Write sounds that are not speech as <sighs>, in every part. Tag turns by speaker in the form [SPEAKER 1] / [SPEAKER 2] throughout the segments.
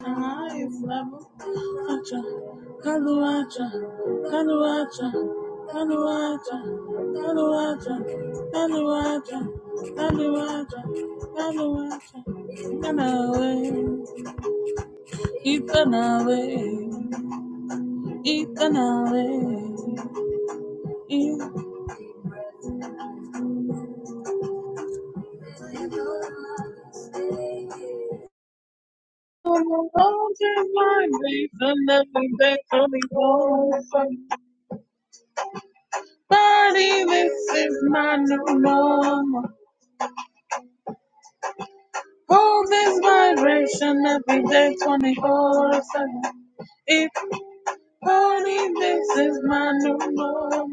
[SPEAKER 1] Kaluacha, Kaluacha, Kaluacha, Kaluacha, Kaluacha, Kaluacha, Kaluacha, Kaluacha, Itanawe, Itanawe, Itanawe, Itanawe. Oh, Just my days and nothing that only one Body, this is my new normal. Hold this vibration every day, 24 7. If only this is my new normal.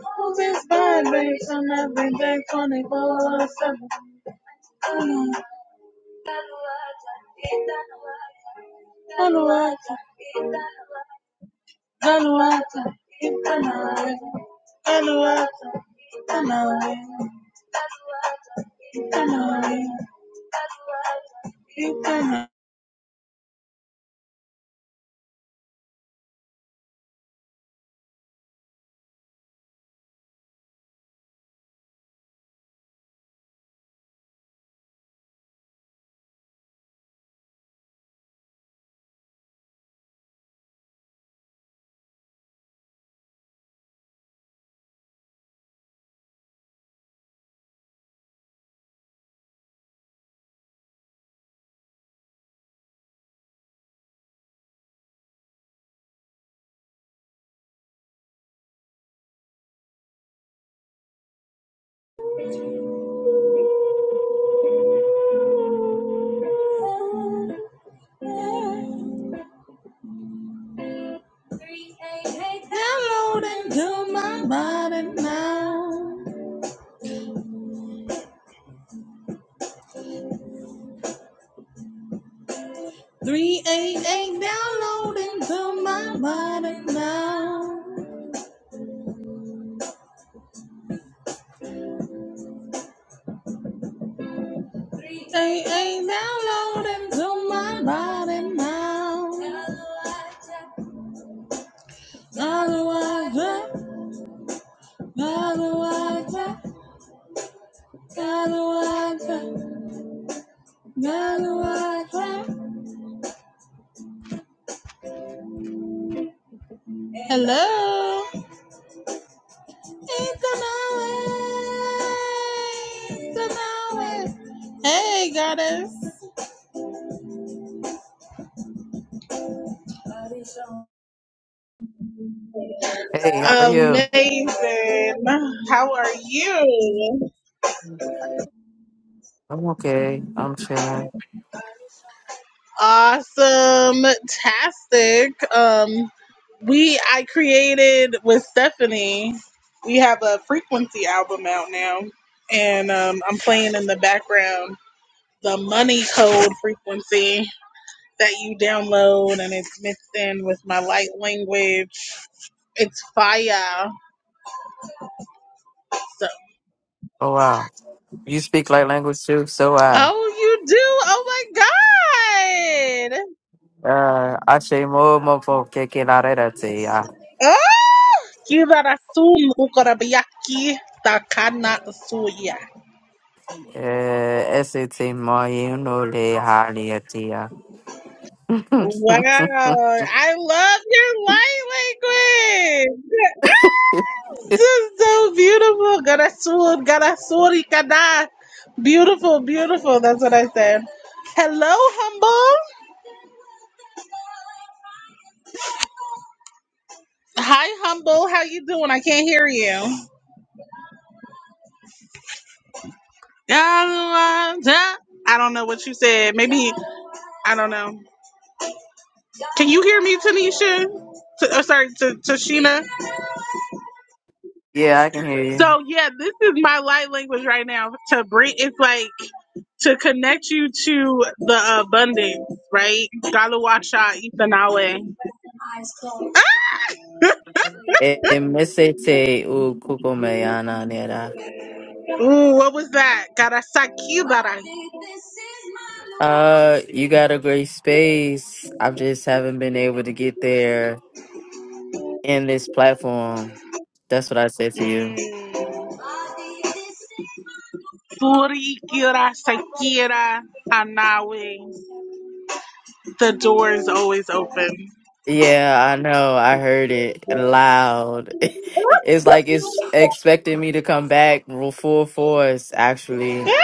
[SPEAKER 1] Hold this vibration every day, 24 7. Hello, Aluata, Aluata, Itanawe, Aluata, Itanawe, Itanawe, Itanawe. Download and to my body now. 388 download into my body now. 388 download into my body now. Galuaja, Galuaja, Galuaja, Galuaja. Hello. It's an hour. Hey, goddess.
[SPEAKER 2] Hey, how are you?
[SPEAKER 1] Amazing. How are you?
[SPEAKER 2] I'm okay. I'm chilling.
[SPEAKER 1] Awesome. Tastic. Um, we I created with Stephanie. We have a frequency album out now, and um, I'm playing in the background the money code frequency that you download, and it's mixed in with my light language. It's fire. So,
[SPEAKER 2] Oh wow. You speak like language too, so I.
[SPEAKER 1] Oh, you do? Oh my god!
[SPEAKER 2] Uh I say more mofo keke la re da te ya.
[SPEAKER 1] Oh, Kirarasu Mukarabiyaki Takana Suya.
[SPEAKER 2] Uh ese te mo you know le ha ni a te ya.
[SPEAKER 1] Wow,
[SPEAKER 2] <laughs>
[SPEAKER 1] I love your light language! <laughs> This is so beautiful! Garasul, Garasuri Kada. Beautiful, beautiful. That's what I said. Hello, Humble. Hi, Humble. How you doing? I can't hear you. I don't know what you said. Maybe, I don't know. Can you hear me, Tanisha? T- oh, sorry, to Tashina.
[SPEAKER 2] Yeah, I can hear you.
[SPEAKER 1] So yeah, this is my light language right now. To bring, it's like to connect you to the abundance, right? Galuwacha Itanawe.
[SPEAKER 2] Eh, eh, mese te u kuko me ana ne da.
[SPEAKER 1] Ooh, what was that? Garasaki bara.
[SPEAKER 2] Uh you got a great space. I just haven't been able to get there in this platform. That's what I said to you.
[SPEAKER 1] Mm. Suri kira sakira anawe. The door is always open.
[SPEAKER 2] Yeah, I know. I heard it loud. <laughs> It's like it's expecting me to come back ro- full force,
[SPEAKER 1] <laughs>
[SPEAKER 2] actually.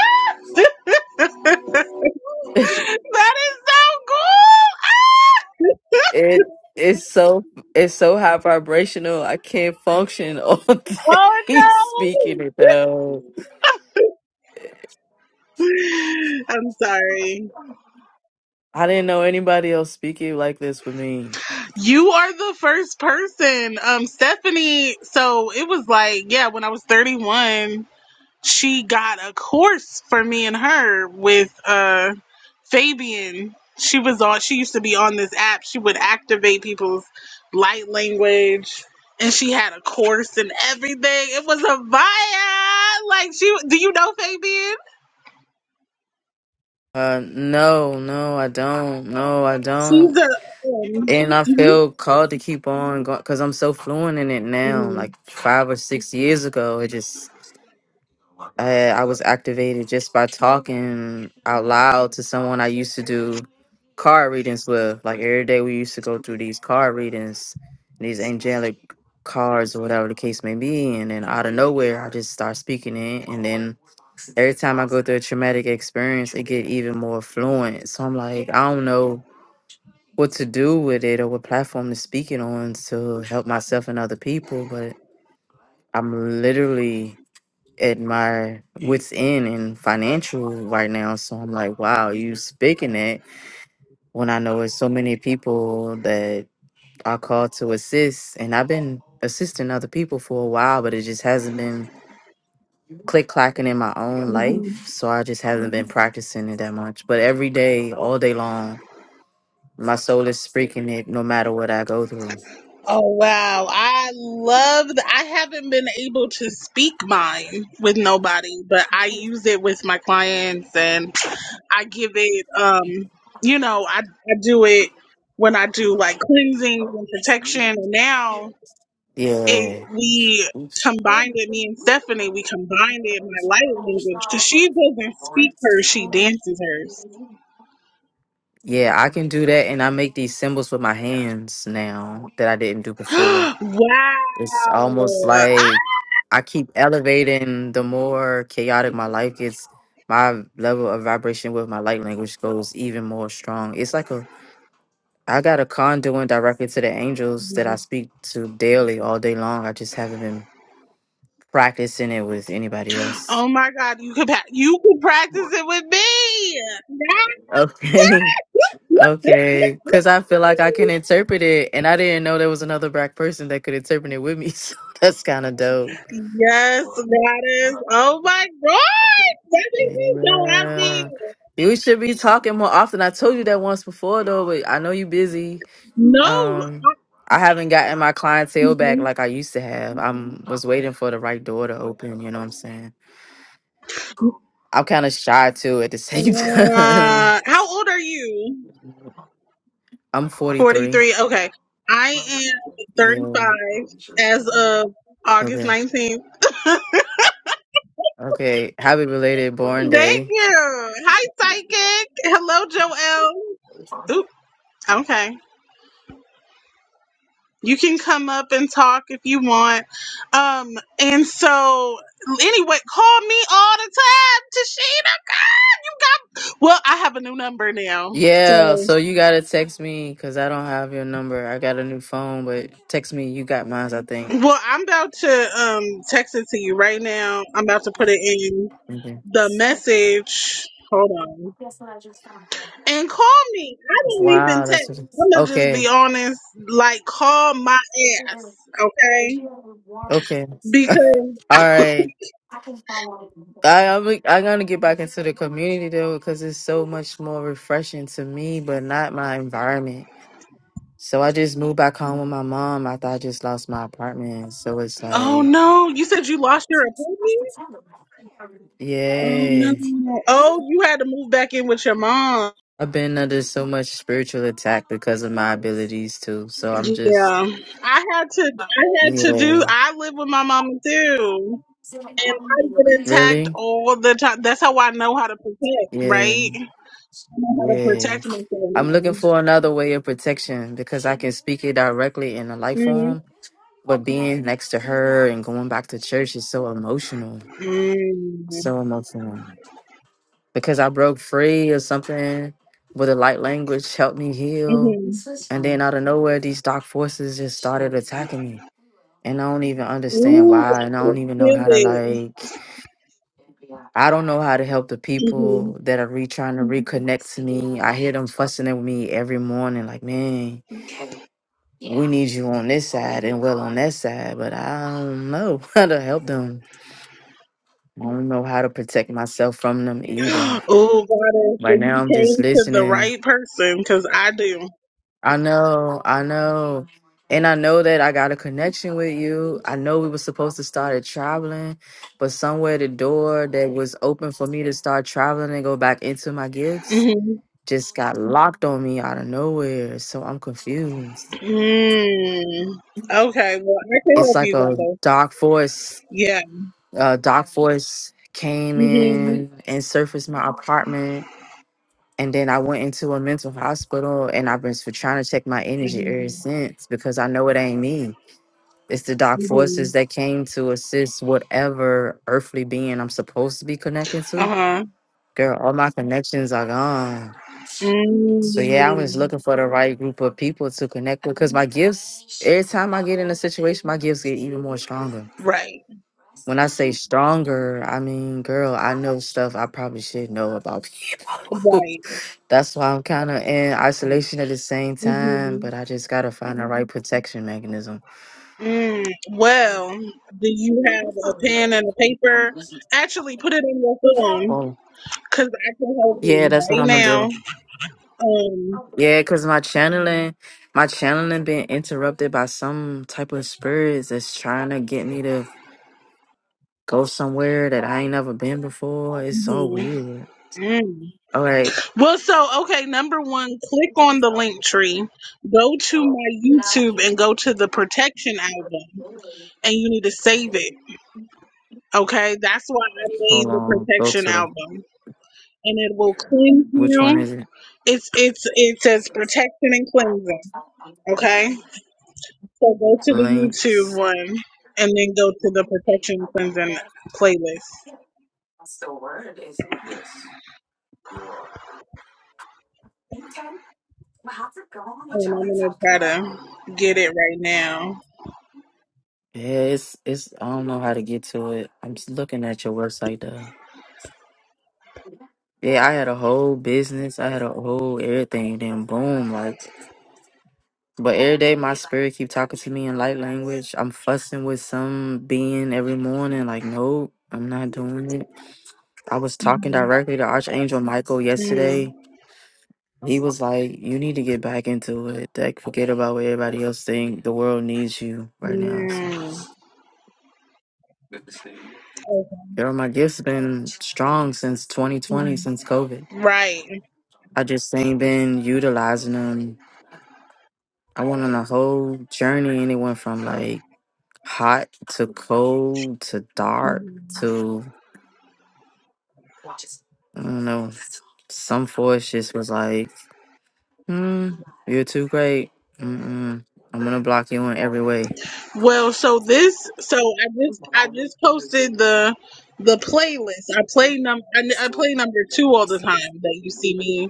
[SPEAKER 1] That is so cool.
[SPEAKER 2] It it's so it's so high vibrational. I can't function all
[SPEAKER 1] <laughs> Oh
[SPEAKER 2] <laughs> day speaking it though.
[SPEAKER 1] no. I'm sorry.
[SPEAKER 2] I didn't know anybody else speaking like this with me.
[SPEAKER 1] You are the first person. Um Stephanie, so it was like, yeah, when I was 31. she got a course for me and her with uh Fabian. She was on she used to be on this app. She would activate people's light language and she had a course and everything. It was a vibe. Like she do you know Fabian?
[SPEAKER 2] Uh no, no, I don't. No, I
[SPEAKER 1] She's
[SPEAKER 2] don't.
[SPEAKER 1] a.
[SPEAKER 2] And I feel called to keep on going because I'm so fluent in it now. Like five or six years ago, it just I, I was activated just by talking out loud to someone I used to do card readings with. Like every day, we used to go through these card readings, these angelic cards or whatever the case may be. And then out of nowhere, I just start speaking it. And then every time I go through a traumatic experience, it get even more fluent. So I'm like, I don't know what to do with it or what platform to speak it on to help myself and other people, but I'm literally admire what's in and financial right now. So I'm like, wow, you speaking that when I know it's so many people that are called to assist, and I've been assisting other people for a while, but it just hasn't been click clacking in my own life. So I just haven't been practicing it that much. But every day, all day long, my soul is speaking it no matter what I go through.
[SPEAKER 1] Oh wow, I love that. I haven't been able to speak mine with nobody, but I use it with my clients and I give it um you know, I I do it when I do like cleansing and protection. Now it
[SPEAKER 2] Yeah.
[SPEAKER 1] we combined it me and Stephanie, we combined it in my light language cuz she doesn't speak hers, she dances
[SPEAKER 2] Yeah, I can do that and I make these symbols with my hands now that I didn't do before
[SPEAKER 1] hers. <gasps>
[SPEAKER 2] It's almost
[SPEAKER 1] wow.
[SPEAKER 2] like I keep elevating the more chaotic my life gets, my level of vibration with my light language goes even more strong. It's like a I got a conduit directly to the angels that I speak to daily all day long. I just haven't been practicing it with anybody else.
[SPEAKER 1] Oh my God, you could pa- you could practice it with me. That-
[SPEAKER 2] Okay. <laughs> Okay. Cause I feel like I can interpret it and I didn't know there was another black person that could interpret it with me. <laughs> So that's kinda dope.
[SPEAKER 1] Yes, goddess. Oh my God, that makes me so happy.
[SPEAKER 2] Yeah. You should be talking more often. I told you that once before though, but I know you busy.
[SPEAKER 1] No,
[SPEAKER 2] Um I haven't gotten my clientele back like I used to have. I'm was waiting for the right door to open, you know what I'm saying? I'm kind of shy too at the same <laughs> time.
[SPEAKER 1] uh, how old are you?
[SPEAKER 2] I'm
[SPEAKER 1] Forty
[SPEAKER 2] 43.
[SPEAKER 1] three. Okay, I am thirty
[SPEAKER 2] Yeah.
[SPEAKER 1] five as of August
[SPEAKER 2] Okay.
[SPEAKER 1] nineteenth. <laughs>
[SPEAKER 2] Okay. Happy related born
[SPEAKER 1] Thank
[SPEAKER 2] day.
[SPEAKER 1] you. Hi, psychic. Hello, Joelle. Oop, okay. You can come up and talk if you want. Um, and so anyway, call me all the time, Tashina. Well, I have a new number now.
[SPEAKER 2] Yeah,
[SPEAKER 1] So
[SPEAKER 2] so you gotta text me because I don't have your number. I got a new phone, but text me. You got mine, I think.
[SPEAKER 1] well, I'm about to um text it to you right now. I'm about to put it in
[SPEAKER 2] Okay.
[SPEAKER 1] the message. Hold on. And call me. I don't even
[SPEAKER 2] Wow,
[SPEAKER 1] text.
[SPEAKER 2] that's
[SPEAKER 1] I'm gonna just be
[SPEAKER 2] okay.
[SPEAKER 1] honest, like call my ass, okay?
[SPEAKER 2] Okay.
[SPEAKER 1] Because
[SPEAKER 2] All right. I, I'm, I'm gonna get back into the community though because it's so much more refreshing to me, but not my environment. So I just moved back home with my mom after I just lost my apartment. So it's
[SPEAKER 1] oh
[SPEAKER 2] like,
[SPEAKER 1] no, you said you lost your appointment? Oh
[SPEAKER 2] yeah,
[SPEAKER 1] no. Oh, you had to move back in with your mom.
[SPEAKER 2] I've been under so much spiritual attack because of my abilities too. So I'm just,
[SPEAKER 1] Yeah. I had to I had to
[SPEAKER 2] yeah,
[SPEAKER 1] do I live with my mama too. And I get attacked
[SPEAKER 2] really,
[SPEAKER 1] all the time. That's how I know how to protect,
[SPEAKER 2] yeah.
[SPEAKER 1] right? I know how to
[SPEAKER 2] Yeah.
[SPEAKER 1] protect myself
[SPEAKER 2] I'm
[SPEAKER 1] now.
[SPEAKER 2] looking for another way of protection because I can speak it directly in a life
[SPEAKER 1] Mm-hmm.
[SPEAKER 2] form, but being next to her and going back to church is so emotional. So emotional. Because I broke free or something, but the light language helped me heal.
[SPEAKER 1] Mm-hmm.
[SPEAKER 2] And then out of nowhere, these dark forces just started attacking me. And I don't even understand
[SPEAKER 1] Ooh,
[SPEAKER 2] why.
[SPEAKER 1] I
[SPEAKER 2] And I
[SPEAKER 1] can
[SPEAKER 2] don't even know how to,
[SPEAKER 1] feel it.
[SPEAKER 2] like, I don't know how to help the people that are re trying to reconnect to me. I hear them fussing at me every morning, like, man Yeah. we Yeah. need you on this side and well on that side, but I don't know <laughs> how to help them. I don't know how to protect myself from them either.
[SPEAKER 1] <gasps> Oh, go
[SPEAKER 2] Right now, I'm just
[SPEAKER 1] to the
[SPEAKER 2] listening.
[SPEAKER 1] right person, because I do.
[SPEAKER 2] I know, I know. And I know that I got a connection with you. I know we were supposed to start at traveling, but somewhere the door that was open for me to start traveling and go back into my gifts
[SPEAKER 1] Mm-hmm.
[SPEAKER 2] just got locked on me out of nowhere. So I'm confused.
[SPEAKER 1] Mm. Okay, well, I can
[SPEAKER 2] It's
[SPEAKER 1] help
[SPEAKER 2] like
[SPEAKER 1] you,
[SPEAKER 2] a
[SPEAKER 1] Gato.
[SPEAKER 2] dark force
[SPEAKER 1] Yeah.
[SPEAKER 2] uh, Doc Force came in and surfaced my apartment. And then I went into a mental hospital and I've been s- trying to check my energy ever since because I know it ain't me. It's the dark
[SPEAKER 1] Mm-hmm.
[SPEAKER 2] forces that came to assist whatever earthly being I'm supposed to be connected to.
[SPEAKER 1] Uh-huh.
[SPEAKER 2] Girl, all my connections are gone. So yeah, I was
[SPEAKER 1] mm
[SPEAKER 2] looking for the right group of people to connect with because my gifts, every time I get in a situation, my gifts get even more stronger.
[SPEAKER 1] Right.
[SPEAKER 2] When I say stronger, I mean, girl, I know stuff I probably should know about people.
[SPEAKER 1] Right.
[SPEAKER 2] <laughs> That's why I'm kind of in isolation at the same time,
[SPEAKER 1] hmm
[SPEAKER 2] but I just gotta find the right protection mechanism.
[SPEAKER 1] Mm, well, do you have a pen and a paper? Actually, put it in your phone
[SPEAKER 2] Oh,
[SPEAKER 1] because I can help
[SPEAKER 2] yeah,
[SPEAKER 1] you
[SPEAKER 2] that's what
[SPEAKER 1] right
[SPEAKER 2] I'm gonna
[SPEAKER 1] now.
[SPEAKER 2] do.
[SPEAKER 1] Um,
[SPEAKER 2] Yeah, cause my channeling, my channeling been interrupted by some type of spirits that's trying to get me to go somewhere that I ain't never been before. It's so
[SPEAKER 1] mhm,
[SPEAKER 2] weird.
[SPEAKER 1] mm.
[SPEAKER 2] All right,
[SPEAKER 1] Well, so, okay, number one, click on the link tree, go to my YouTube and go to the protection album, and you need to save it. Okay, that's why I made
[SPEAKER 2] hold
[SPEAKER 1] the
[SPEAKER 2] on. Go
[SPEAKER 1] protection
[SPEAKER 2] to the
[SPEAKER 1] album. and it will cleanse
[SPEAKER 2] which one
[SPEAKER 1] you.
[SPEAKER 2] is it?
[SPEAKER 1] It's it's it says protection and cleansing. Okay, so go to the YouTube
[SPEAKER 2] Links.
[SPEAKER 1] one and then go to the protection cleansing playlist. And I'm gonna try to get it right now.
[SPEAKER 2] Yeah, it's it's. I don't know how to get to it. I'm just looking at your website though. Yeah, I had a whole business. I had a whole everything. Then boom, like. But every day my spirit keep talking to me in light language. I'm fussing with some being every morning. Like, no, I'm not doing it. I was talking directly to Archangel Michael
[SPEAKER 1] Mhm.
[SPEAKER 2] yesterday. He was like, "You need to get back into it. Like, forget about what everybody else think. The world needs you right now."
[SPEAKER 1] Mm.
[SPEAKER 2] So.
[SPEAKER 1] Okay.
[SPEAKER 2] Girl, my gift's been strong since 2020,
[SPEAKER 1] Mhm.
[SPEAKER 2] since COVID.
[SPEAKER 1] Right.
[SPEAKER 2] I just ain't been utilizing them. I went on a whole journey and it went from like hot to cold to dark to, I don't know, some force just was like, hmm, you're too great. Mm-mm. I'm going to block you in every way.
[SPEAKER 1] Well, so this, so I just, I just posted the, the playlist. I play num, I, n- I play number two all the time that you see me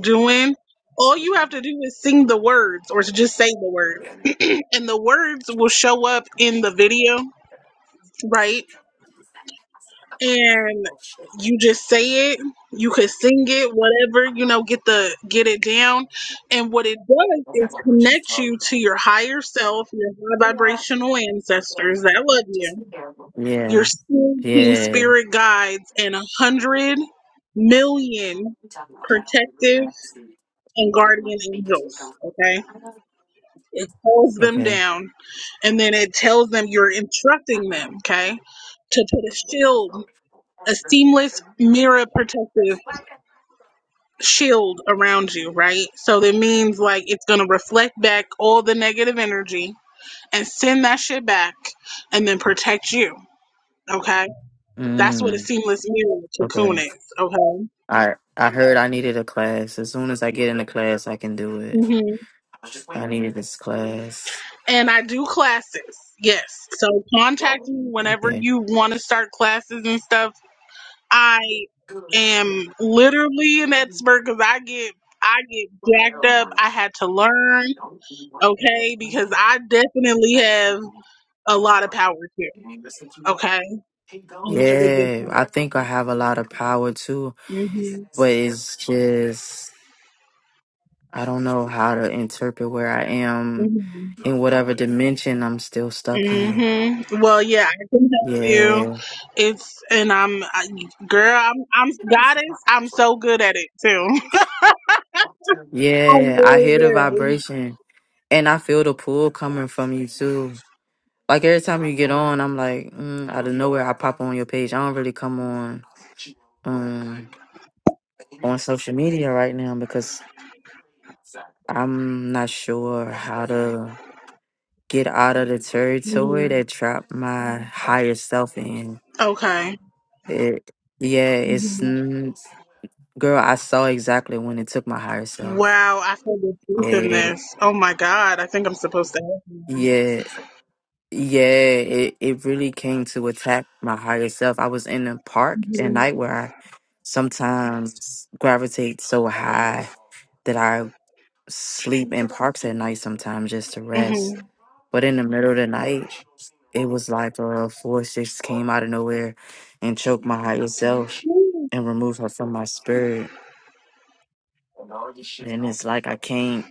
[SPEAKER 1] doing. All you have to do is sing the words or to just say the words, <clears throat> and the words will show up in the video, right? and you just say it you could sing it whatever you know get the get it down and what it does is connect you to your higher self your high vibrational ancestors that love you your
[SPEAKER 2] Yeah.
[SPEAKER 1] soul team
[SPEAKER 2] Yeah.
[SPEAKER 1] spirit guides and a hundred million protective and guardian angels okay it calls them
[SPEAKER 2] Okay.
[SPEAKER 1] down and then it tells them you're instructing them okay to put a shield a seamless mirror protective shield around you, right? So that means like it's going to reflect back all the negative energy and send that shit back and then protect you. Okay. That's what a
[SPEAKER 2] Mm,
[SPEAKER 1] seamless mirror
[SPEAKER 2] okay.
[SPEAKER 1] cocoon is. Okay.
[SPEAKER 2] I I heard I needed a class. As soon as I get in the class, I can do it.
[SPEAKER 1] hmm
[SPEAKER 2] I needed this class.
[SPEAKER 1] And I do classes. Yes. So contact me whenever
[SPEAKER 2] Okay.
[SPEAKER 1] you want to start classes and stuff. I am literally an expert because I get. I get jacked up. I had to learn. okay? Because I definitely have a lot of power here, okay? And it was a good
[SPEAKER 2] Yeah, I think I have a lot of power too,
[SPEAKER 1] time.
[SPEAKER 2] but it's just I don't know how to interpret where I
[SPEAKER 1] hmm
[SPEAKER 2] am in whatever dimension I'm still stuck
[SPEAKER 1] hmm
[SPEAKER 2] in.
[SPEAKER 1] hmm Well, yeah, I can help you.
[SPEAKER 2] Yeah.
[SPEAKER 1] It's and I'm, I, girl, I'm, I'm goddess. I'm so good at it too. <laughs> I'm
[SPEAKER 2] Yeah, I
[SPEAKER 1] really
[SPEAKER 2] hear the
[SPEAKER 1] good.
[SPEAKER 2] vibration and I feel the pull coming from you too. Like every time you get on, I'm like, mm, out of nowhere, I pop on your page. I don't really come on. um, on social media right now because I'm not sure how to get out of the territory that trapped my higher self in.
[SPEAKER 1] Okay.
[SPEAKER 2] It, yeah, it's n- girl. I saw exactly when it took my higher self.
[SPEAKER 1] Wow, I feel the truth in
[SPEAKER 2] It,
[SPEAKER 1] this. Oh my god, I think I'm supposed to.
[SPEAKER 2] yeah, yeah. It it really came to attack my higher self. I was in a park at night where I sometimes gravitate so high. that I. sleep in parks at night sometimes just to
[SPEAKER 1] hmm
[SPEAKER 2] rest. But in the middle of the night, it was like a four six came out of nowhere and choked my higher self and removed her from my spirit. And it's like I can't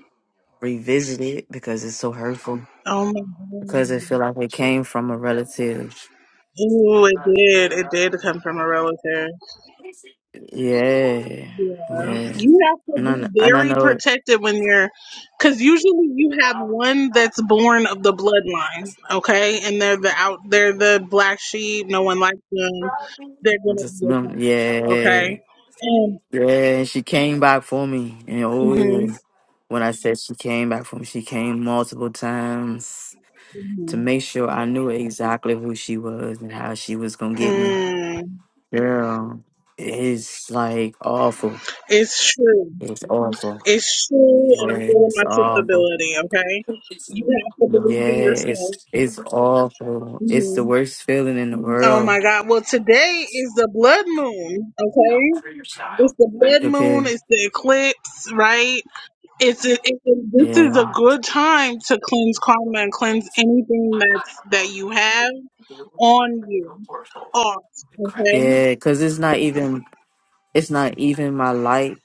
[SPEAKER 2] revisit it because it's so hurtful.
[SPEAKER 1] Oh my
[SPEAKER 2] Because it
[SPEAKER 1] god.
[SPEAKER 2] feel like it came from a relative.
[SPEAKER 1] Ooh, it did. It did come from a relative.
[SPEAKER 2] Yeah.
[SPEAKER 1] Yeah.
[SPEAKER 2] Yeah.
[SPEAKER 1] You have to
[SPEAKER 2] And I,
[SPEAKER 1] be
[SPEAKER 2] kn- and I
[SPEAKER 1] very
[SPEAKER 2] know it
[SPEAKER 1] protected when you're, because usually you have one that's born of the bloodline, okay, and they're the out, they're the black sheep. No one likes them. They're gonna
[SPEAKER 2] just
[SPEAKER 1] be
[SPEAKER 2] them.
[SPEAKER 1] okay,
[SPEAKER 2] Yeah.
[SPEAKER 1] okay. And
[SPEAKER 2] Yeah, and she came back for me. And oh,
[SPEAKER 1] hmm
[SPEAKER 2] when I said she came back for me, she came multiple times to make sure I knew exactly who she was and how she was gonna get me.
[SPEAKER 1] mm,
[SPEAKER 2] Girl, it's like awful.
[SPEAKER 1] it's true,
[SPEAKER 2] It's awful.
[SPEAKER 1] it's true, and
[SPEAKER 2] Yeah,
[SPEAKER 1] I'm feeling
[SPEAKER 2] it's
[SPEAKER 1] my truth
[SPEAKER 2] awful.
[SPEAKER 1] ability, okay. You have to believe in
[SPEAKER 2] Yeah,
[SPEAKER 1] yourself.
[SPEAKER 2] it's it's awful. It's the
[SPEAKER 1] hmm
[SPEAKER 2] worst feeling in the
[SPEAKER 1] Oh my
[SPEAKER 2] world.
[SPEAKER 1] God! Well, today is the blood moon, okay. It's the blood moon.
[SPEAKER 2] Okay.
[SPEAKER 1] It's the eclipse, right? It's a, it, this is a
[SPEAKER 2] Yeah.
[SPEAKER 1] good time to cleanse karma and cleanse anything that's that you have on you, off. Okay.
[SPEAKER 2] Yeah, because it's not even it's not even my light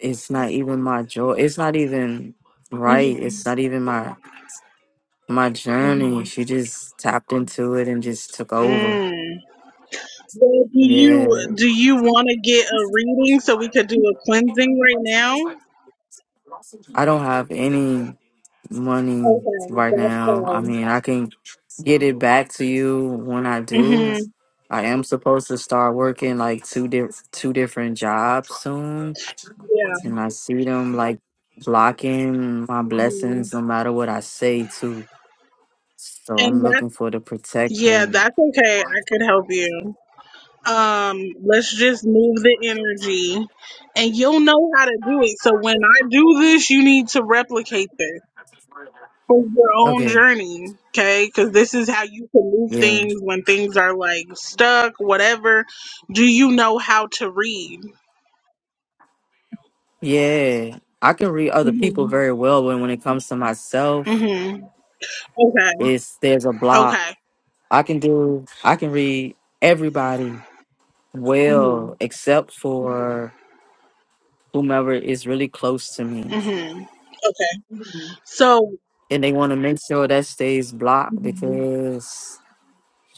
[SPEAKER 2] it's not even my joy. It's not even right. It's
[SPEAKER 1] Mhm,
[SPEAKER 2] not even my my journey.
[SPEAKER 1] mhm.
[SPEAKER 2] She just tapped into it and just took over.
[SPEAKER 1] Mm. Well, do you
[SPEAKER 2] Yeah.
[SPEAKER 1] do you want to get a reading so we could do a cleansing right now?
[SPEAKER 2] I don't have any money
[SPEAKER 1] Okay,
[SPEAKER 2] right
[SPEAKER 1] that's
[SPEAKER 2] now. I
[SPEAKER 1] fine.
[SPEAKER 2] mean, I can get it back to you when I do.
[SPEAKER 1] Mhm.
[SPEAKER 2] I am supposed to start working like two di- two different jobs soon,
[SPEAKER 1] Yeah.
[SPEAKER 2] and I see them like blocking my
[SPEAKER 1] Mhm.
[SPEAKER 2] blessings no matter what I say too. So I'm
[SPEAKER 1] And
[SPEAKER 2] looking
[SPEAKER 1] that's
[SPEAKER 2] for the
[SPEAKER 1] yeah,
[SPEAKER 2] protection.
[SPEAKER 1] that's okay. I could help you. um let's just move the energy and you'll know how to do it so when i do this you need to replicate this for your own
[SPEAKER 2] Okay.
[SPEAKER 1] journey okay because this is how you can move
[SPEAKER 2] Yeah.
[SPEAKER 1] things when things are like stuck whatever do you know how to read
[SPEAKER 2] Yeah. I can read other people
[SPEAKER 1] mm-hmm.
[SPEAKER 2] very well, but when it comes to myself,
[SPEAKER 1] Mm-hmm. okay
[SPEAKER 2] it's there's a block.
[SPEAKER 1] okay
[SPEAKER 2] I can do I can read everybody
[SPEAKER 1] hmm
[SPEAKER 2] well except for whomever is really close to me.
[SPEAKER 1] hmm okay so
[SPEAKER 2] And they want to make sure that stays blocked
[SPEAKER 1] hmm
[SPEAKER 2] because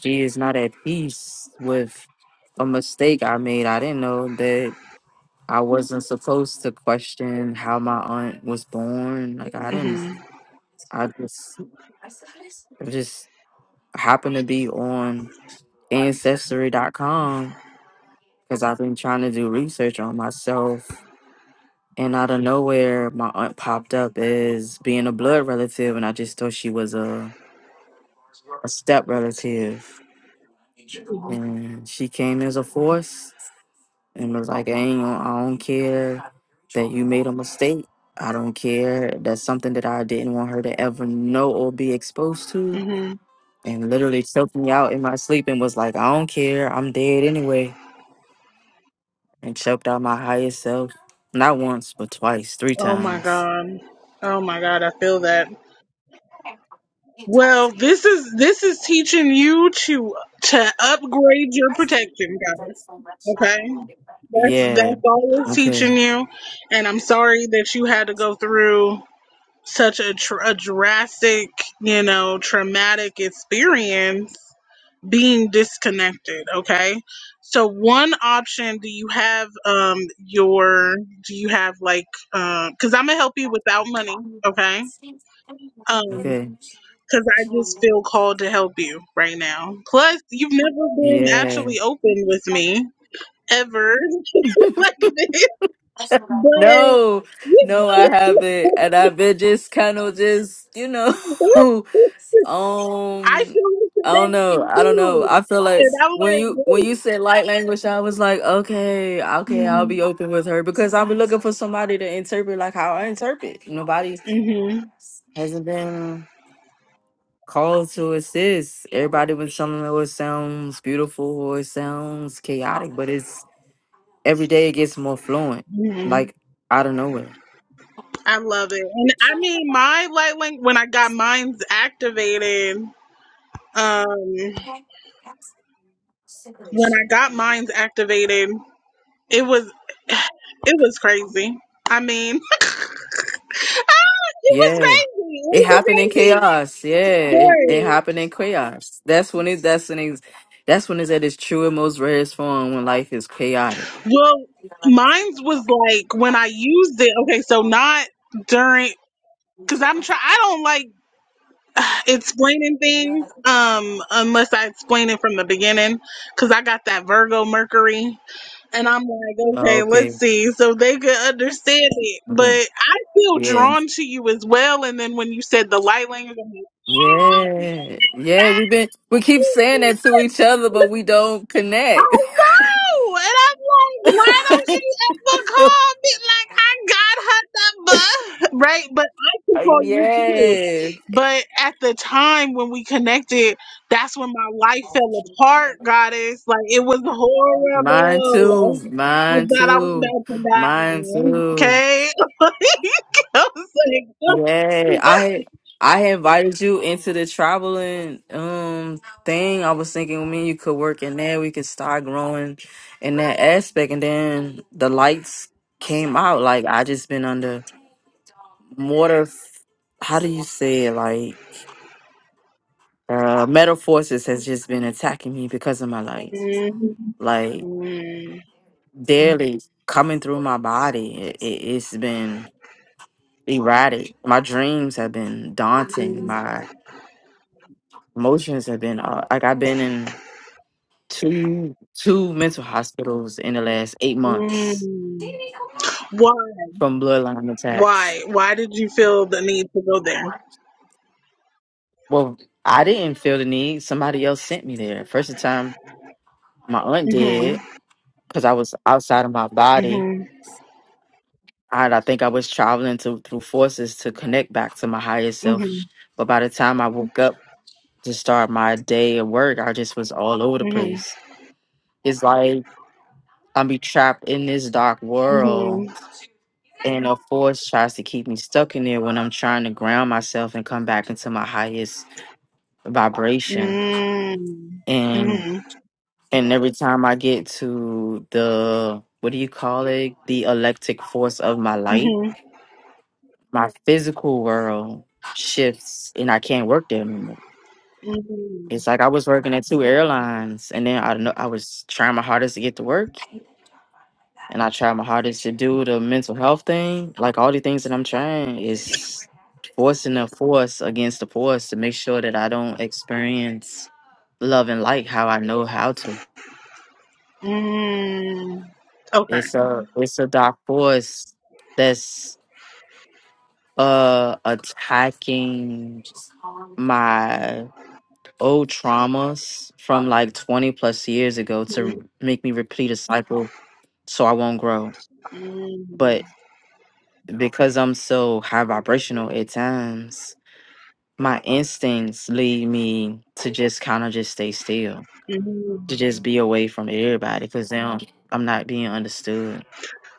[SPEAKER 2] she is not at peace with a mistake I made. I didn't know that I wasn't supposed to question how my aunt was born. Like I didn't
[SPEAKER 1] hmm
[SPEAKER 2] I just I just happened to be on ancestry.com because I've been trying to do research on myself And out of nowhere, my aunt popped up as being a blood relative, and I just thought she was a, a step relative. And she came as a force and was like, I, ain't, gon- I don't care that you made a mistake. I don't care. That's something that I didn't want her to ever know or be exposed to.
[SPEAKER 1] hmm
[SPEAKER 2] And literally choked me out in my sleep and was like, I don't care. I'm dead anyway. And choked out my highest self. Not once, but twice, three
[SPEAKER 1] oh my
[SPEAKER 2] times.
[SPEAKER 1] god oh my god i feel that Well, this is this is teaching you to to upgrade your protection, guys. Okay, that's
[SPEAKER 2] Yeah.
[SPEAKER 1] that's all it's
[SPEAKER 2] Okay.
[SPEAKER 1] teaching you, and I'm sorry that you had to go through such a, tr- a drastic, you know, traumatic experience being disconnected. Okay, so one option do you have um your do you have like Um, because I'm gonna help you without money. Okay, Um,
[SPEAKER 2] Okay.
[SPEAKER 1] because I just feel called to help you right now. Plus, you've never been
[SPEAKER 2] Yeah.
[SPEAKER 1] actually open with me ever <laughs> like this. But <laughs>
[SPEAKER 2] No, no, I haven't. And I've been just kind of just, you know, <laughs>
[SPEAKER 1] I
[SPEAKER 2] um,
[SPEAKER 1] feel the
[SPEAKER 2] I don't know.
[SPEAKER 1] connection
[SPEAKER 2] I don't know.
[SPEAKER 1] too.
[SPEAKER 2] I feel like
[SPEAKER 1] And I'm
[SPEAKER 2] when
[SPEAKER 1] like,
[SPEAKER 2] you when you said light language, I was like, okay, okay, I'll be open with her because I'll be looking for somebody to interpret like how I interpret. Nobody
[SPEAKER 1] Mhm,
[SPEAKER 2] hasn't been. call to assist. Everybody was telling me oh, it sounds beautiful or it sounds chaotic, but it's every day it gets more fluent,
[SPEAKER 1] mhm.
[SPEAKER 2] like out of nowhere.
[SPEAKER 1] I love it. And I mean, my light link, when I got mine's activated, um, when I got mine's activated, it was, <sighs> it was crazy. I mean, It was
[SPEAKER 2] Yeah.
[SPEAKER 1] crazy.
[SPEAKER 2] It happened in
[SPEAKER 1] It
[SPEAKER 2] chaos. Yeah.
[SPEAKER 1] was
[SPEAKER 2] It, it happened in chaos. That's when it that's when it's that's when it's at its true and most rarest form when life is chaotic.
[SPEAKER 1] a crazy story. Well, mine's was like when I used it. Okay, so not during because I'm try. I don't like <sighs> explaining things um unless I explain it from the beginning because I got that Virgo Mercury and I'm like,
[SPEAKER 2] Oh,
[SPEAKER 1] okay, let's
[SPEAKER 2] okay.
[SPEAKER 1] see, so they could understand it. But
[SPEAKER 2] Okay.
[SPEAKER 1] I feel
[SPEAKER 2] Yeah.
[SPEAKER 1] drawn to you as well. And then when you said the light language, I'm like,
[SPEAKER 2] Yeah. Yeah. We've been we keep
[SPEAKER 1] <laughs>
[SPEAKER 2] saying that to each other, but we don't
[SPEAKER 1] I
[SPEAKER 2] connect. <laughs>
[SPEAKER 1] know, and I'm like, why don't she ever call me? Like, I got her number, <laughs> right? But I could
[SPEAKER 2] Uh,
[SPEAKER 1] call you too.
[SPEAKER 2] yeah.
[SPEAKER 1] But at the time when we connected, that's when my life fell apart, goddess. Like, it was
[SPEAKER 2] Mine too.
[SPEAKER 1] horrible. I
[SPEAKER 2] Mine
[SPEAKER 1] thought I was
[SPEAKER 2] too.
[SPEAKER 1] about to
[SPEAKER 2] Mine
[SPEAKER 1] die.
[SPEAKER 2] too.
[SPEAKER 1] Okay, <laughs> I was
[SPEAKER 2] Yeah,
[SPEAKER 1] like,
[SPEAKER 2] I I invited you into the traveling um thing. I was thinking me and you could work in there. We could start growing in that aspect, and then the lights came out. Like I just been under mortar. How do you say it? Like uh, metal forces has just been attacking me because of my light.
[SPEAKER 1] mm,
[SPEAKER 2] Like,
[SPEAKER 1] mm,
[SPEAKER 2] daily coming through my body. It, it, it's been erratic. My dreams have been daunting. My emotions have been uh, like I've been in two two mental hospitals in the last eight months
[SPEAKER 1] mm. why,
[SPEAKER 2] from bloodline attacks.
[SPEAKER 1] why, why did you feel the need to go there?
[SPEAKER 2] Well, I didn't feel the need. Somebody else sent me there. First time my aunt
[SPEAKER 1] Mhm.
[SPEAKER 2] did because I was outside of my body.
[SPEAKER 1] Mhm.
[SPEAKER 2] And I think I was traveling to, through forces to connect back to my higher self.
[SPEAKER 1] Mhm.
[SPEAKER 2] But by the time I woke up, to start my day at work, I just was all over the
[SPEAKER 1] Mhm.
[SPEAKER 2] place. It's like I'm be trapped in this dark world,
[SPEAKER 1] Mhm.
[SPEAKER 2] and a force tries to keep me stuck in there when I'm trying to ground myself and come back into my highest vibration.
[SPEAKER 1] Mm.
[SPEAKER 2] And
[SPEAKER 1] Mhm.
[SPEAKER 2] and every time I get to the what do you call it, the electric force of my light,
[SPEAKER 1] Mhm.
[SPEAKER 2] my physical world shifts, and I can't work there anymore.
[SPEAKER 1] Mhm.
[SPEAKER 2] It's like I was working at two airlines, and then I know I was trying my hardest to get to work, and I try my hardest to do the mental health thing. Like all the things that I'm trying is forcing the force against the force to make sure that I don't experience love and light how I know how to.
[SPEAKER 1] Mm. Okay.
[SPEAKER 2] It's a it's a dark force that's uh attacking my old traumas from like 20 plus years ago
[SPEAKER 1] Mhm.
[SPEAKER 2] to make me repeat a cycle so I won't grow. But because I'm so high vibrational at times, my instincts lead me to just kind of just stay still,
[SPEAKER 1] Mhm.
[SPEAKER 2] to just be away from everybody because now I'm not being understood.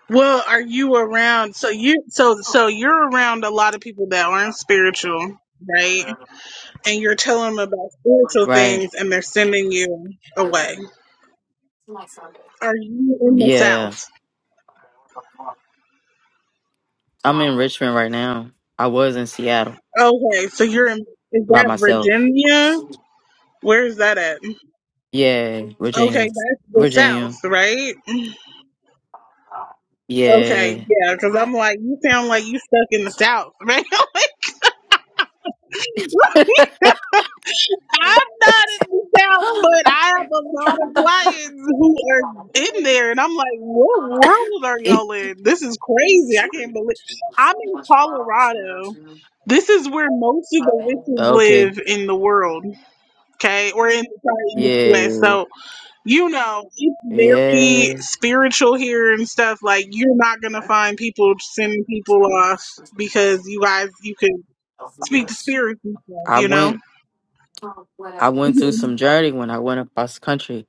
[SPEAKER 1] Well, are you around? So you so so you're around a lot of people that aren't spiritual, right? And you're telling them about spiritual
[SPEAKER 2] Right.
[SPEAKER 1] things, and they're sending you away. Are you in the
[SPEAKER 2] Yeah.
[SPEAKER 1] South?
[SPEAKER 2] I'm in Richmond right now. I was in Seattle
[SPEAKER 1] Okay, so you're in is
[SPEAKER 2] by
[SPEAKER 1] that
[SPEAKER 2] myself.
[SPEAKER 1] Virginia? Where is that at?
[SPEAKER 2] Yeah.
[SPEAKER 1] Okay,
[SPEAKER 2] Virginia.
[SPEAKER 1] that's the South,
[SPEAKER 2] Virginia.
[SPEAKER 1] right? Okay,
[SPEAKER 2] Yeah.
[SPEAKER 1] yeah, because I'm like, you sound like you stuck in the South, man. <laughs> I'm not in the South, but I have a lot of clients who are in there, and I'm like, what world are
[SPEAKER 2] <laughs>
[SPEAKER 1] y'all in? This is crazy. I can't believe I'm in Colorado. This is where most of the witches
[SPEAKER 2] Okay.
[SPEAKER 1] live in the world, okay, or in, sorry, in the
[SPEAKER 2] Yeah.
[SPEAKER 1] U.S. So you know, it's very
[SPEAKER 2] Yeah.
[SPEAKER 1] spiritual here and stuff. Like, you're not gonna find people sending people off because you guys, you can speak to spirits and stuff,
[SPEAKER 2] I
[SPEAKER 1] you know?
[SPEAKER 2] went I went through some journey when I went across the country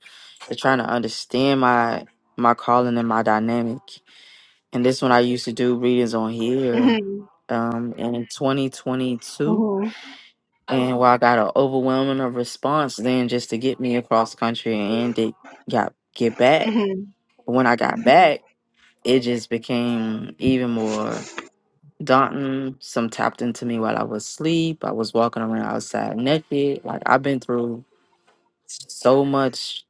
[SPEAKER 2] to trying to understand my my calling and my dynamic. And this one I used to do readings on here
[SPEAKER 1] hmm
[SPEAKER 2] um, in 2022. And while I got an overwhelming of response then just to get me across country and to got get back.
[SPEAKER 1] hmm
[SPEAKER 2] But when I got back, it just became even more daunting. Some tapped into me while I was asleep. I was walking around outside naked. Like I've been through so much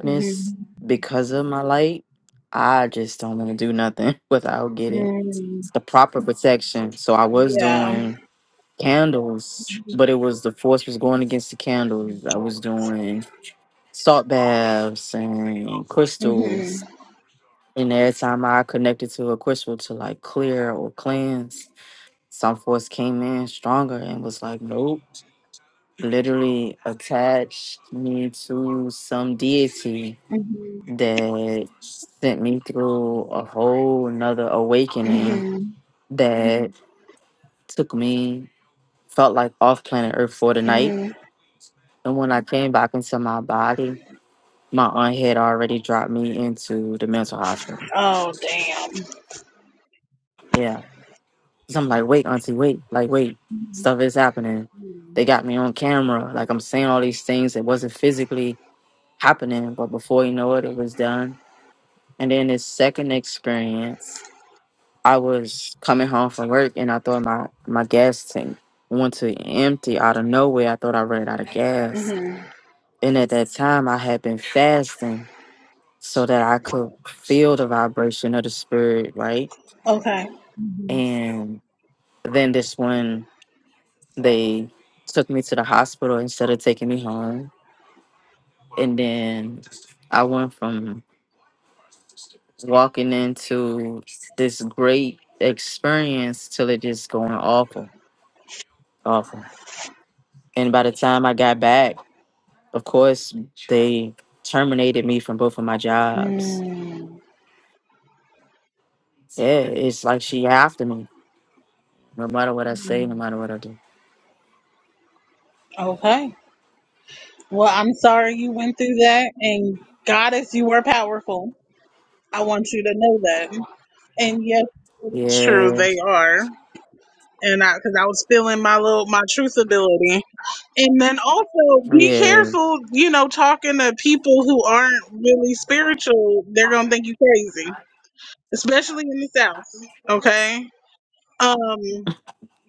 [SPEAKER 1] hmm
[SPEAKER 2] because of my light. I just don't want to do nothing <laughs> without getting
[SPEAKER 1] hmm
[SPEAKER 2] the proper protection. So I was
[SPEAKER 1] Yeah.
[SPEAKER 2] doing candles, but it was the force was going against the candles. I was doing salt baths and
[SPEAKER 1] hmm
[SPEAKER 2] crystals. And every time I connected to a crystal to like clear or cleanse, some force came in stronger and was like, nope. Literally attached me to some deity
[SPEAKER 1] hmm
[SPEAKER 2] that sent me through a whole another awakening
[SPEAKER 1] hmm
[SPEAKER 2] that took me felt like off planet Earth for the night.
[SPEAKER 1] hmm
[SPEAKER 2] And when I came back into my body, my aunt had already dropped me into the mental hospital.
[SPEAKER 1] Oh, damn.
[SPEAKER 2] Yeah. So I'm like, wait, auntie, wait. Like, wait, stuff is happening.
[SPEAKER 1] hmm
[SPEAKER 2] They got me on camera. Like, I'm saying all these things that wasn't physically happening, but before you know it, it was done. And then this second experience, I was coming home from work and I thought my, my gas tank went to empty out of nowhere. I thought I ran out of gas And at that time, I had been fasting so that I could feel the vibration of the spirit, right?
[SPEAKER 1] Okay.
[SPEAKER 2] And then this one, they took me to the hospital instead of taking me home. And then I went from walking into this great experience till it just going awful, awful. And by the time I got back, of course, they terminated me from both of my jobs.
[SPEAKER 1] Mm.
[SPEAKER 2] Yeah, it's like she after me. No matter what I say, no matter what I do.
[SPEAKER 1] Okay. Well, I'm sorry you went through that, and Goddess, you were powerful. I want you to know that. And yeah, True,
[SPEAKER 2] Yeah,
[SPEAKER 1] they are, and I because I was feeling my little my truth ability, and then also be
[SPEAKER 2] yeah,
[SPEAKER 1] careful. You know, talking to people who aren't really spiritual, they're gonna think you crazy, especially in the South. Okay, um,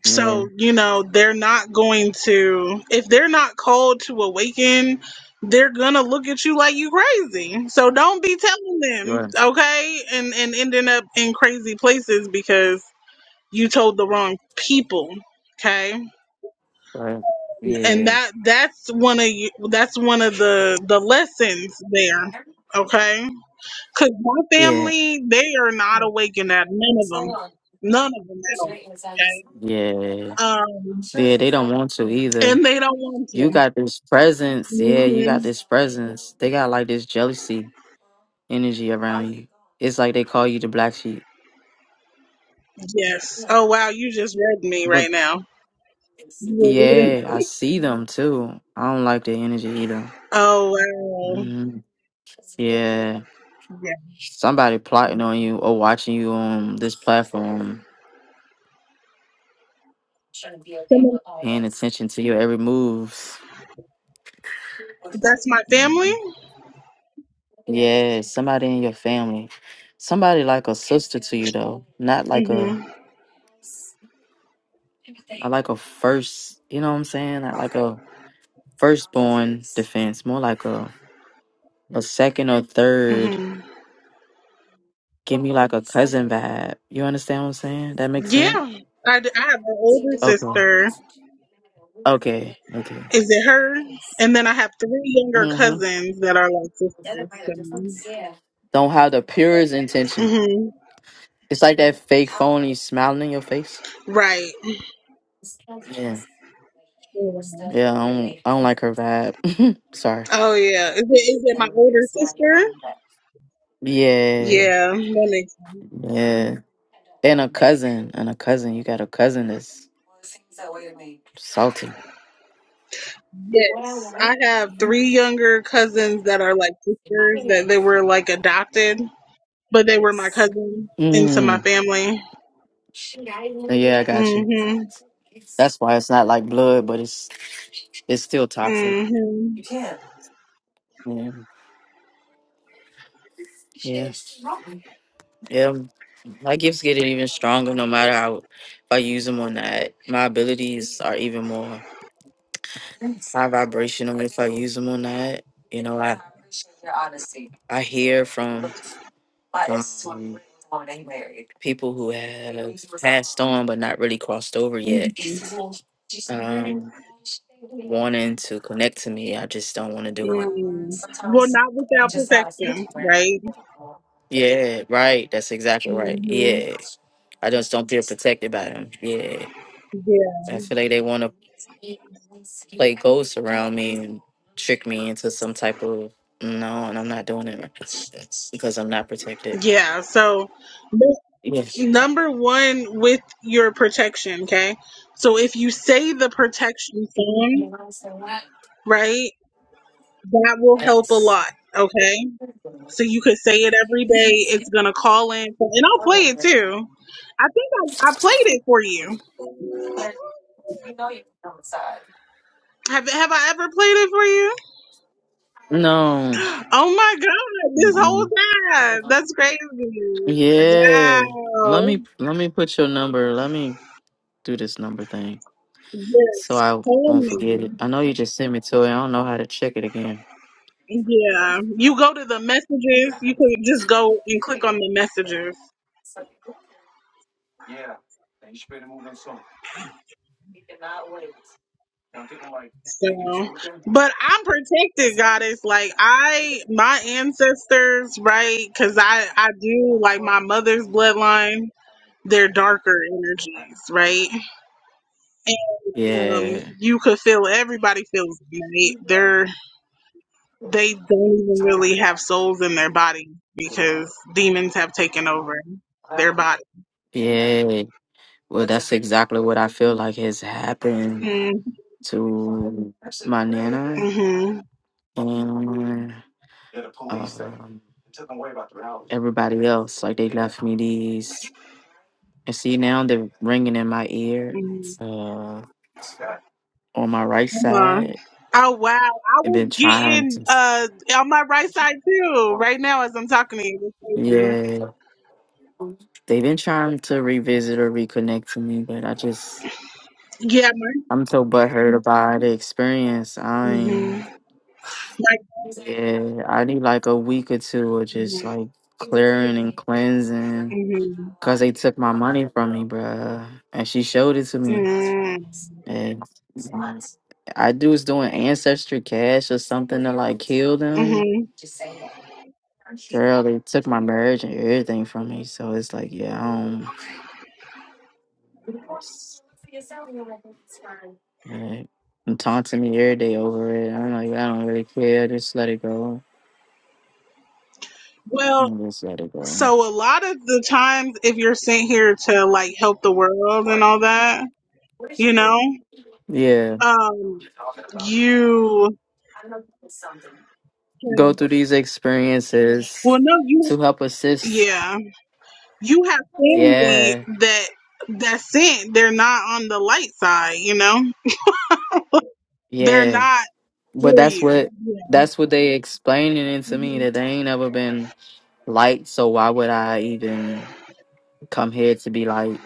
[SPEAKER 2] yeah.
[SPEAKER 1] so you know they're not going to if they're not called to awaken. They're gonna look at you like you crazy, so don't be telling
[SPEAKER 2] You
[SPEAKER 1] them,
[SPEAKER 2] are
[SPEAKER 1] okay? And and ending up in crazy places because you told the wrong people okay
[SPEAKER 2] right. Yeah,
[SPEAKER 1] and that that's one of you that's one of the the lessons there okay because my
[SPEAKER 2] yeah,
[SPEAKER 1] family they are not awakened at none of them none of them at all okay
[SPEAKER 2] yeah.
[SPEAKER 1] um
[SPEAKER 2] Yeah, they don't want to either.
[SPEAKER 1] and they don't want to
[SPEAKER 2] You got this presence. Yeah, you got
[SPEAKER 1] hmm
[SPEAKER 2] this presence. They got like this jealousy energy around you. It's like they call you the black sheep.
[SPEAKER 1] yes oh wow you just read me
[SPEAKER 2] But
[SPEAKER 1] right now
[SPEAKER 2] yeah, I see them too. I don't like their energy either.
[SPEAKER 1] oh wow
[SPEAKER 2] Mhm. Yeah,
[SPEAKER 1] yeah
[SPEAKER 2] somebody plotting on you or watching you on this platform Paying attention to your every moves.
[SPEAKER 1] that's my family
[SPEAKER 2] Mhm. Yeah, somebody in your family. Somebody like a sister to you though. Not like a
[SPEAKER 1] hmm
[SPEAKER 2] I like a first you know what I'm saying? Not like a firstborn defense. More like a a second or third.
[SPEAKER 1] hmm
[SPEAKER 2] Give me like a cousin vibe. You understand what I'm saying? That makes sense?
[SPEAKER 1] yeah I, d- I have an older
[SPEAKER 2] Okay.
[SPEAKER 1] sister
[SPEAKER 2] Okay. Okay.
[SPEAKER 1] Is it her? And then I have three younger
[SPEAKER 2] Mm-hmm.
[SPEAKER 1] cousins that are like sisters.
[SPEAKER 2] Don't have the purest
[SPEAKER 1] So.
[SPEAKER 2] intention.
[SPEAKER 1] hmm
[SPEAKER 2] It's like that fake phony smiling in your face.
[SPEAKER 1] Right.
[SPEAKER 2] Yeah.
[SPEAKER 1] Yeah.
[SPEAKER 2] Yeah, I don't, I don't like her vibe. <laughs> Sorry.
[SPEAKER 1] Oh yeah. Is it, is it my older sister?
[SPEAKER 2] Yeah.
[SPEAKER 1] Yeah, that makes sense.
[SPEAKER 2] Yeah. And a cousin. And a cousin. You got a cousin that's salty.
[SPEAKER 1] Yes, I have three younger cousins that are like sisters that they were like adopted, but they were my cousins into my
[SPEAKER 2] Mm.
[SPEAKER 1] family.
[SPEAKER 2] Yeah, I got you.
[SPEAKER 1] Mhm.
[SPEAKER 2] That's why it's not like blood, but it's it's still toxic.
[SPEAKER 1] Mhm.
[SPEAKER 2] Yeah. Yeah. Yeah. My gifts get even stronger no matter how if I use them or not. My abilities are even more. my vibrational if I use them or not. You know, I I hear from um, people who have passed on but not really crossed over yet. Um, wanting to connect to me, I just don't want to do it.
[SPEAKER 1] Mm-hmm. Well, not without protection, right?
[SPEAKER 2] Yeah, right. That's exactly right.
[SPEAKER 1] Mhm.
[SPEAKER 2] Yeah, I just don't feel protected by them. Yeah.
[SPEAKER 1] Yeah.
[SPEAKER 2] I feel like they want to play ghosts around me and trick me into some type of no, and I'm not doing it because I'm not protected.
[SPEAKER 1] Yeah. So.
[SPEAKER 2] Yes.
[SPEAKER 1] number one with your protection, okay? So if you say the protection song, right, that will help a lot, okay? So you could say it every day. It's gonna call in, and I'll play it too. I think I, I played it for you. Have have I ever played it for you?
[SPEAKER 2] No.
[SPEAKER 1] Oh my god, this whole
[SPEAKER 2] Mm-mm.
[SPEAKER 1] time. That's crazy.
[SPEAKER 2] Yeah. Let
[SPEAKER 1] Wow.
[SPEAKER 2] me let me put your number. Let me do this number thing so
[SPEAKER 1] Yes.
[SPEAKER 2] I
[SPEAKER 1] Tell
[SPEAKER 2] won't forget
[SPEAKER 1] me.
[SPEAKER 2] it. I know you just sent me to it. I don't know how to check it again.
[SPEAKER 1] Yeah, you go to the messages. You can just go and click on the messages. So, but I'm protected, goddess. Like I, my ancestors, right? Because I, I do like my mother's bloodline. They're darker energies, right? Um,
[SPEAKER 2] Yeah.
[SPEAKER 1] you could feel everybody feels it, right. They're they don't even really have souls in their body because demons have taken over their body.
[SPEAKER 2] Yeah. Well, that's exactly what I feel like has happened
[SPEAKER 1] Mm-hmm.
[SPEAKER 2] to my nana.
[SPEAKER 1] Mm-hmm.
[SPEAKER 2] and um, everybody else. Like they left me these, and see now they're ringing in my ear
[SPEAKER 1] Mm-hmm.
[SPEAKER 2] uh, on my right
[SPEAKER 1] Uh-huh.
[SPEAKER 2] side.
[SPEAKER 1] Oh wow! I
[SPEAKER 2] They've
[SPEAKER 1] was
[SPEAKER 2] been trying
[SPEAKER 1] getting
[SPEAKER 2] to,
[SPEAKER 1] uh on my right side too right now as I'm talking to you. That's
[SPEAKER 2] yeah, they've been trying to revisit or reconnect to me, but I just
[SPEAKER 1] crazy. Yeah, my
[SPEAKER 2] I'm so butthurt about the experience. I ain't.
[SPEAKER 1] hmm my
[SPEAKER 2] Yeah, I need like a week or two of just like clearing and cleansing.
[SPEAKER 1] mm-hmm.
[SPEAKER 2] Cause they took my money from me, bruh. And she showed it to me.
[SPEAKER 1] Mm-hmm.
[SPEAKER 2] And I do was doing ancestry cash or something to like heal them.
[SPEAKER 1] Mm-hmm.
[SPEAKER 2] Girl, they took my marriage and everything from me. So it's like, yeah, I don't like, and taunting me every day over it. I'm like, I don't really care. Just let it go.
[SPEAKER 1] Well,
[SPEAKER 2] Just let it go.
[SPEAKER 1] so a lot of the times, if you're sent here to like help the world and all that, you know,
[SPEAKER 2] Yeah.
[SPEAKER 1] um, you
[SPEAKER 2] go through these
[SPEAKER 1] well
[SPEAKER 2] experiences
[SPEAKER 1] no you
[SPEAKER 2] to help assist.
[SPEAKER 1] yeah you have family
[SPEAKER 2] Yeah,
[SPEAKER 1] that that's sent. They're not on the light side, you know. They're
[SPEAKER 2] yeah.
[SPEAKER 1] not. for
[SPEAKER 2] But that's
[SPEAKER 1] you.
[SPEAKER 2] what that's what they explaining it to me that they ain't never been light. So why would I even come here to be light?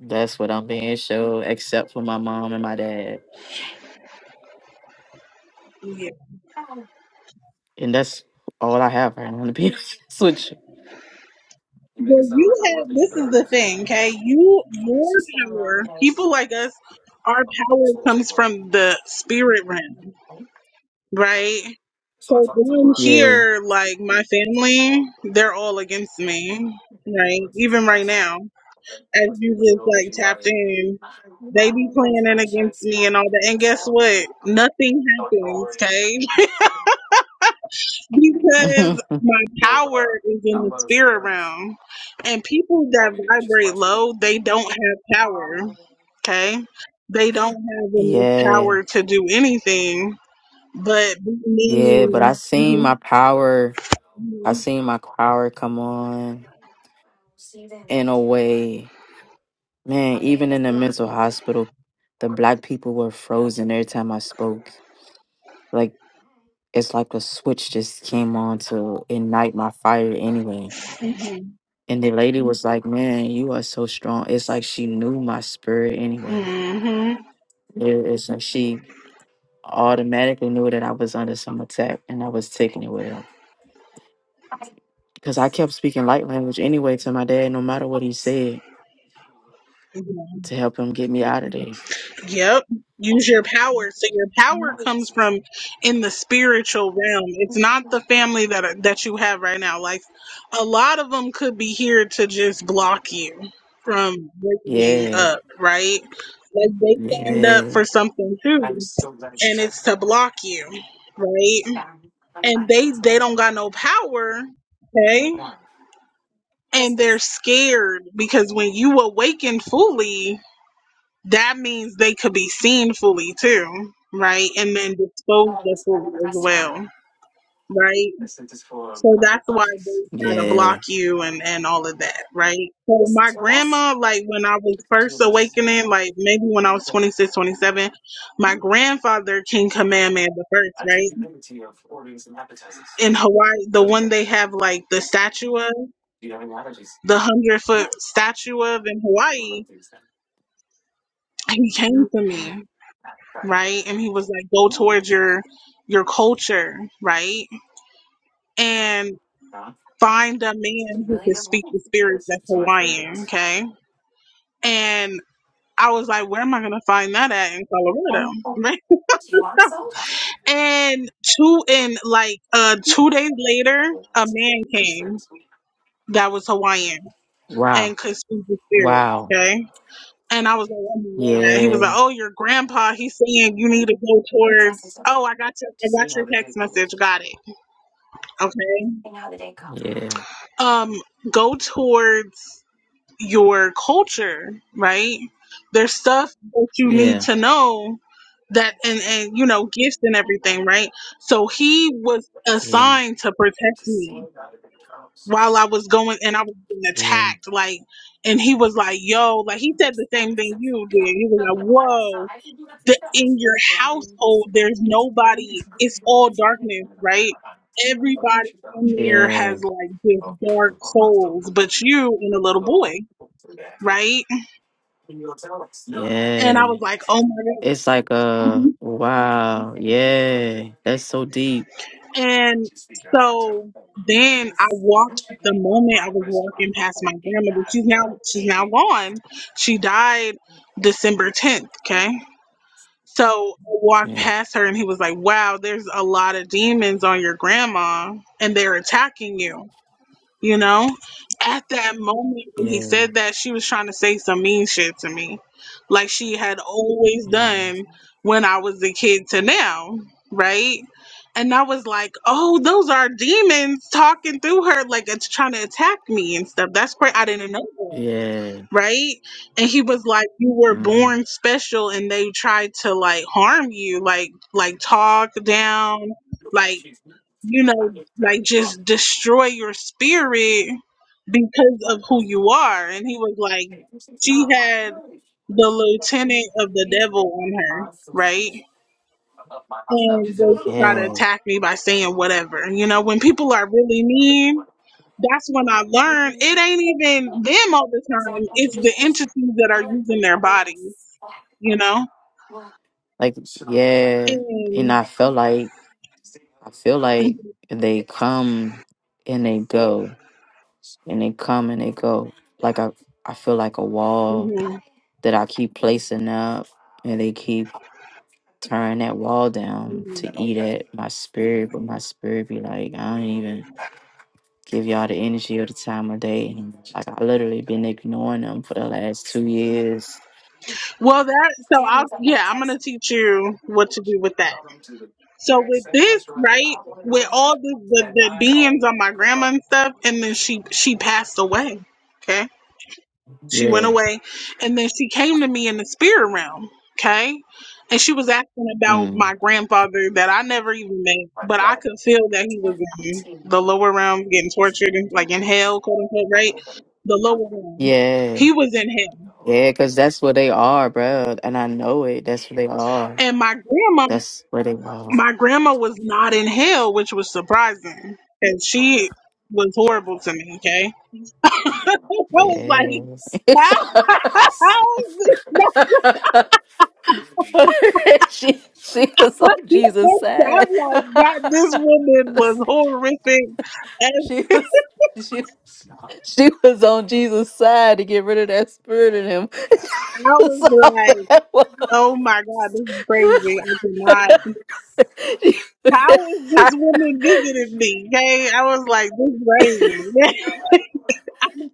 [SPEAKER 2] That's what I'm being shown, except for my mom and my dad,
[SPEAKER 1] Yeah.
[SPEAKER 2] and that's all I have right now. To be <laughs> honest with
[SPEAKER 1] Well, you have this is the thing, okay? You your power, people like us, our power comes from the spirit realm, right? So down
[SPEAKER 2] you, yeah.
[SPEAKER 1] here, like my family, they're all against me, right? Even right now, as you just like tapped in, they be planning against me and all that. And guess what? Nothing happens, okay?
[SPEAKER 2] <laughs>
[SPEAKER 1] Because my power is in the spirit realm. And people that vibrate low, they don't have power. Okay? They don't have enough
[SPEAKER 2] yeah,
[SPEAKER 1] power to do anything but be
[SPEAKER 2] yeah. But I
[SPEAKER 1] mean.
[SPEAKER 2] seen my power.
[SPEAKER 1] hmm
[SPEAKER 2] I've seen my power come on in a way. Man, even in the mental hospital, the black people were frozen every time I spoke. Like it's like a switch just came on to ignite my fire anyway. And the lady was like, Man, you are so strong. It's like she knew my spirit anyway.
[SPEAKER 1] hmm
[SPEAKER 2] It- It's like she automatically knew that I was under some attack and I was taking it well. Because I kept speaking light language anyway to my dad, no matter what he said,
[SPEAKER 1] hmm
[SPEAKER 2] to help him get me out of there.
[SPEAKER 1] Yep. Use your power. So your power comes from in the spiritual realm. It's not the family that that you have right now. Like a lot of them could be here to just block you from waking
[SPEAKER 2] Yeah,
[SPEAKER 1] up, right? Like they signed up
[SPEAKER 2] yeah,
[SPEAKER 1] for something too, and it's to block you, right? And they they don't got no power, okay? And they're scared because when you awaken fully, that means they could be seen fully too, right? And then disposed of fully as well, right? So that's why they try to
[SPEAKER 2] yeah.
[SPEAKER 1] block you and and all of that, right? So my grandma, like when I was first awakening, like maybe when I was 26, 27, my grandfather King Kamehameha the first, right? In Hawaii, the one they have like the statue of, the hundred foot statue of in Hawaii, he came to me right? And he was like, go towards your your culture, right? And find a man who could speak the spirit that's Hawaiian, okay? And I was like, where am I gonna find that at in Colorado? <laughs> Right? And two and like uh two days later, a man came that was Hawaiian
[SPEAKER 2] Wow,
[SPEAKER 1] and could speak the spirit,
[SPEAKER 2] wow.
[SPEAKER 1] okay? And I was like, oh my God. He was
[SPEAKER 2] Yeah,
[SPEAKER 1] like, oh, your grandpa, he's saying you need to go towards, oh, I got your, I got your text message. Got it. Okay.
[SPEAKER 2] yeah, yeah, yeah,
[SPEAKER 1] um go towards your culture right there's stuff that you need to know that and and you know gifts and everything right so he was assigned to protect me while i was going and i was being attacked like and he was like yo like he said the same thing you did he was like whoa the in your household there's nobody it's all darkness right everybody
[SPEAKER 2] yeah,
[SPEAKER 1] in there
[SPEAKER 2] yeah,
[SPEAKER 1] has like this dark souls but you and a little boy right and i
[SPEAKER 2] yeah.
[SPEAKER 1] was like oh my god
[SPEAKER 2] It's like a
[SPEAKER 1] Mhm.
[SPEAKER 2] wow, yeah. That's so deep.
[SPEAKER 1] and so then i walked the moment i was walking past my grandmother she's now she's now gone she died december 10th okay So I walked
[SPEAKER 2] Yeah,
[SPEAKER 1] past her and he was like, Wow, there's a lot of demons on your grandma and they're attacking you, you know? At that moment when he
[SPEAKER 2] yeah,
[SPEAKER 1] said that, she was trying to say some mean shit to me. Like she had always
[SPEAKER 2] mhm,
[SPEAKER 1] done when I was a kid to now, right? And I was like, Oh, those are demons talking through her, like it's trying to attack me and stuff. That's great. I didn't know that
[SPEAKER 2] yeah,
[SPEAKER 1] right? And he was like, "You were
[SPEAKER 2] hmm
[SPEAKER 1] born special, and they tried to like harm you, like like talk down, like you know, like just destroy your spirit because of who you are." And he was like, "She had the lieutenant of the devil on her, right?" And they would try to
[SPEAKER 2] yeah,
[SPEAKER 1] attack me by saying whatever. You know, when people are really mean, that's when I learned it ain't even them all the time. It's the entities that are using their bodies, you know?
[SPEAKER 2] Like yeah, and
[SPEAKER 1] And
[SPEAKER 2] I feel like I feel like they come and they go, and they come and they go. Like I, I feel like a wall
[SPEAKER 1] mhm.
[SPEAKER 2] that I keep placing up, and they keep tearing that wall down to eat at my spirit. But my spirit be like, I don't even give y'all the energy or the time of day. And like I literally been ignoring them for the last two years.
[SPEAKER 1] well, that, so I'll, yeah, I'm going to teach you what to do with that. So with this, right? With all the, the, the beings on my grandma and stuff, and then she, she passed away. Okay. She went
[SPEAKER 2] Yeah.
[SPEAKER 1] away and then she came to me in the spirit realm. Okay. And she was asking about
[SPEAKER 2] Mm.
[SPEAKER 1] my grandfather that I never even met, but I could feel that he was in the lower realm getting tortured, and, like in hell, quote unquote, right? The lower realm.
[SPEAKER 2] Yeah.
[SPEAKER 1] He was in hell.
[SPEAKER 2] Yeah, because that's what they are, bro. And I know it. That's what they are.
[SPEAKER 1] And my grandma,
[SPEAKER 2] That's what they are.
[SPEAKER 1] my grandma was not in hell, which was surprising. And she was horrible to me, okay? <laughs> I was like,
[SPEAKER 2] Yes.
[SPEAKER 1] how? <laughs> How is this?
[SPEAKER 2] <laughs> she she was
[SPEAKER 1] What
[SPEAKER 2] on
[SPEAKER 1] you
[SPEAKER 2] Jesus
[SPEAKER 1] said, I'm
[SPEAKER 2] side.
[SPEAKER 1] like,
[SPEAKER 2] <laughs>
[SPEAKER 1] God, this woman was horrific. And
[SPEAKER 2] she was she she was on Jesus side to get rid of that spirit in him.
[SPEAKER 1] I
[SPEAKER 2] <laughs> That's
[SPEAKER 1] was
[SPEAKER 2] all
[SPEAKER 1] like,
[SPEAKER 2] that was.
[SPEAKER 1] oh my God, this is crazy. I cannot. How is this woman visiting me? Okay. I was like, this is crazy.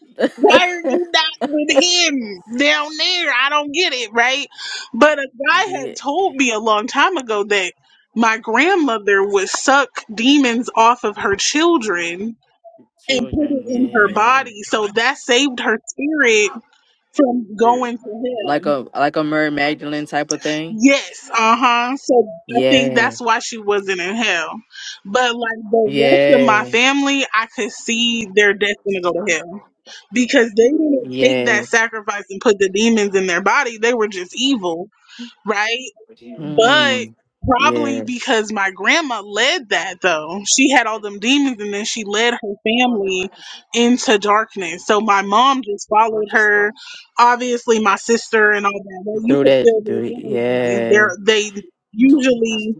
[SPEAKER 1] <laughs> Why are you
[SPEAKER 2] <laughs>
[SPEAKER 1] not with him down there? I don't get it, right? But a guy had
[SPEAKER 2] the
[SPEAKER 1] told me a long time ago that my grandmother would suck demons off of her children and put it
[SPEAKER 2] children,
[SPEAKER 1] in her
[SPEAKER 2] yeah.
[SPEAKER 1] body. So that saved her spirit from going to
[SPEAKER 2] Like
[SPEAKER 1] hell.
[SPEAKER 2] a like a Mary Magdalene type of thing.
[SPEAKER 1] Yes, uh huh. So I think
[SPEAKER 2] Yeah.
[SPEAKER 1] that's why she wasn't in hell. But like the rest of my
[SPEAKER 2] Yeah.
[SPEAKER 1] family, I could see their destiny go to hell because they didn't take
[SPEAKER 2] Yeah.
[SPEAKER 1] that sacrifice and put the demons in their body. They were just evil right? But
[SPEAKER 2] Mm.
[SPEAKER 1] probably
[SPEAKER 2] Yeah.
[SPEAKER 1] because my grandma led that though. She had all them demons and then she led her family into darkness. So my mom just followed her. Obviously my sister and all that. Well, you
[SPEAKER 2] Through
[SPEAKER 1] could
[SPEAKER 2] that
[SPEAKER 1] feel their
[SPEAKER 2] through
[SPEAKER 1] energy.
[SPEAKER 2] yeah.
[SPEAKER 1] They're they usually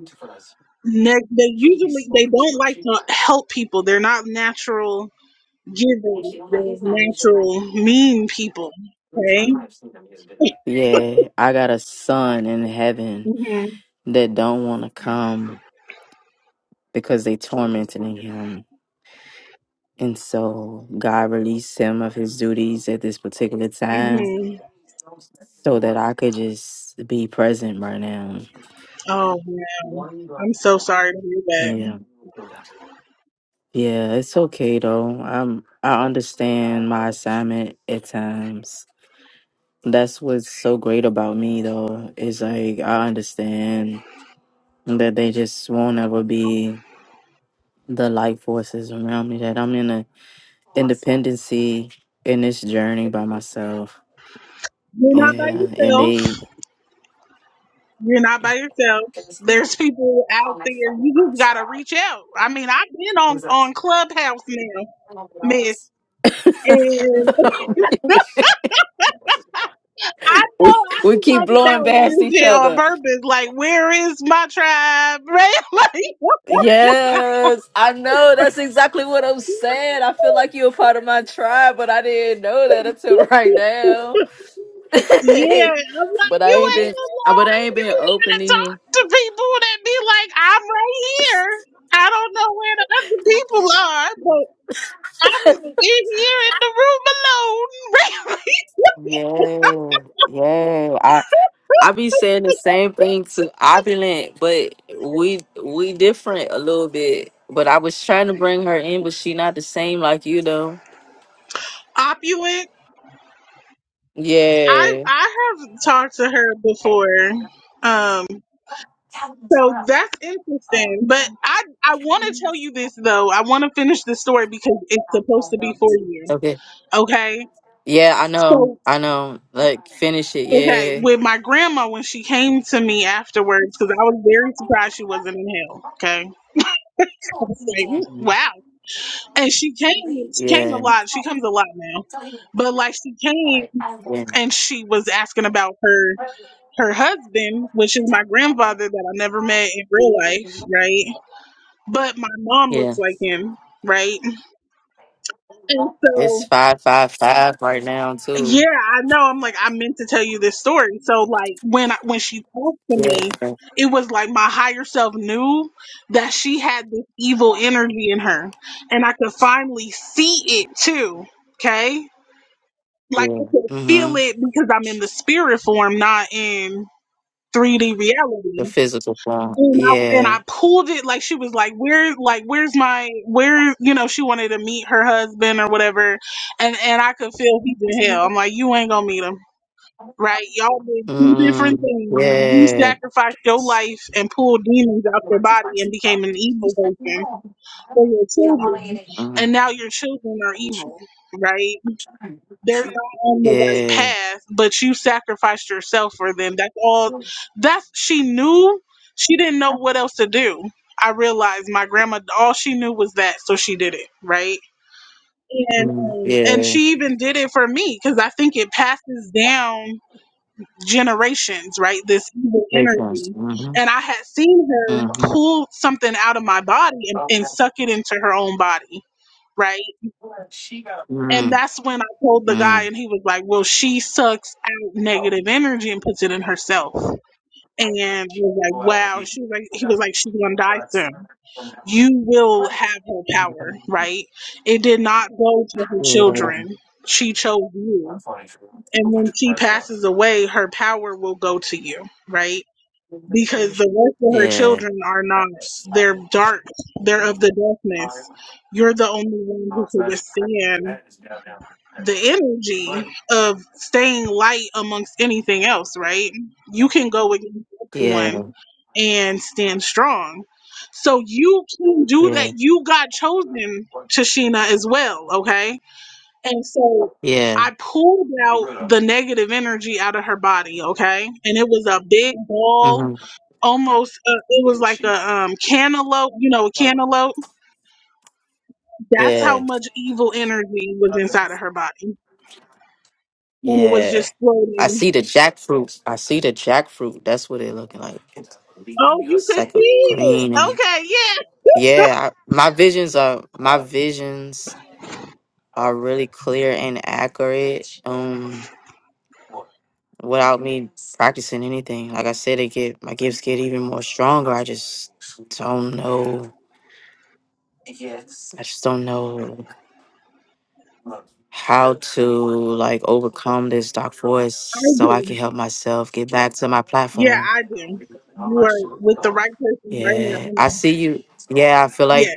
[SPEAKER 1] ne- they usually they don't like to help people. They're not natural givers. They're natural mean people. Okay. <laughs>
[SPEAKER 2] Yeah. I got a son in heaven
[SPEAKER 1] hmm
[SPEAKER 2] that don't wanna come because they tormenting him. And so God released him of his duties at this particular time
[SPEAKER 1] hmm
[SPEAKER 2] so that I could just be present right now.
[SPEAKER 1] Oh man, I'm so sorry to hear that.
[SPEAKER 2] Yeah. Yeah, it's okay though. I'm I understand my assignment at times. That's what's so great about me, though, is like I understand that they just won't ever be the life forces around me. That I'm in a independency in this journey by myself.
[SPEAKER 1] You're not by
[SPEAKER 2] Yeah, and
[SPEAKER 1] yourself.
[SPEAKER 2] they
[SPEAKER 1] You're not by yourself. There's people out there. You just gotta reach out. I mean, I've been on on Clubhouse now, Miss, and <laughs>
[SPEAKER 2] <laughs>
[SPEAKER 1] I know
[SPEAKER 2] we
[SPEAKER 1] I
[SPEAKER 2] we
[SPEAKER 1] be
[SPEAKER 2] keep
[SPEAKER 1] talking
[SPEAKER 2] blowing
[SPEAKER 1] about
[SPEAKER 2] past
[SPEAKER 1] weird
[SPEAKER 2] each
[SPEAKER 1] shit on
[SPEAKER 2] other.
[SPEAKER 1] purpose. Like, where is my tribe? <laughs> Right? Like,
[SPEAKER 2] Yes, I know. That's exactly what I'm saying. I feel like you're a part of my tribe, but I didn't know that until <laughs> right
[SPEAKER 1] <laughs>
[SPEAKER 2] now.
[SPEAKER 1] Yeah,
[SPEAKER 2] <laughs>
[SPEAKER 1] I'm like,
[SPEAKER 2] but I
[SPEAKER 1] you
[SPEAKER 2] ain't been,
[SPEAKER 1] ain't
[SPEAKER 2] I- but I
[SPEAKER 1] alone.
[SPEAKER 2] ain't been
[SPEAKER 1] You
[SPEAKER 2] open
[SPEAKER 1] gotta
[SPEAKER 2] to
[SPEAKER 1] talk
[SPEAKER 2] you.
[SPEAKER 1] to people that be like, I'm right here. I don't know where the other people are, but I'm in here in the room alone.
[SPEAKER 2] Yeah, yeah. I I be saying the same thing to Opulent, but we we different a little bit. But I was trying to bring her in, but she not the same like you though.
[SPEAKER 1] <laughs> Opulent. I
[SPEAKER 2] Yeah.
[SPEAKER 1] I have talked to her before. Um so that's interesting. But I I wanna tell you this though. I wanna finish the story because it's supposed to be for you.
[SPEAKER 2] Okay.
[SPEAKER 1] Okay.
[SPEAKER 2] Yeah, I know.
[SPEAKER 1] so.
[SPEAKER 2] I know. Like finish it.
[SPEAKER 1] Okay,
[SPEAKER 2] Yeah.
[SPEAKER 1] with my grandma when she came to me afterwards, because I was very surprised she wasn't in hell. Okay, I was like, "Ooh,
[SPEAKER 2] Mhm.
[SPEAKER 1] wow. And she came, she came a
[SPEAKER 2] Yeah.
[SPEAKER 1] lot. She comes a lot now, but like she came
[SPEAKER 2] Yeah.
[SPEAKER 1] and she was asking about her her husband, which is my grandfather that I never met in real life, right? But my mom
[SPEAKER 2] Yeah.
[SPEAKER 1] looks like him, right? And so
[SPEAKER 2] It's five five five right now
[SPEAKER 1] Yeah,
[SPEAKER 2] too.
[SPEAKER 1] I know. I'm like, I meant to tell you this story. So like when I, when she talked to
[SPEAKER 2] Yeah.
[SPEAKER 1] me, it was like my higher self knew that she had this evil energy in her, and I could finally see it too. Okay, like I
[SPEAKER 2] Yeah.
[SPEAKER 1] could feel
[SPEAKER 2] Mhm.
[SPEAKER 1] it because I'm in the spirit form, not in 3D reality.
[SPEAKER 2] The physical form.
[SPEAKER 1] And I and
[SPEAKER 2] Yeah.
[SPEAKER 1] I pulled it like she was like, where like where's my where you know she wanted to meet her husband or whatever, and and I could feel he's in hell. I'm like, you ain't gonna meet him right? Y'all did two different
[SPEAKER 2] Mm.
[SPEAKER 1] things. You
[SPEAKER 2] Yeah.
[SPEAKER 1] sacrificed your life and pulled demons out your body and became an evil person for your children,
[SPEAKER 2] Mm.
[SPEAKER 1] and now your children are evil, right? They're not on the right
[SPEAKER 2] Yeah.
[SPEAKER 1] path, but you sacrificed yourself for them. That's all. That's she knew. She didn't know what else to do. I realized my grandma. All she knew was that, so she did it, right? And
[SPEAKER 2] Mm.
[SPEAKER 1] um, and
[SPEAKER 2] Yeah.
[SPEAKER 1] she even did it for me because I think it passes down generations, right? This evil
[SPEAKER 2] Vacancy.
[SPEAKER 1] energy.
[SPEAKER 2] Mhm.
[SPEAKER 1] And I had seen her
[SPEAKER 2] Mhm.
[SPEAKER 1] pull something out of my body and, and suck it into her own body, right? And
[SPEAKER 2] Mhm.
[SPEAKER 1] that's when I told the guy, and he was like, Well, she sucks out negative energy and puts it in herself. And I was like, Wow. She was like, He was like, She's going to die soon. You will have her power, right? It did not go to her
[SPEAKER 2] Mm.
[SPEAKER 1] children. She chose you. And when she passes away, her power will go to you, right? because the rest of her
[SPEAKER 2] Yeah.
[SPEAKER 1] children are not. They're dark. They're of the darkness. You're the only one who can withstand the energy of staying light amongst anything else, right? You can go against
[SPEAKER 2] Yeah.
[SPEAKER 1] everyone
[SPEAKER 2] Yeah.
[SPEAKER 1] and stand strong. So you can do that.
[SPEAKER 2] Yeah.
[SPEAKER 1] You got chosen, Tashina, as well, okay? And so
[SPEAKER 2] Yeah.
[SPEAKER 1] I pulled out the negative energy out of her body, okay? And it was a big ball
[SPEAKER 2] Mhm.
[SPEAKER 1] almost uh, it was like a um cantaloupe you know a cantaloupe that's how
[SPEAKER 2] Yeah.
[SPEAKER 1] much evil energy was inside of her body and it was
[SPEAKER 2] Yeah.
[SPEAKER 1] just
[SPEAKER 2] I
[SPEAKER 1] floating
[SPEAKER 2] see the jackfruit. I see the jackfruit. That's what it looking like.
[SPEAKER 1] oh you
[SPEAKER 2] It's
[SPEAKER 1] could see
[SPEAKER 2] like a
[SPEAKER 1] it
[SPEAKER 2] green.
[SPEAKER 1] okay yeah <laughs>
[SPEAKER 2] Yeah, I- my visions are my visions are really clear and accurate. Um, without me practicing anything, like I said, it get my gifts get even more stronger. I just don't know. I just don't know how to like overcome this dark force
[SPEAKER 1] i
[SPEAKER 2] so I
[SPEAKER 1] do
[SPEAKER 2] can help myself get back to my
[SPEAKER 1] yeah
[SPEAKER 2] platform.
[SPEAKER 1] i do you are with the right person right now
[SPEAKER 2] Yeah,
[SPEAKER 1] you
[SPEAKER 2] I
[SPEAKER 1] know.
[SPEAKER 2] see you. Yeah, I feel like
[SPEAKER 1] yeah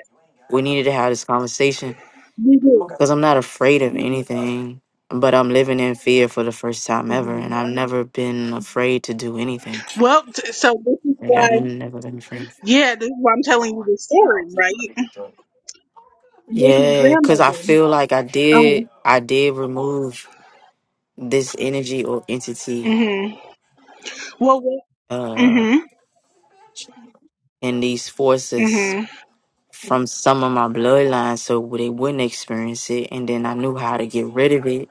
[SPEAKER 2] we needed to have this conversation
[SPEAKER 1] you do
[SPEAKER 2] because I'm not afraid of anything, but I'm living in fear for the first time ever, and
[SPEAKER 1] Mhm.
[SPEAKER 2] I've never been afraid to do anything.
[SPEAKER 1] Well, t- so this is
[SPEAKER 2] Like
[SPEAKER 1] why,
[SPEAKER 2] I've never been afraid.
[SPEAKER 1] yeah, this is why I'm telling you this story, right? With my
[SPEAKER 2] Yeah, because I
[SPEAKER 1] grandmother.
[SPEAKER 2] feel like I did,
[SPEAKER 1] Uh
[SPEAKER 2] I did remove this energy or
[SPEAKER 1] huh.
[SPEAKER 2] entity,
[SPEAKER 1] Mhm. Well,
[SPEAKER 2] uh,
[SPEAKER 1] Mhm.
[SPEAKER 2] and these forces
[SPEAKER 1] Mhm.
[SPEAKER 2] from some of my bloodlines, so they wouldn't experience it, and then I knew how to get rid of it.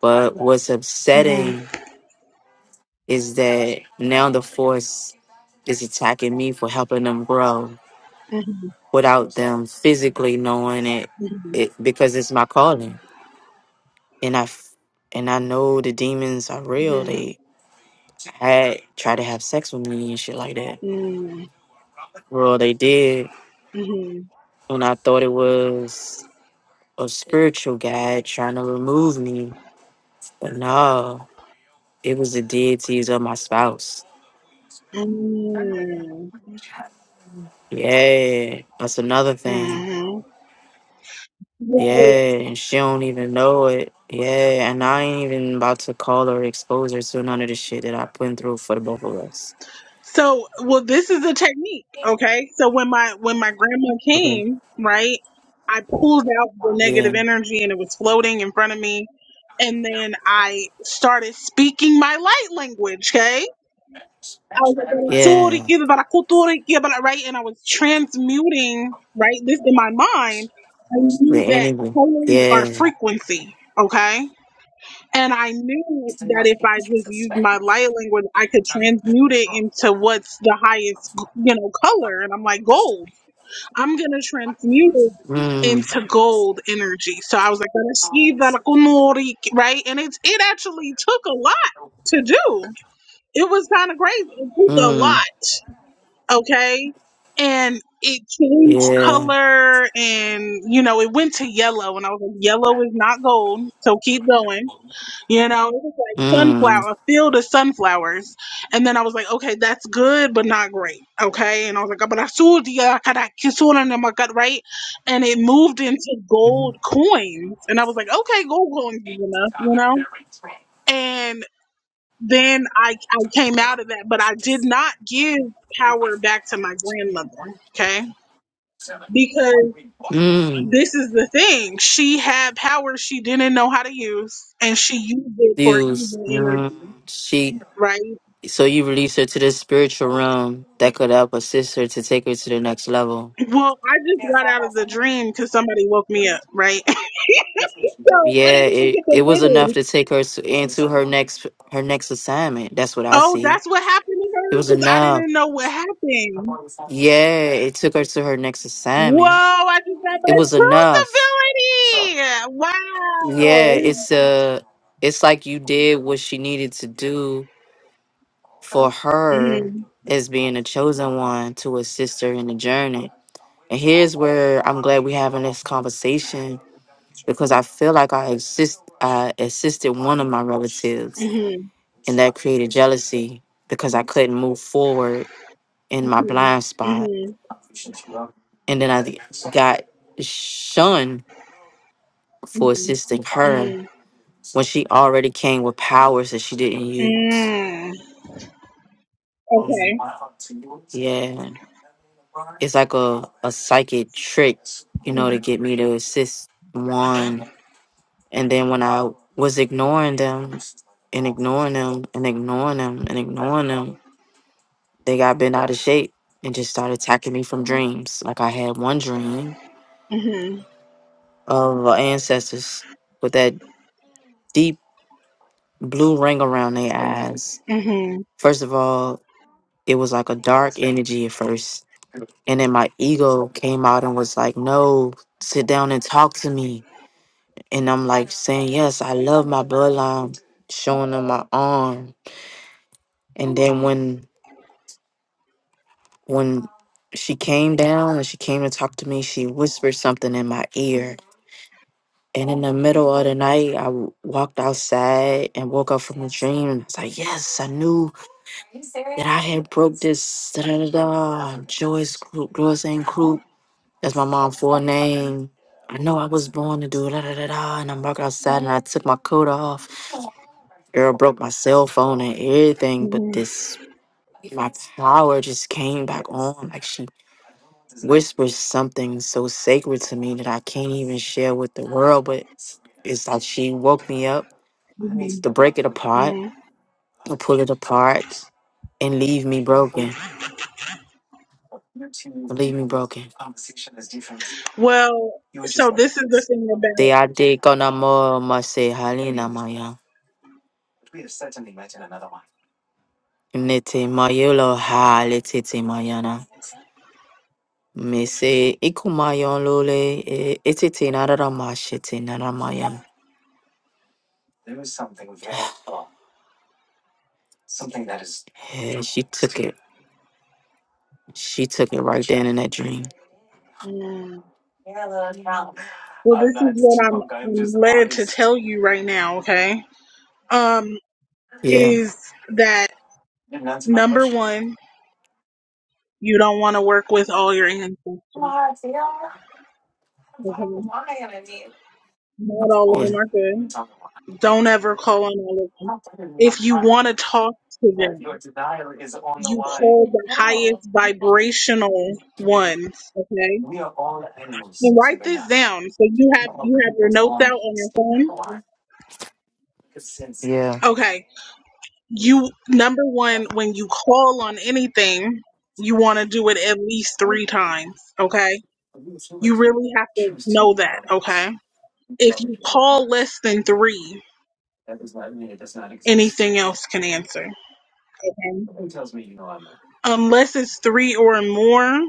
[SPEAKER 2] But what's
[SPEAKER 1] Mhm.
[SPEAKER 2] upsetting is that now the force is attacking me for helping them grow
[SPEAKER 1] Mhm.
[SPEAKER 2] without them physically knowing it,
[SPEAKER 1] Mhm.
[SPEAKER 2] it because it's my calling. And I f- and I know the demons are real.
[SPEAKER 1] Mm,
[SPEAKER 2] They had tried to have sex with me and shit like that.
[SPEAKER 1] mm,
[SPEAKER 2] Well, they did
[SPEAKER 1] mhm,
[SPEAKER 2] when I thought it was a spiritual guy trying to remove me, but no, it was the deities of my spouse.
[SPEAKER 1] mm, mhm.
[SPEAKER 2] Yeah, that's another thing.
[SPEAKER 1] Yeah.
[SPEAKER 2] Yeah, and she don't even know it. Yeah, and I ain't even about to call her, expose her to none of the shit that I put through for the both of us.
[SPEAKER 1] So, well, this is a technique, okay? So when my when my grandma
[SPEAKER 2] Okay.
[SPEAKER 1] came, right, I pulled out the
[SPEAKER 2] Yeah,
[SPEAKER 1] negative energy and it was floating in front of me, and then I started speaking my light language, okay? I was like,
[SPEAKER 2] yeah,
[SPEAKER 1] "Baraturiki, barakuturiki, bara-" right, and I was transmuting, right, this in my mind. I
[SPEAKER 2] the
[SPEAKER 1] knew that
[SPEAKER 2] enemy.
[SPEAKER 1] colors are
[SPEAKER 2] Yeah.
[SPEAKER 1] frequency, okay? And I knew that if I just used my light language, I could transmute it into what's the highest, you know, color. And I'm like, gold. I'm going to transmute it
[SPEAKER 2] Mm,
[SPEAKER 1] into gold energy. So I was like, "Gonna see that I can know it," right? And it's it actually took a lot to do. It was kind of crazy. It took a
[SPEAKER 2] mm,
[SPEAKER 1] lot, okay? And it changed
[SPEAKER 2] yeah.
[SPEAKER 1] color and, you know, it went to yellow. And I was like, yellow is not gold. So keep going you know, it was like
[SPEAKER 2] Mm,
[SPEAKER 1] sunflower, a field of sunflowers. And then I was like, okay, that's good, but not great. Okay. And I was like, but I saw the uh, kada- kisura in my gut, right? And it moved into gold coins. And I was like, okay, gold coins is enough, you know? And then I, I came out of that, but I did not give power back to my grandmother. Okay. Because
[SPEAKER 2] mm,
[SPEAKER 1] this is the thing. She had power she didn't know how to use, and she used it for
[SPEAKER 2] views.
[SPEAKER 1] evil
[SPEAKER 2] Mm.
[SPEAKER 1] energy
[SPEAKER 2] She.
[SPEAKER 1] right?
[SPEAKER 2] So you release her to the spiritual realm that could help assist her to take her to the next level.
[SPEAKER 1] Well, I just got out of the dream because somebody woke me up, right? <laughs> so I
[SPEAKER 2] Yeah,
[SPEAKER 1] didn't even
[SPEAKER 2] it,
[SPEAKER 1] get
[SPEAKER 2] it
[SPEAKER 1] the
[SPEAKER 2] was enough
[SPEAKER 1] video.
[SPEAKER 2] to take her to, into her next her next assignment. That's what I
[SPEAKER 1] Oh,
[SPEAKER 2] see.
[SPEAKER 1] that's what happened to
[SPEAKER 2] It
[SPEAKER 1] her
[SPEAKER 2] was
[SPEAKER 1] because I
[SPEAKER 2] enough.
[SPEAKER 1] didn't know what happened.
[SPEAKER 2] Yeah, it took her to her next
[SPEAKER 1] Whoa,
[SPEAKER 2] assignment.
[SPEAKER 1] I just got
[SPEAKER 2] It
[SPEAKER 1] my
[SPEAKER 2] was enough.
[SPEAKER 1] truth
[SPEAKER 2] Yeah, it's a it's like you did what she needed to do for her
[SPEAKER 1] ability.
[SPEAKER 2] as being a chosen one to assist her in the journey. And here's where I'm glad we're having this conversation because I feel like I assist I assisted one of my relatives
[SPEAKER 1] Wow. hmm hmm
[SPEAKER 2] and that created jealousy because I couldn't move forward in my blind spot.
[SPEAKER 1] hmm
[SPEAKER 2] And then I th- got shunned for assisting her
[SPEAKER 1] hmm hmm
[SPEAKER 2] when she already came with powers that she didn't use.
[SPEAKER 1] Mm.
[SPEAKER 2] Mm.
[SPEAKER 1] Okay.
[SPEAKER 2] Yeah, it's like a, a psychic trick, you know, to get me to assist one. And then when I was ignoring them and ignoring them and ignoring them and ignoring them They got bent out of shape and just started attacking me from dreams. Like I had one dream
[SPEAKER 1] Mm-hmm.
[SPEAKER 2] of our ancestors with that deep blue ring around their eyes.
[SPEAKER 1] hmm
[SPEAKER 2] First of all, it was like a dark energy at first. And then my ego came out and was like, no, sit down and talk to me. And I'm like saying, yes, I love my bloodline, showing them my arm. And then when when she came down and she came to talk to me, she whispered something in my ear And in the middle of the night, I w- walked outside and woke up from the dream. And I was like, yes, I knew that I had broke this da da da da Joyce Group, Joyce and Group. That's my mom's full name. I know I was born to do da da da da. And I walked outside and I took my coat off. Girl broke my cell phone and everything, but this my power just came back on. Like she whispers something so sacred to me that I can't even share with the world. But it's like she woke me up to break it apart,
[SPEAKER 1] hmm
[SPEAKER 2] to pull it apart, and leave me broken. Leave me broken.
[SPEAKER 1] Well, so this is the
[SPEAKER 2] Te ate kona mo mase halina maya. Nete mayolo hale tete mayana. Me se ikumayon lole e etete narara mashete naramayan. Yeah, she took it. She took it right then in that dream.
[SPEAKER 1] thing about. Well, this is what I'm, I'm led to tell you right now, okay? Um,
[SPEAKER 2] Yeah.
[SPEAKER 1] is that number one, you don't want to work with all your ancestors, okay? Not all of them are good. Don't ever call on all of them. If you want to talk to them, you call the highest vibrational ones, okay? And write this down. So you have you have your notes out on your phone.
[SPEAKER 2] Yeah.
[SPEAKER 1] Okay. you number one when you call on anything you want to do it at least three times okay you really have to know that okay if you call less than three anything else can answer okay unless it's three or more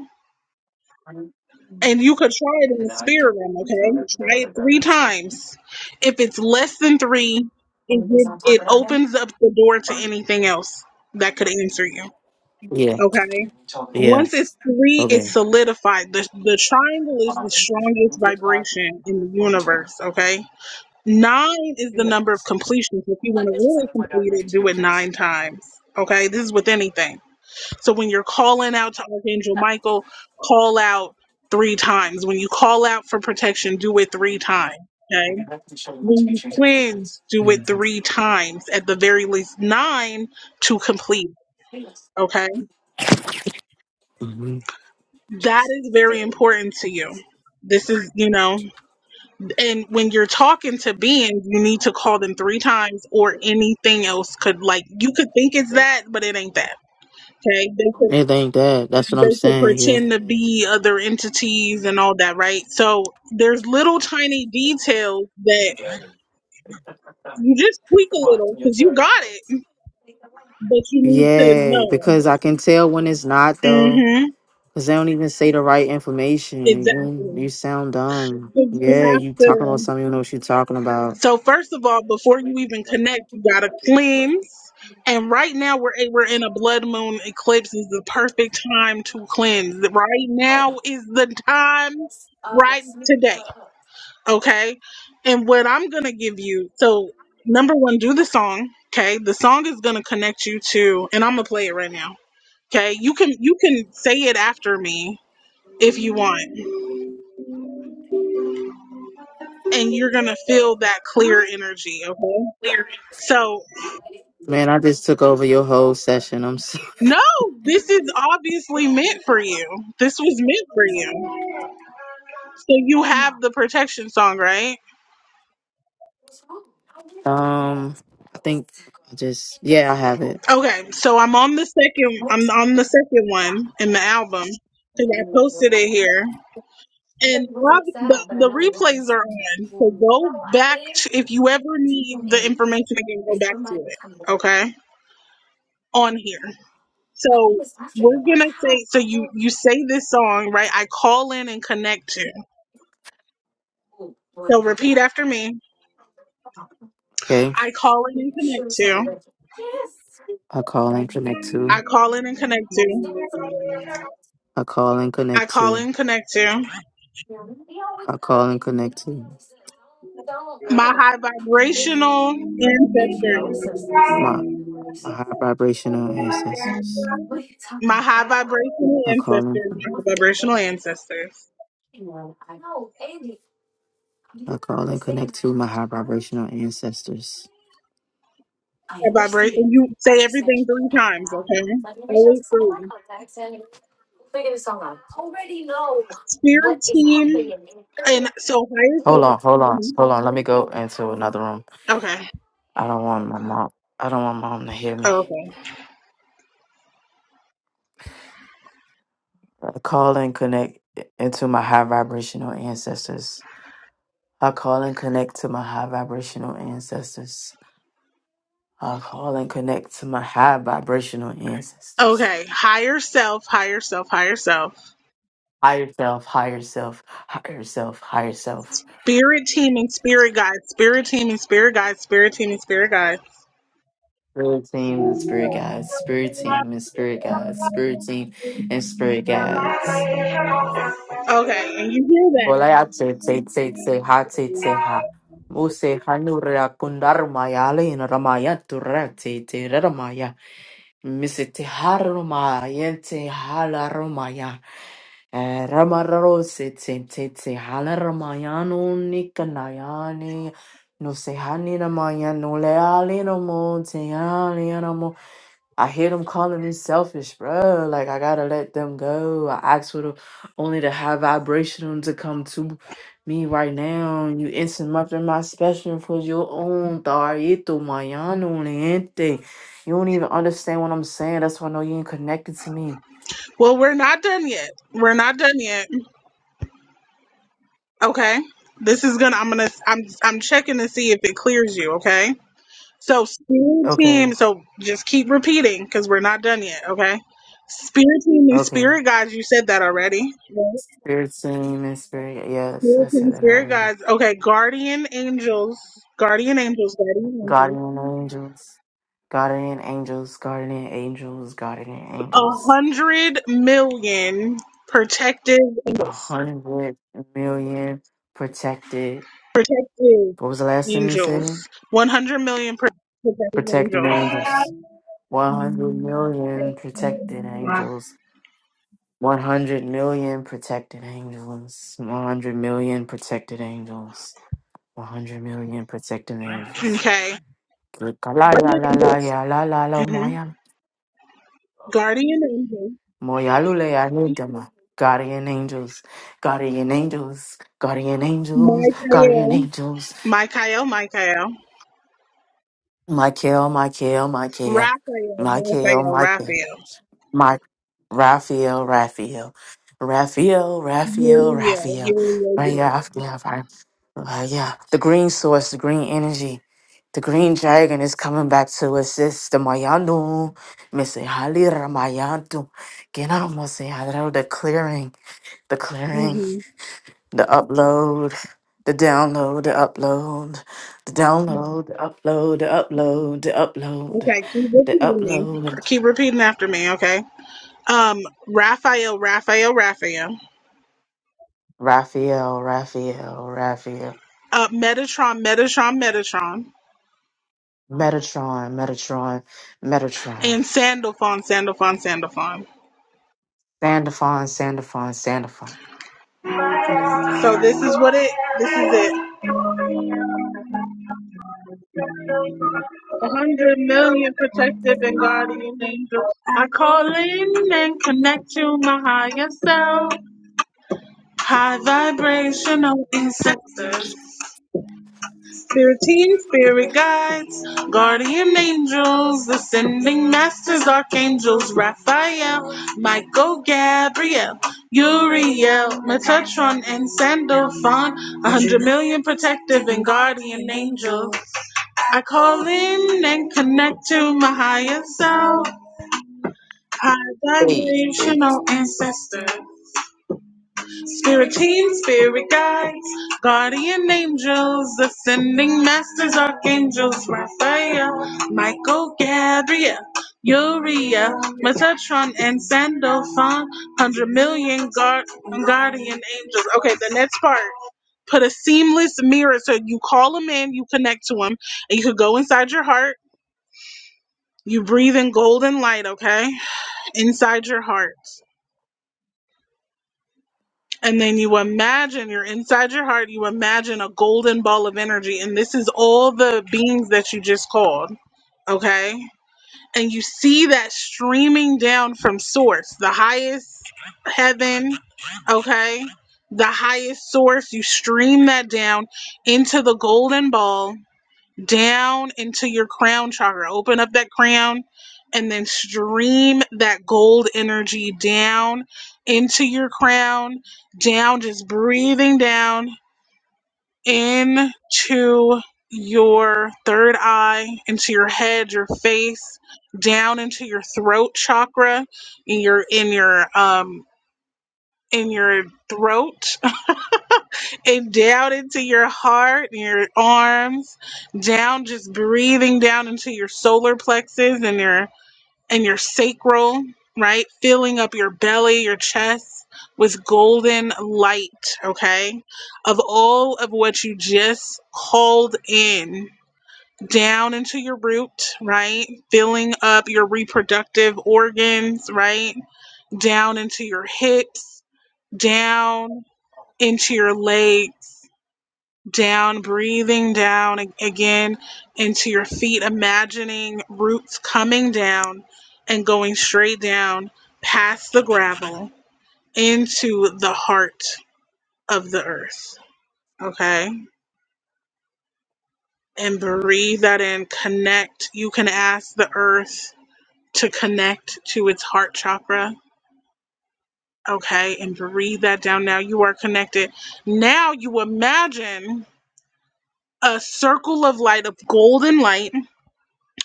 [SPEAKER 1] and you could try it in the spirit realm okay try it three times if it's less than three it, gives- it opens up the door to anything else that could answer you
[SPEAKER 2] Yeah. Yeah.
[SPEAKER 1] okay
[SPEAKER 2] Yeah.
[SPEAKER 1] Once it's three, it's
[SPEAKER 2] Okay.
[SPEAKER 1] solidified. The, the triangle is the strongest vibration in the universe, okay? Nine is the number of completions. If you want to really complete it, do it nine times, okay? This is with anything. So when you're calling out to Archangel Michael, call out three times. When you call out for protection, do it three times. Okay. When you cleanse, do it three times at the very least nine to complete. Okay. that is very important to you. This is, you know, and when you're talking to beings, you need to call them three times or anything else could like you could think it's that, but it ain't that. Okay. They could
[SPEAKER 2] It ain't that. That's what I'm
[SPEAKER 1] they could
[SPEAKER 2] saying. Yeah.
[SPEAKER 1] pretend to be other entities and all that, right? So there's little tiny details that you just tweak a little because you got it, but you need to
[SPEAKER 2] Yeah.
[SPEAKER 1] know.
[SPEAKER 2] Because I can tell when it's not though.
[SPEAKER 1] Mm-hmm.
[SPEAKER 2] Cause they don't even say the right information. You
[SPEAKER 1] Exactly.
[SPEAKER 2] you sound dumb.
[SPEAKER 1] 'Cause you
[SPEAKER 2] Yeah,
[SPEAKER 1] have
[SPEAKER 2] you talking about
[SPEAKER 1] to.
[SPEAKER 2] something you know what you're talking about.
[SPEAKER 1] So first of all, before you even connect, you gotta cleanse. And right now we're we're in a blood moon eclipse. Is the perfect time to cleanse. Right now is the time. Right today, okay. And what I'm gonna give you. So number one, do the song. Okay, the song is gonna connect you to, and I'm gonna play it right now. Okay, you can you can say it after me if you want, and you're gonna feel that clear energy. Okay. So
[SPEAKER 2] Man, I just took over your whole session. I'm so
[SPEAKER 1] No, this is obviously meant for you. This was meant for you. So you have the protection song, right?
[SPEAKER 2] um I think I just yeah, I have it.
[SPEAKER 1] Okay, so I'm on the second I'm on the second one in the album cuz I posted it here. And ob- the, the replays are on. So go back to if you ever need the information again, go back to it. Okay? On here. So we're gonna say so you you say this song, right? I call in and connect to. So repeat after me.
[SPEAKER 2] Okay.
[SPEAKER 1] I call in and connect to.
[SPEAKER 2] I call and connect
[SPEAKER 1] I
[SPEAKER 2] to.
[SPEAKER 1] call in and connect to.
[SPEAKER 2] I call and
[SPEAKER 1] I
[SPEAKER 2] connect
[SPEAKER 1] call in
[SPEAKER 2] to.
[SPEAKER 1] and connect to.
[SPEAKER 2] I call and connect to.
[SPEAKER 1] My high vibrational ancestors.
[SPEAKER 2] My, my high vibrational ancestors.
[SPEAKER 1] My high vibrational
[SPEAKER 2] I call and
[SPEAKER 1] ancestors. My high vibrational ancestors.
[SPEAKER 2] I call and connect to my high vibrational ancestors.
[SPEAKER 1] I vibrate and you say everything three times, okay? Always three. Spirit team and so higher
[SPEAKER 2] Hold
[SPEAKER 1] self.
[SPEAKER 2] on, hold on,
[SPEAKER 1] mhm.
[SPEAKER 2] hold on. Let me go into another room.
[SPEAKER 1] Okay.
[SPEAKER 2] I don't want my mom. I don't want mom to hear me.
[SPEAKER 1] Okay.
[SPEAKER 2] I call and connect into my high vibrational ancestors. I call and connect to my high vibrational ancestors. I call and connect to my high vibrational ancestors.
[SPEAKER 1] Okay. Higher self, higher self, higher self.
[SPEAKER 2] Higher self, higher self, higher self, higher self.
[SPEAKER 1] Spirit team and spirit guide, spirit team and spirit guide, spirit team and spirit guide.
[SPEAKER 2] Spirit team and spirit guides. Spirit team and spirit guides. Spirit team and spirit guides.
[SPEAKER 1] Okay. and you-
[SPEAKER 2] Kolayate te te te te ha te te ha. Muse hanura kundar mayale in ramaya turate te te ramaya. Misete harumaya te halarumaya. Eh, Ramararo se te te te hala ramayano ni kanayani no se hani ramayano le ali no mo te ali no mo. I hear them calling me selfish, bro. Like I gotta let them go. I asked for them only to have vibration to come to me right now. You interrupting my special for your own tarito mayano niente. You don't even understand what I'm saying. That's why I know you ain't connected to me.
[SPEAKER 1] Well, we're not done yet. We're not done yet. Okay. This is gonna. I'm gonna. I'm. I'm checking to see if it clears you. Okay. So spirit team.
[SPEAKER 2] Okay,
[SPEAKER 1] So just keep repeating because we're not done yet. Okay. Spirit team and
[SPEAKER 2] okay.
[SPEAKER 1] spirit guides. You said that already. Right?
[SPEAKER 2] Spirit seen and spirit. Yes, I
[SPEAKER 1] Spirit team,
[SPEAKER 2] said that
[SPEAKER 1] spirit
[SPEAKER 2] already.
[SPEAKER 1] guides. Okay. Guardian angels. Guardian angels. Guardian angels.
[SPEAKER 2] Guardian angels, guardian angels, guardian angels, guardian
[SPEAKER 1] A
[SPEAKER 2] angels.
[SPEAKER 1] hundred million protective.
[SPEAKER 2] A
[SPEAKER 1] angels.
[SPEAKER 2] hundred million protected.
[SPEAKER 1] protective
[SPEAKER 2] What was the last thing you
[SPEAKER 1] angels.
[SPEAKER 2] said?
[SPEAKER 1] 100 million pro- protective
[SPEAKER 2] Protected
[SPEAKER 1] angels.
[SPEAKER 2] angels. One hundred million protected angels. One hundred million protected angels. One hundred million protected angels. One hundred million protected angels.
[SPEAKER 1] Okay.
[SPEAKER 2] La la
[SPEAKER 1] Guardian
[SPEAKER 2] la la
[SPEAKER 1] angels. hmm Guardian angels.
[SPEAKER 2] Moyalule Anidama. Guardian angels, guardian angels, guardian angels, guardian
[SPEAKER 1] Michael.
[SPEAKER 2] angels.
[SPEAKER 1] Michael. Michael.
[SPEAKER 2] Michael, Michael, Michael,
[SPEAKER 1] Raphael.
[SPEAKER 2] Michael,
[SPEAKER 1] Raphael.
[SPEAKER 2] Michael,
[SPEAKER 1] Raphael.
[SPEAKER 2] Mike, Raphael, Raphael, Raphael, Raphael,
[SPEAKER 1] Uriel.
[SPEAKER 2] Raphael,
[SPEAKER 1] Uriel. Uriel.
[SPEAKER 2] Raphael, Raphael. Uh, yeah, the green source, the green energy, the green dragon is coming back to assist the Mayanu, Missy Halira Mayantu, Genamo Sehadro, the clearing, the clearing.
[SPEAKER 1] hmm
[SPEAKER 2] the upload, the download, the upload, the download, the upload, the upload, the upload,
[SPEAKER 1] Okay. Keep
[SPEAKER 2] the
[SPEAKER 1] repeating me.
[SPEAKER 2] upload.
[SPEAKER 1] Keep repeating after me. Okay. Um. Raphael. Raphael. Raphael.
[SPEAKER 2] Raphael, Raphael, Raphael.
[SPEAKER 1] Uh, Metatron, Metatron, Metatron,
[SPEAKER 2] Metatron, Metatron, Metatron.
[SPEAKER 1] and Sandalphon, Sandalphon, Sandalphon.
[SPEAKER 2] Sandafon, Sandafon, Sandafon.
[SPEAKER 1] So this is what it. This is it. A hundred million protective and guardian angels. I call in and connect to my higher self. High vibrational ancestors. Spirit team, spirit guides, guardian angels, ascending masters, archangels, Raphael, Michael, Gabriel, Uriel, Metatron, and Sandalphon, a hundred million protective and guardian angels. I call in and connect to my higher self, high
[SPEAKER 2] Hey, hey.
[SPEAKER 1] vibrational ancestor, spirit team, spirit guides, guardian angels, ascending masters, archangels, Raphael, Michael, Gabriel, Uriel, Metatron, and Sandalphon, hundred million guard, guardian angels. Okay, the next part. Put a seamless mirror so you call them in, you connect to them, and you could go inside your heart You breathe in golden light, okay? Inside your heart. And then you imagine you're inside your heart, you imagine a golden ball of energy. And this is all the beings that you just called, okay? And you see that streaming down from source, the highest heaven, okay? The highest source. You stream that down into the golden ball down into your crown chakra. Open up that crown and then stream that gold energy down into your crown, down, just breathing down into your third eye, into your head, your face, down into your throat chakra, in your in your um in your throat and down into your heart and your arms, down just breathing down into your solar plexus and your and your sacral, right? Filling up your belly, your chest with golden light, okay? Of all of what you just called in down into your root, right? Filling up your reproductive organs, right? Down into your hips, down into your legs down, breathing down a- again into your feet, imagining roots coming down and going straight down past the gravel into the heart of the earth. Okay. And breathe that in. Connect. You can ask the earth to connect to its heart chakra. Okay. And breathe that down. Now you are connected. Now you imagine a circle of light, of golden light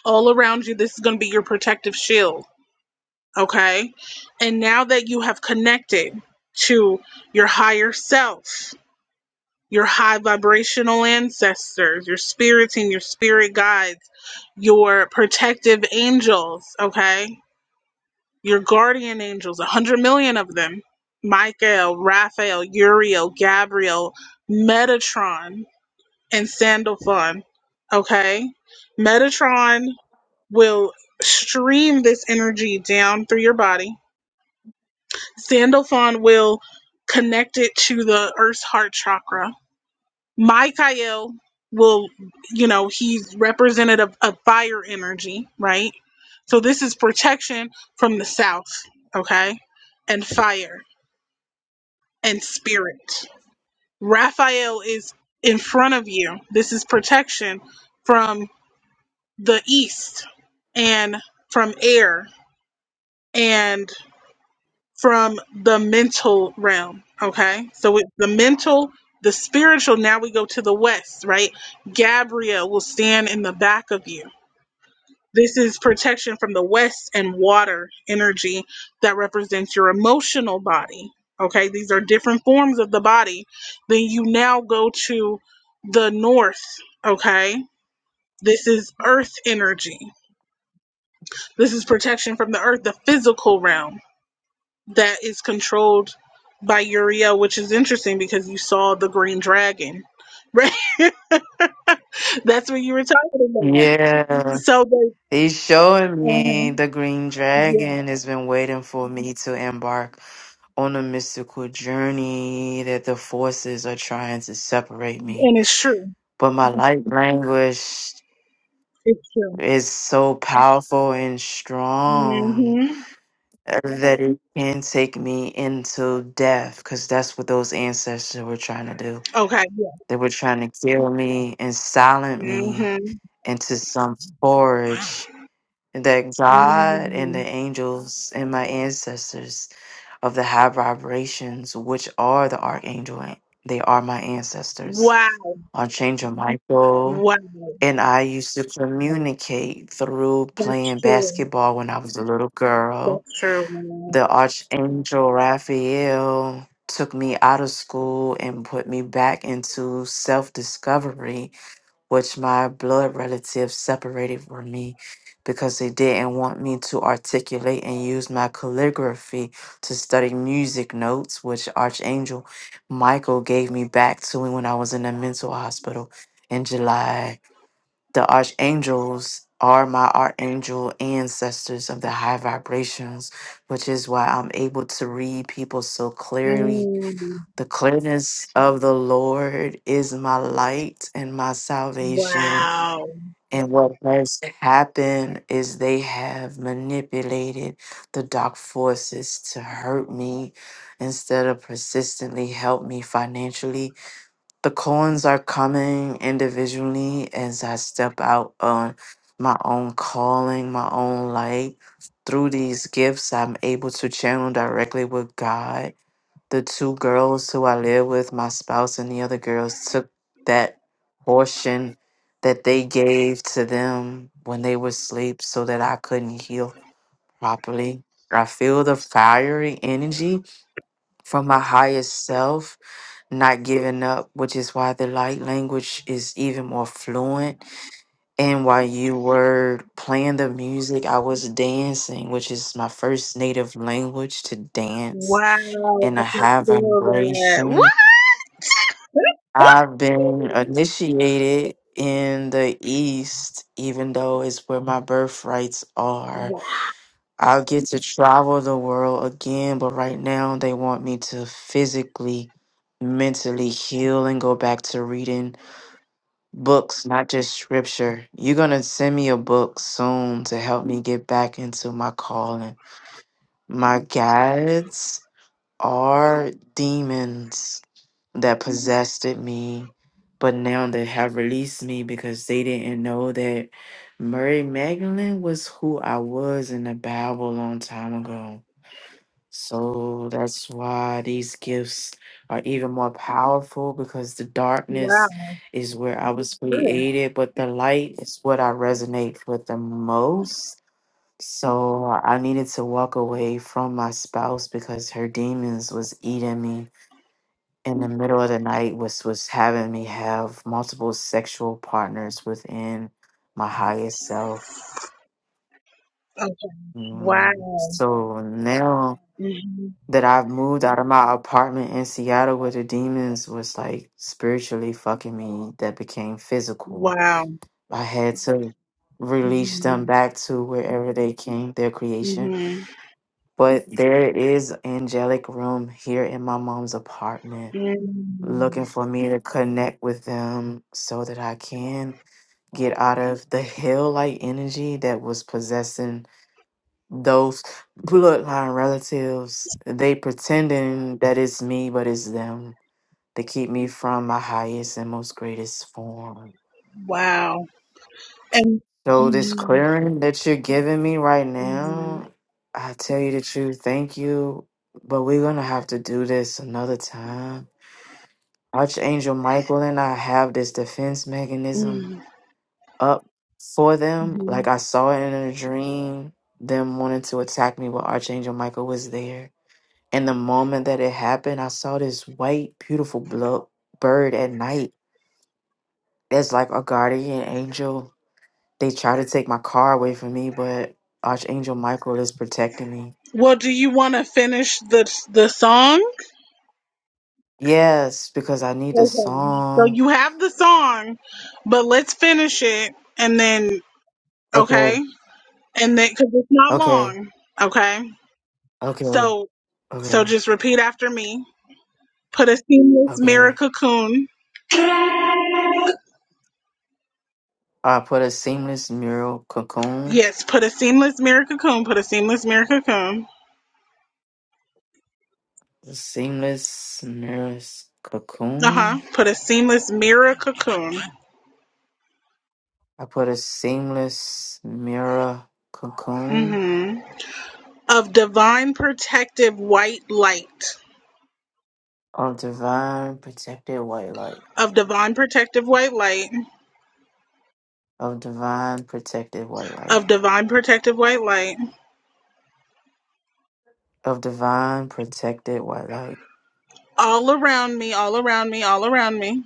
[SPEAKER 1] all around you. This is going to be your protective shield, okay? And now that you have connected to your higher self, your high vibrational ancestors, your spirits and your spirit guides, your protective angels, okay? Your guardian angels, a 100 million of them Michael, Raphael, Uriel, Gabriel, Metatron, and Sandalphon, okay? Metatron will stream this energy down through your body. Sandalphon will connect it to the Earth's heart chakra. Michael will, you know, he's representative of fire energy, right? So this is protection from the south, okay? And fire and spirit. Raphael is in front of you. This is protection from the east and from air and. from the mental realm. Okay. So with the mental, the spiritual, now we go to the west, right? Gabriel will stand in the back of you. This is protection from the west and water energy that represents your emotional body. Okay. These are different forms of the body. Then you now go to the north. Okay. This is earth energy. This is protection from the earth, the physical realm. that is controlled by Uriel, which is interesting because you saw the green dragon, right? <laughs> That's what you were talking about.
[SPEAKER 2] Yeah,
[SPEAKER 1] So they,
[SPEAKER 2] He's showing me
[SPEAKER 1] Mhm.
[SPEAKER 2] the green
[SPEAKER 1] yeah,
[SPEAKER 2] dragon has been waiting for me to embark on a mystical journey that the forces are trying to separate me.
[SPEAKER 1] and it's true.
[SPEAKER 2] But my light language
[SPEAKER 1] It's true.
[SPEAKER 2] is so powerful and strong
[SPEAKER 1] hmm
[SPEAKER 2] that it can take me into death because that's what those ancestors were trying to do.
[SPEAKER 1] Okay.
[SPEAKER 2] They were trying to kill me and silent me
[SPEAKER 1] hmm
[SPEAKER 2] into some forge that God and the angels and my ancestors of the high vibrations, which are the archangel, an- they are my ancestors.
[SPEAKER 1] Wow.
[SPEAKER 2] Archangel Michael
[SPEAKER 1] Wow.
[SPEAKER 2] and I used to communicate through
[SPEAKER 1] That's
[SPEAKER 2] playing
[SPEAKER 1] true.
[SPEAKER 2] basketball when I was a little girl.
[SPEAKER 1] That's true. man.
[SPEAKER 2] The archangel Raphael took me out of school and put me back into self discovery which my blood relatives separated from me because they didn't want me to articulate and use my calligraphy to study music notes, which Archangel Michael gave me back to me when I was in the mental hospital in July. The archangels are my archangel ancestors of the high vibrations, which is why I'm able to read people so clearly.
[SPEAKER 1] Mm.
[SPEAKER 2] The clearness of the Lord is my light and my salvation.
[SPEAKER 1] Wow.
[SPEAKER 2] And what has happened is they have manipulated the dark forces to hurt me instead of persistently help me financially. The Coins are coming individually as I step out on my own calling, my own light. Through these gifts, I'm able to channel directly with God the two girls who I live with, my spouse and the other girls, took that portion that they gave to them when they were asleep so that I couldn't heal properly. I feel the fiery energy from my higher self not giving up, which is why the light language is even more fluent. And while you were playing the music, I was dancing, which is my first native language to dance
[SPEAKER 1] Wow.
[SPEAKER 2] in
[SPEAKER 1] I
[SPEAKER 2] a
[SPEAKER 1] can
[SPEAKER 2] high
[SPEAKER 1] feel that.
[SPEAKER 2] vibration
[SPEAKER 1] What? <laughs>
[SPEAKER 2] I've been initiated in the East, even though it's where my birthrights are.
[SPEAKER 1] Wow.
[SPEAKER 2] I'll get to travel the world again, but right now they want me to physically, mentally heal and go back to reading books, not just scripture. You're going to send me a book soon to help me get back into my calling. My guides are demons that possessed it me, but now they have released me because they didn't know that Mary Magdalene was who I was in the Bible a long time ago. So that's why these gifts are even more powerful because the
[SPEAKER 1] Wow.
[SPEAKER 2] darkness is where I was
[SPEAKER 1] Yeah.
[SPEAKER 2] created, but the light is what I resonate with the most. So I needed to walk away from my spouse because her demons was eating me in the middle of the night was was having me have multiple sexual partners within my highest self.
[SPEAKER 1] Wow.
[SPEAKER 2] Mm. So now
[SPEAKER 1] hmm
[SPEAKER 2] that I've moved out of my apartment in Seattle where the demons was like spiritually fucking me that became physical.
[SPEAKER 1] Wow.
[SPEAKER 2] I had to release them
[SPEAKER 1] hmm
[SPEAKER 2] back to wherever they came, their creation.
[SPEAKER 1] hmm
[SPEAKER 2] But there is angelic room here in my mom's apartment looking for me to connect with them so that I can get out of the hell like energy that was possessing those bloodline relatives. They pretending that it's me, but it's them. They keep me from my highest and most greatest form.
[SPEAKER 1] Wow. And
[SPEAKER 2] So this clearing that you're giving me right now, I tell you the truth, thank you. But we're gonna have to do this another time Archangel Michael and I have this defense mechanism up for them. Like I saw it in a dream, them wanting to attack me, but Archangel Michael was there. And the moment that it happened, I saw this white, beautiful blood bird at night. It's like a guardian angel. They try to take my car away from me, but Archangel Michael is protecting me.
[SPEAKER 1] well, do you want to finish the the song?
[SPEAKER 2] Yes, because I need the
[SPEAKER 1] Okay. So
[SPEAKER 2] song.
[SPEAKER 1] you have the song, but let's finish it, and then
[SPEAKER 2] Okay,
[SPEAKER 1] okay, and then because it's not
[SPEAKER 2] okay,
[SPEAKER 1] long. Okay.
[SPEAKER 2] okay,
[SPEAKER 1] So so
[SPEAKER 2] okay,
[SPEAKER 1] just repeat after me. Put a seamless mirror
[SPEAKER 2] okay.
[SPEAKER 1] cocoon.
[SPEAKER 2] I put a seamless mural cocoon.
[SPEAKER 1] Yes. Put a seamless mirror cocoon. Put a seamless mirror cocoon.
[SPEAKER 2] A seamless mirror
[SPEAKER 1] Uh huh.
[SPEAKER 2] cocoon.
[SPEAKER 1] Put a seamless mirror cocoon
[SPEAKER 2] I put a seamless mirror cocoon
[SPEAKER 1] hmm Of divine protective white light.
[SPEAKER 2] of divine protected white light.
[SPEAKER 1] Of divine protective white light.
[SPEAKER 2] Of divine protected white light.
[SPEAKER 1] Of divine protective white light.
[SPEAKER 2] Of divine protected white light.
[SPEAKER 1] All around me, all around me, all around me.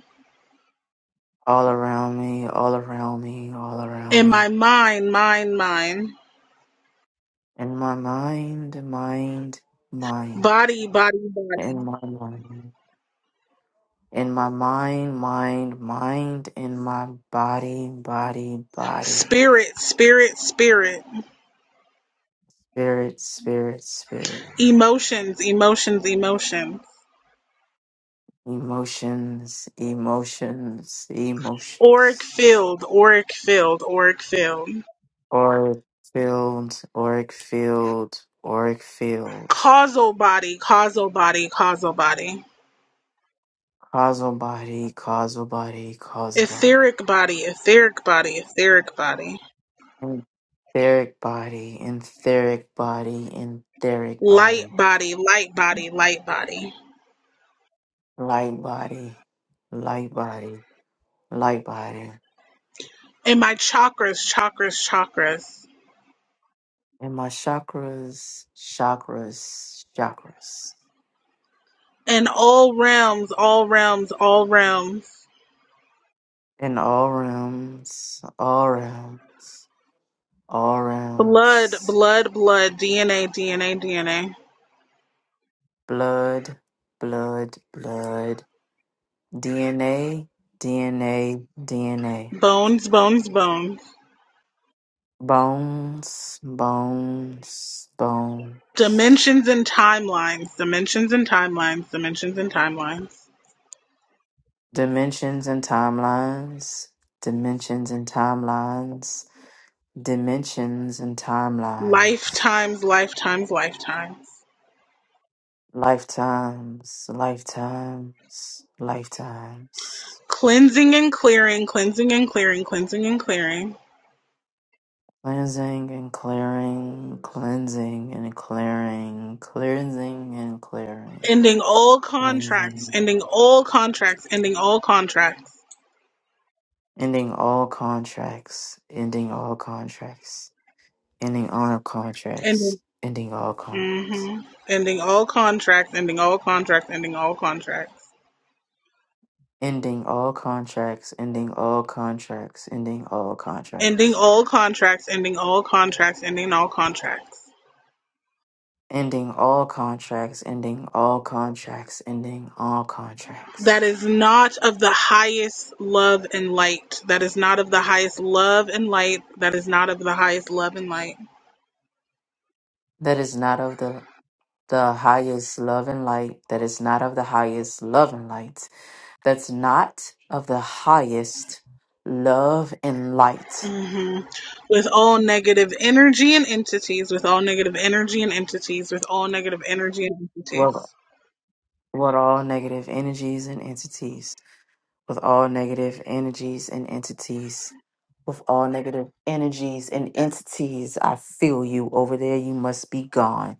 [SPEAKER 2] All around me, all around me, all around
[SPEAKER 1] In my
[SPEAKER 2] me.
[SPEAKER 1] mind, mind, mind.
[SPEAKER 2] In my mind, mind, mind.
[SPEAKER 1] Body, body, body.
[SPEAKER 2] In my mind. in my mind, mind, mind, in my body, body, body,
[SPEAKER 1] Spirit, spirit, spirit.
[SPEAKER 2] spirit, spirit, spirit,
[SPEAKER 1] Emotions, emotions, emotions.
[SPEAKER 2] emotions, emotions,
[SPEAKER 1] Auric
[SPEAKER 2] emotions,
[SPEAKER 1] field, auric field, auric field.
[SPEAKER 2] auric field, auric field, auric field,
[SPEAKER 1] Causal body, causal body, causal body.
[SPEAKER 2] causal body, causal body, causal body,
[SPEAKER 1] Etheric body, etheric body, etheric body
[SPEAKER 2] etheric body, etheric body, etheric
[SPEAKER 1] Light
[SPEAKER 2] body,
[SPEAKER 1] body, light body, light body.
[SPEAKER 2] light body, light body, light body.
[SPEAKER 1] And my chakras, chakras, chakras.
[SPEAKER 2] in my chakras, chakras, chakras,
[SPEAKER 1] And all realms, all realms, all realms.
[SPEAKER 2] in all realms, all realms, all
[SPEAKER 1] Blood,
[SPEAKER 2] realms,
[SPEAKER 1] blood, blood. DNA, DNA, DNA.
[SPEAKER 2] blood, blood, blood, DNA, DNA, DNA,
[SPEAKER 1] Bones, bones, bones.
[SPEAKER 2] bones, bones, bones,
[SPEAKER 1] Dimensions and timelines, dimensions and timelines, dimensions and timelines.
[SPEAKER 2] dimensions and timelines, dimensions and timelines, dimensions and timelines.
[SPEAKER 1] Lifetimes, lifetimes, lifetimes.
[SPEAKER 2] Lifetimes, lifetimes, lifetimes.
[SPEAKER 1] Cleansing and clearing, cleansing and clearing, cleansing and clearing.
[SPEAKER 2] Cleansing and clearing, cleansing and clearing, cleansing and clearing,
[SPEAKER 1] Ending all contracts.
[SPEAKER 2] cleansing.
[SPEAKER 1] Ending all contracts. Ending all contracts.
[SPEAKER 2] Ending all contracts, ending all contracts, ending all contracts,
[SPEAKER 1] Ending.
[SPEAKER 2] ending all contracts,
[SPEAKER 1] hmm Ending all contracts. Ending all contracts. Ending all contracts.
[SPEAKER 2] ending all contracts, ending all contracts, ending all
[SPEAKER 1] Ending
[SPEAKER 2] contracts.
[SPEAKER 1] all contracts. Ending all contracts. Ending all contracts.
[SPEAKER 2] Ending all contracts, ending all contracts, ending all contracts
[SPEAKER 1] That is not of the highest love and light. That is not of the highest love and light. That is not of the highest love and light.
[SPEAKER 2] that is not of the the highest love and light that is not of the highest love and light that's not of the highest love and light
[SPEAKER 1] hmm With all negative energy and entities. With all negative energy and entities. With all negative energy and entities.
[SPEAKER 2] well with all negative energies and entities with all negative energies and entities with all negative energies and entities i feel you over there you must be gone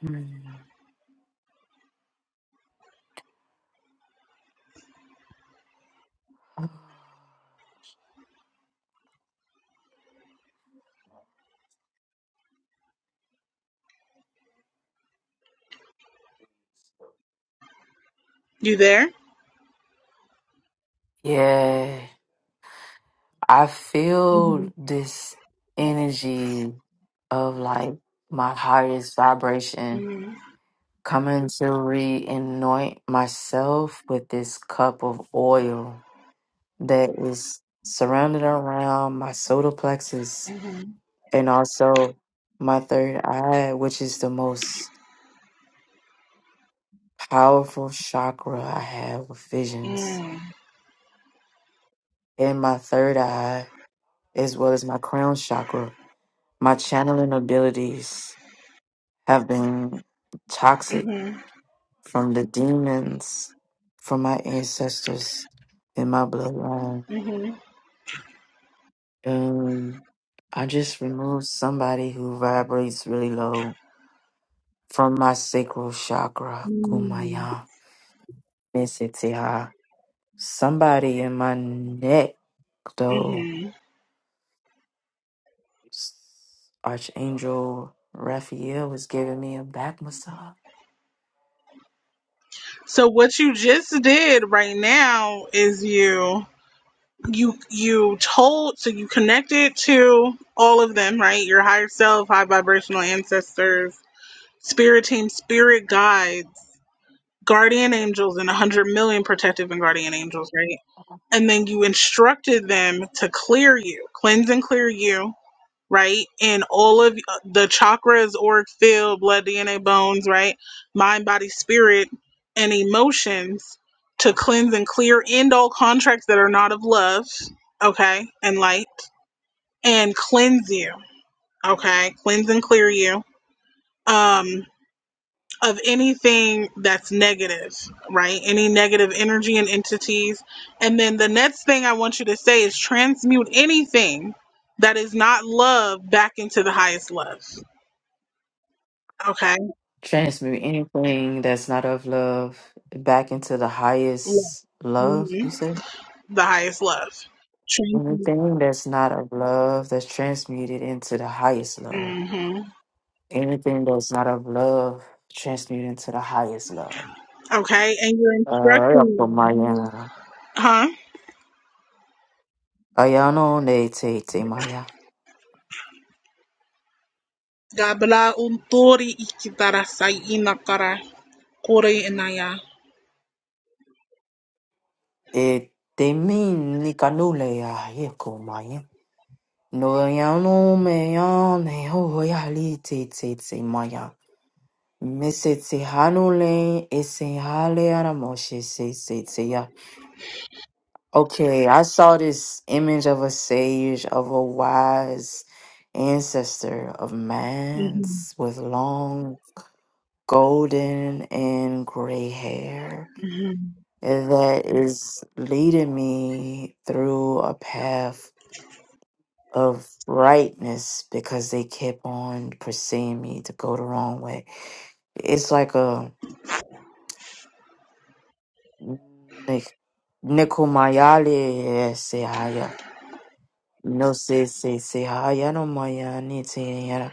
[SPEAKER 2] Hmm. <sighs>
[SPEAKER 1] You there?
[SPEAKER 2] yeah I feel this energy of like my highest vibration coming to reanoint myself with this cup of oil that is surrounded around my solar plexus and also my third eye, which is the most powerful chakra I have with visions. In my third eye, as well as my crown chakra, my channeling abilities have been toxic from the demons from my ancestors in my bloodline. And I just removed somebody who vibrates really low from my sacral chakra, Kumaya, Nisitiha. Somebody in my neck, though,
[SPEAKER 1] hmm
[SPEAKER 2] Archangel Raphael was giving me a back massage.
[SPEAKER 1] So what you just did right now is you you you told so you connected to all of them, right? Your higher self, high vibrational ancestors, spirit team, spirit guides, guardian angels, and a hundred million protective and guardian angels, right? And then you instructed them to clear you, cleanse and clear you right? And all of uh, the chakras, auric field, blood, DNA, bones, right? Mind, body, spirit, and emotions to cleanse and clear, end all contracts that are not of love, okay, and light, and cleanse you, okay? Cleanse and clear you um, of anything that's negative, right? Any negative energy and entities. And then the next thing I want you to say is transmute anything that is not love back into the highest love Okay.
[SPEAKER 2] Transmute anything that's not of love back into the
[SPEAKER 1] Yeah.
[SPEAKER 2] highest love,
[SPEAKER 1] hmm
[SPEAKER 2] you said?
[SPEAKER 1] The highest love.
[SPEAKER 2] Anything that's not of love that's transmuted into the highest love.
[SPEAKER 1] Mm-hmm.
[SPEAKER 2] Anything that's not of love, transmute into the highest love.
[SPEAKER 1] Okay, and you're
[SPEAKER 2] Uh,
[SPEAKER 1] instructing them.
[SPEAKER 2] Maya.
[SPEAKER 1] Huh?
[SPEAKER 2] Ayano ne te te maya.
[SPEAKER 1] Gabla untori ikitara sai inakara kore inaya.
[SPEAKER 2] E te min ni kanule ya yeko maya. No ayano me ya ne ho ya li te te te maya. Mese te hanule e se hale ana moshe se se te ya. Okay, I saw this image of a sage, of a wise ancestor of
[SPEAKER 1] Mhm,
[SPEAKER 2] man's with long golden and gray hair
[SPEAKER 1] mhm,
[SPEAKER 2] that is leading me through a path of rightness because they kept on pursuing me to go the wrong way. It's like a like Nikomayale Sehaya. No se se sehaya no maya ni te-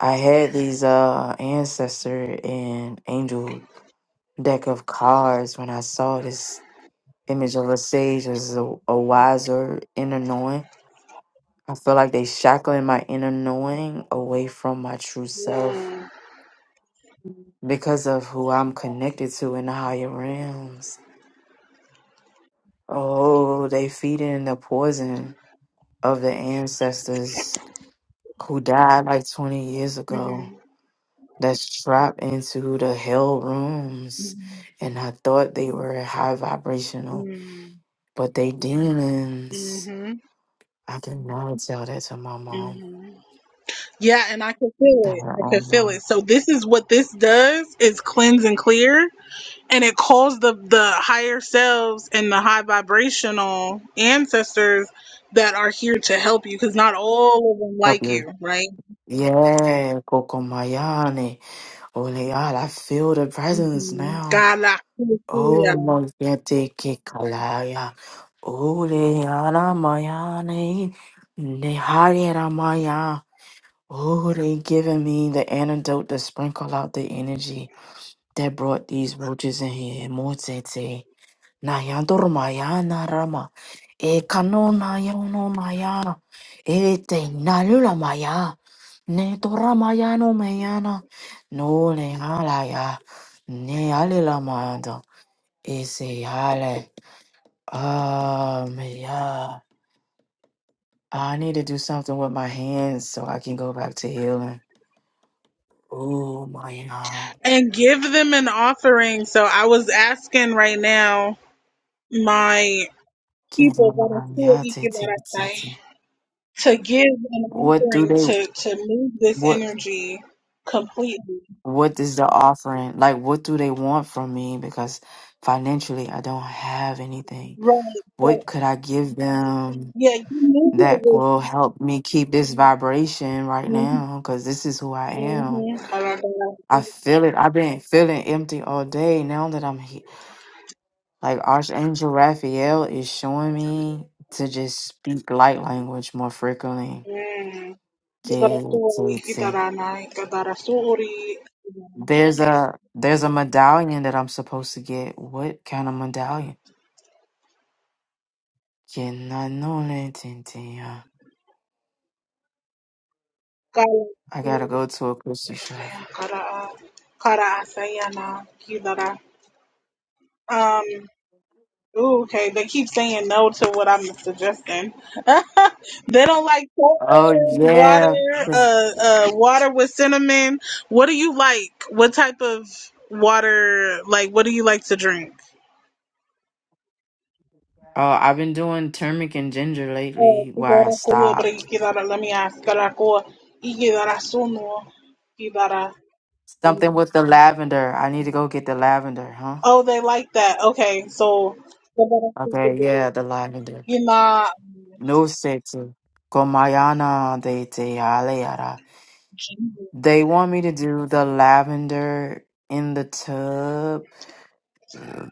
[SPEAKER 2] I had these uh ancestor and angel deck of cards when I saw this image of a sage as a, a wiser inner knowing. I feel like they shackling my inner knowing away from my true self because of who I'm connected to in the higher realms. Oh, they feeding the poison of the ancestors who died like 20 years ago
[SPEAKER 1] mhm,
[SPEAKER 2] that's trapped into the hell rooms. And I thought they were high vibrational,
[SPEAKER 1] mhm,
[SPEAKER 2] but they demons.
[SPEAKER 1] mhm.
[SPEAKER 2] I could not tell that to my mom.
[SPEAKER 1] mhm. Yeah, and I could feel it.
[SPEAKER 2] Our
[SPEAKER 1] I could feel it. So this is what this does is cleanse and clear. and it calls the the higher selves and the high vibrational ancestors that are here to help you because not all of them
[SPEAKER 2] Help
[SPEAKER 1] like
[SPEAKER 2] you.
[SPEAKER 1] you right
[SPEAKER 2] Yeah, Kokomayane. Holy God, I feel the presence
[SPEAKER 1] hmm
[SPEAKER 2] now.
[SPEAKER 1] god like- yeah.
[SPEAKER 2] Oh, Moyete Kikalaya. Holy Anamayane. Nehari Ramaya. Oh, they giving me the antidote to sprinkle out the energy that brought these roaches in here. Motete. Nayandorumayana Rama. E Kanona Yono Mayana. Ete Nalula Ne toramaya no meyana, no No le halaya, ne alilamanda, ese hale. Um, yeah, I need to do something with my hands so I can go back to healing. Oh my God.
[SPEAKER 1] and give them an offering so i was asking right now my people that are still
[SPEAKER 2] Yeah, te-
[SPEAKER 1] eager
[SPEAKER 2] te-
[SPEAKER 1] that
[SPEAKER 2] te-
[SPEAKER 1] I
[SPEAKER 2] te.
[SPEAKER 1] say, to give an
[SPEAKER 2] What do
[SPEAKER 1] offering
[SPEAKER 2] they,
[SPEAKER 1] to to move this
[SPEAKER 2] what,
[SPEAKER 1] energy completely
[SPEAKER 2] what is the offering? Like, what do they want from me? Because financially, I don't have anything.
[SPEAKER 1] right so
[SPEAKER 2] What could I give them?
[SPEAKER 1] yeah you move
[SPEAKER 2] that
[SPEAKER 1] it
[SPEAKER 2] will help me keep this vibration right
[SPEAKER 1] with
[SPEAKER 2] now because this is who I
[SPEAKER 1] Mhm.
[SPEAKER 2] am.
[SPEAKER 1] Mhm.
[SPEAKER 2] I feel it. I've been feeling empty all day. Now that I'm here, like Archangel Raphael is showing me to just speak light language more frequently.
[SPEAKER 1] Mm.
[SPEAKER 2] Get
[SPEAKER 1] Idarasuri,
[SPEAKER 2] it.
[SPEAKER 1] Kidarana, Kadarasuri,
[SPEAKER 2] There's a there's a medallion that I'm supposed to get. What kind of medallion? Can I know that, tin, uh,
[SPEAKER 1] Kala,
[SPEAKER 2] I gotta go to a crystal shop.
[SPEAKER 1] Kara, Kara Asayana, Kidara. Um, ooh, okay, they keep saying no to what I'm suggesting. <laughs> they don't like cold
[SPEAKER 2] Oh
[SPEAKER 1] water,
[SPEAKER 2] yeah,
[SPEAKER 1] uh, uh, water with cinnamon. What do you like? What type of water, like, what do you like to drink?
[SPEAKER 2] Oh, I've been doing turmeric and ginger lately where I
[SPEAKER 1] Kidara kua bring
[SPEAKER 2] stopped.
[SPEAKER 1] kidara let me ask kidara kua ikidara suno kidara
[SPEAKER 2] Something with the lavender. I need to go get the lavender, huh?
[SPEAKER 1] oh they like that okay so
[SPEAKER 2] Okay, yeah,
[SPEAKER 1] you
[SPEAKER 2] the lavender.
[SPEAKER 1] not
[SPEAKER 2] No setsu. Komayana de te aleara. They want me to do the lavender in the tub. Mm,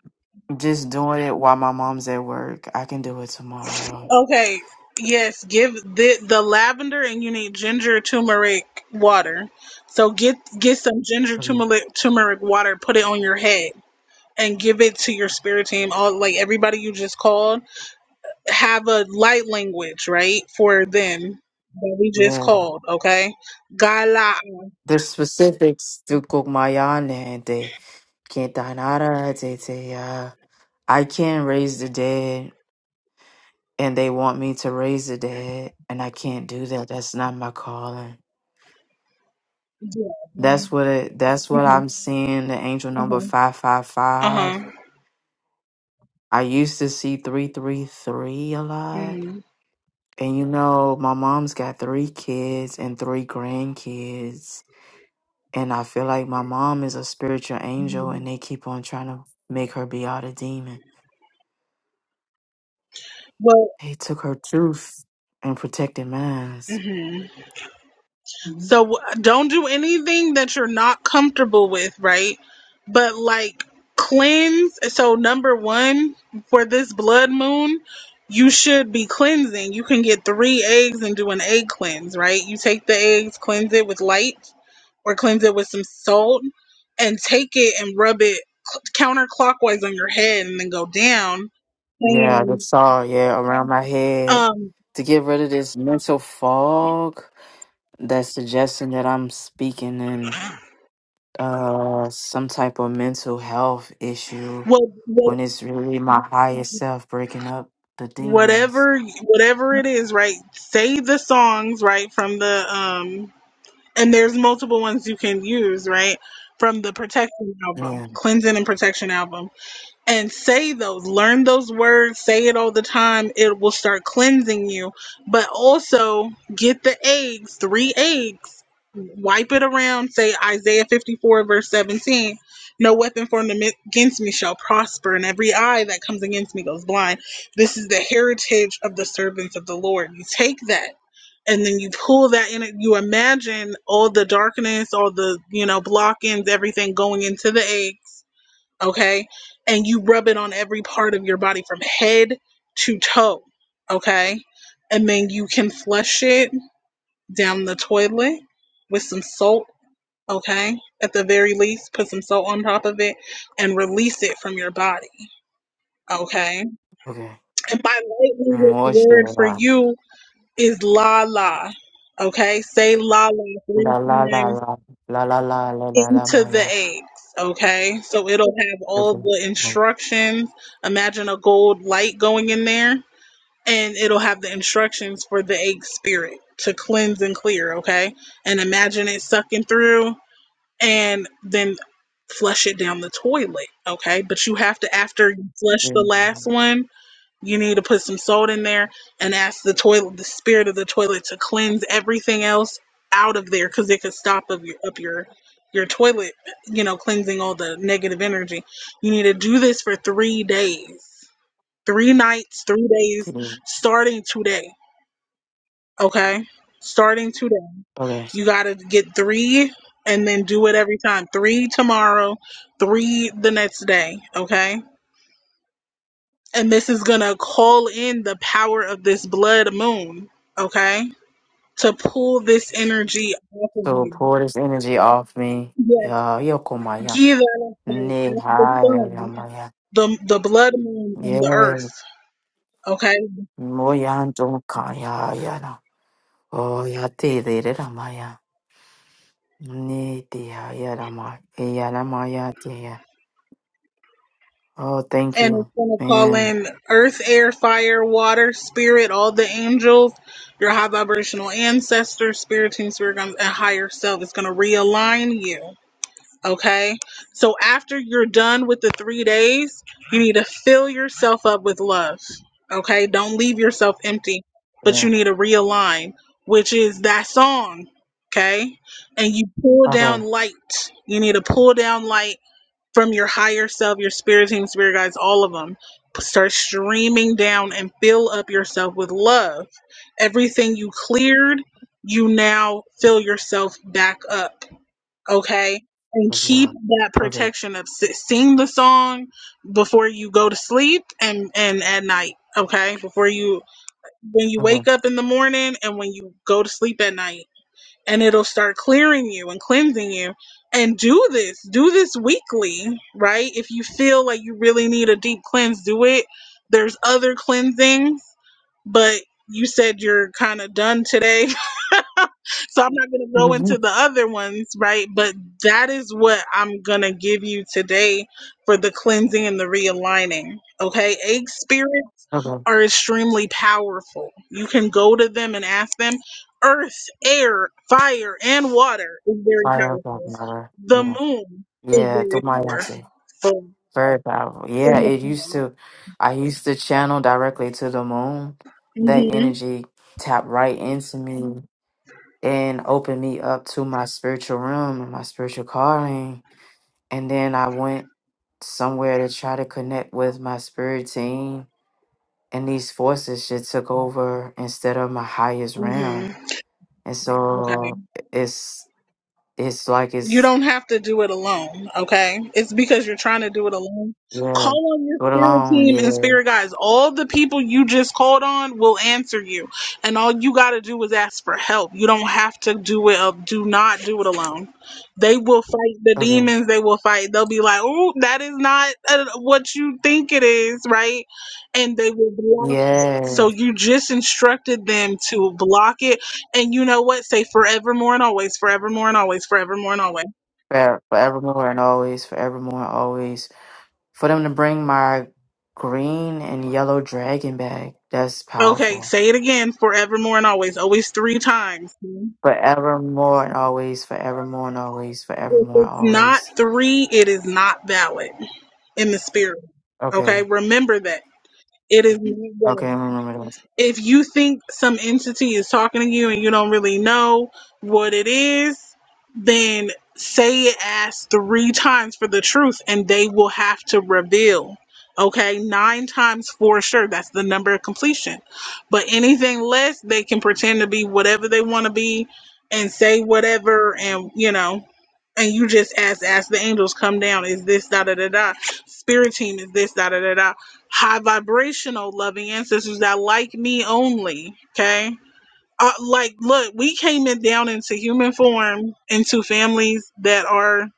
[SPEAKER 2] Just doing it while my mom's at work. I can do it tomorrow.
[SPEAKER 1] okay yes give the the lavender and you need ginger turmeric water so get get some ginger
[SPEAKER 2] Mm,
[SPEAKER 1] turmeric turmeric water put it on your head and give it to your spirit team all like everybody you just called have a light language, right, for them that we just
[SPEAKER 2] Yeah,
[SPEAKER 1] called, okay? Gala.
[SPEAKER 2] there's specifics to Komayana de Quintanara de I can raise the dead and they want me to raise the dead and I can't do that. That's not my calling. That's what it that's what I'm seeing the angel number
[SPEAKER 1] Uh
[SPEAKER 2] 555.
[SPEAKER 1] huh.
[SPEAKER 2] I used to see 333 a lot.
[SPEAKER 1] hmm
[SPEAKER 2] And you know, my mom's got 3 kids and 3 grandkids and I feel like my mom is a spiritual angel and they keep on trying to make her be out a demon.
[SPEAKER 1] Well,
[SPEAKER 2] They took her truth and protected mine.
[SPEAKER 1] hmm so w- don't do anything that you're not comfortable with, right? But like cleanse. So number one for this blood moon, you should be cleansing. You can get three eggs and do an egg cleanse, right? You take the eggs, cleanse it with light or cleanse it with some salt and take it and rub it counterclockwise on your head and then go down
[SPEAKER 2] Yeah, the saw, yeah, around my head
[SPEAKER 1] um
[SPEAKER 2] to get rid of this mental fog that's suggesting that I'm speaking in uh some type of mental health issue
[SPEAKER 1] what, what
[SPEAKER 2] when it's really my higher self breaking up the demons.
[SPEAKER 1] whatever whatever it is right say the songs right from the um and there's multiple ones you can use right from the protection album
[SPEAKER 2] Yeah,
[SPEAKER 1] cleansing and protection album and say those learn those words say it all the time it will start cleansing you but also get the eggs three eggs wipe it around say isaiah 54 verse 17 no weapon formed against me shall prosper and every eye that comes against me goes blind this is the heritage of the servants of the lord you take that and then you pull that in you imagine all the darkness all the you know blockings everything going into the eggs okay? And you rub it on every part of your body from head to toe, okay? And then you can flush it down the toilet with some salt, okay? At the very least, put some salt on top of it and release it from your body, okay?
[SPEAKER 2] okay.
[SPEAKER 1] And my light language
[SPEAKER 2] More
[SPEAKER 1] word for
[SPEAKER 2] sure.
[SPEAKER 1] you is la la, okay? Say la la three
[SPEAKER 2] La la la
[SPEAKER 1] times
[SPEAKER 2] la la la la la la la
[SPEAKER 1] into the
[SPEAKER 2] maya.
[SPEAKER 1] eggs. Okay, so it'll have all the
[SPEAKER 2] Okay.
[SPEAKER 1] instructions. Imagine a gold light going in there, and it'll have the instructions for the egg spirit to cleanse and clear. Okay, and imagine it sucking through and then flush it down the toilet. Okay, but you have to, after you flush the
[SPEAKER 2] Mm,
[SPEAKER 1] last one, you need to put some salt in there and ask the toilet, the spirit of the toilet, to cleanse everything else out of there because it could stop up your up your your toilet. You know, cleansing all the negative energy. You need to do this for three days, three nights, three days,
[SPEAKER 2] mm.
[SPEAKER 1] starting today. Okay, starting today.
[SPEAKER 2] Okay.
[SPEAKER 1] You gotta get three and then do it every time. Three tomorrow, three the next day. Okay and this is going to call in the power of this blood moon, okay? To pull this energy off of
[SPEAKER 2] So
[SPEAKER 1] you.
[SPEAKER 2] pour this energy off me.
[SPEAKER 1] Yes,
[SPEAKER 2] Yeah, yokomaya.
[SPEAKER 1] give that as the
[SPEAKER 2] Nehaya
[SPEAKER 1] sun,
[SPEAKER 2] yamaya.
[SPEAKER 1] the, the blood moon, and the
[SPEAKER 2] Yeah.
[SPEAKER 1] earth, okay?
[SPEAKER 2] Moyanto kaya yana. Oh, ya te de ramaya. Ne deya yarama, e yarama ya deya. Oh, thank
[SPEAKER 1] And it's
[SPEAKER 2] you,
[SPEAKER 1] going to call
[SPEAKER 2] man.
[SPEAKER 1] in earth, air, fire, water, spirit, all the angels, your high vibrational ancestors, spirit team, spirit guns, and higher self. It's going to realign you Okay. So after you're done with the three days, you need to fill yourself up with love. Okay. Don't leave yourself empty, but
[SPEAKER 2] Yeah.
[SPEAKER 1] you need to realign, which is that song. Okay. And you pull down
[SPEAKER 2] Okay.
[SPEAKER 1] light. You need to pull down light from your higher self, your spirit team, spirit guides, all of them. Start streaming down and fill up yourself with love. Everything you cleared, you now fill yourself back up okay and
[SPEAKER 2] Of
[SPEAKER 1] keep
[SPEAKER 2] love.
[SPEAKER 1] that
[SPEAKER 2] Okay.
[SPEAKER 1] protection of S- sing the song before you go to sleep and and at night okay before you when you wake
[SPEAKER 2] Okay.
[SPEAKER 1] up in the morning and when you go to sleep at night and it'll start clearing you and cleansing you and do this do this weekly right if you feel like you really need a deep cleanse do it there's other cleansings but you said you're kind of done today <laughs> so I'm not going to go into
[SPEAKER 2] Mhm.
[SPEAKER 1] the other ones, right? But that is what I'm going to give you today for the cleansing and the realigning. Okay. Egg spirits
[SPEAKER 2] Okay.
[SPEAKER 1] are extremely powerful. You can go to them and ask them. Earth, air, fire, and water is very
[SPEAKER 2] Fire of God,
[SPEAKER 1] powerful.
[SPEAKER 2] mother.
[SPEAKER 1] The
[SPEAKER 2] Yeah.
[SPEAKER 1] moon is
[SPEAKER 2] Yeah. To
[SPEAKER 1] very
[SPEAKER 2] my Yahtzee.
[SPEAKER 1] powerful.
[SPEAKER 2] Very powerful.
[SPEAKER 1] And
[SPEAKER 2] Yeah.
[SPEAKER 1] the
[SPEAKER 2] It used to, I used to channel directly to the moon. That
[SPEAKER 1] sun.
[SPEAKER 2] energy tapped right into me and opened me up to my spiritual realm and my spiritual calling And then I went somewhere to try to connect with my spirit team. And these forces just took over instead of my highest
[SPEAKER 1] hmm
[SPEAKER 2] realm.
[SPEAKER 1] hmm
[SPEAKER 2] And
[SPEAKER 1] Okay.
[SPEAKER 2] so it's it's like
[SPEAKER 1] You
[SPEAKER 2] it's
[SPEAKER 1] don't have to do it alone, okay? It's because you're trying to do it alone.
[SPEAKER 2] yeah.
[SPEAKER 1] Call on your
[SPEAKER 2] Go it
[SPEAKER 1] spirit
[SPEAKER 2] alone,
[SPEAKER 1] team and
[SPEAKER 2] yeah.
[SPEAKER 1] spirit guys. All the people you just called on will answer you, and all you got to do is ask for help. You don't have to do it up. Do not do it alone. They will fight the
[SPEAKER 2] Okay.
[SPEAKER 1] demons. They will fight. They'll be like, "Oh, that is not uh, what you think it is, right?" And they will block it.
[SPEAKER 2] Yeah.
[SPEAKER 1] So you just instructed them to block it and you know what? Say forevermore and always, forevermore and always, forevermore and always.
[SPEAKER 2] For, forevermore and always, forevermore and always. For them to bring my green and yellow dragon back, that's
[SPEAKER 1] Okay,
[SPEAKER 2] powerful.
[SPEAKER 1] say it again, forevermore and always, always three times. It's
[SPEAKER 2] Forevermore and always, forevermore and always, forevermore and
[SPEAKER 1] not
[SPEAKER 2] always.
[SPEAKER 1] three, it is not valid in the spirit. Okay,
[SPEAKER 2] Okay.
[SPEAKER 1] remember that. It is not
[SPEAKER 2] Okay,
[SPEAKER 1] valid.
[SPEAKER 2] I remember this.
[SPEAKER 1] if you think some entity is talking to you and you don't really know what it is, then say it as three times for the truth and they will have to reveal. Okay, nine times for sure. That's the number of completion. But anything less, they can pretend to be whatever they want to be and say whatever and you know and you just ask ask the angels come down is this da da da da spirit team is this da da da da high vibrational loving ancestors that like me only. Okay. Uh, like, look, we came in down into human form into families that are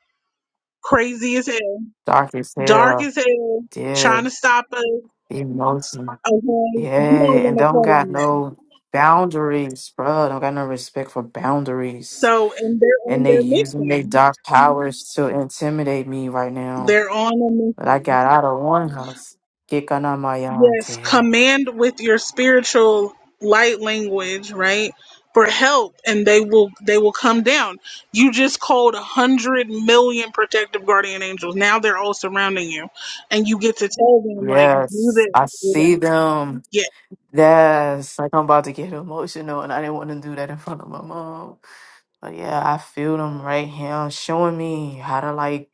[SPEAKER 1] crazy as hell,
[SPEAKER 2] Dark as
[SPEAKER 1] dark
[SPEAKER 2] hell.
[SPEAKER 1] as hell,
[SPEAKER 2] Yeah,
[SPEAKER 1] trying to stop us.
[SPEAKER 2] emotion.
[SPEAKER 1] Okay.
[SPEAKER 2] Yeah,
[SPEAKER 1] You don't
[SPEAKER 2] and
[SPEAKER 1] want to
[SPEAKER 2] don't
[SPEAKER 1] fall
[SPEAKER 2] got
[SPEAKER 1] in them.
[SPEAKER 2] no boundaries, bro. Don't got no respect for boundaries.
[SPEAKER 1] So, and they're on
[SPEAKER 2] And they
[SPEAKER 1] their
[SPEAKER 2] using their
[SPEAKER 1] mission.
[SPEAKER 2] dark powers to intimidate me right now.
[SPEAKER 1] They're on a
[SPEAKER 2] But I
[SPEAKER 1] mission.
[SPEAKER 2] got out of one house. Kikana
[SPEAKER 1] Yes,
[SPEAKER 2] Mayantia.
[SPEAKER 1] command with your spiritual light language, right? For help, and they will they will come down. You just called a hundred million protective guardian angels. Now they're all surrounding you, and you get to tell them like, do
[SPEAKER 2] Yes,
[SPEAKER 1] this,
[SPEAKER 2] I
[SPEAKER 1] do
[SPEAKER 2] see
[SPEAKER 1] that.
[SPEAKER 2] them.
[SPEAKER 1] Yeah.
[SPEAKER 2] Yes, like I'm about to get emotional, and I didn't want to do that in front of my mom. But yeah, I feel them right here showing me how to like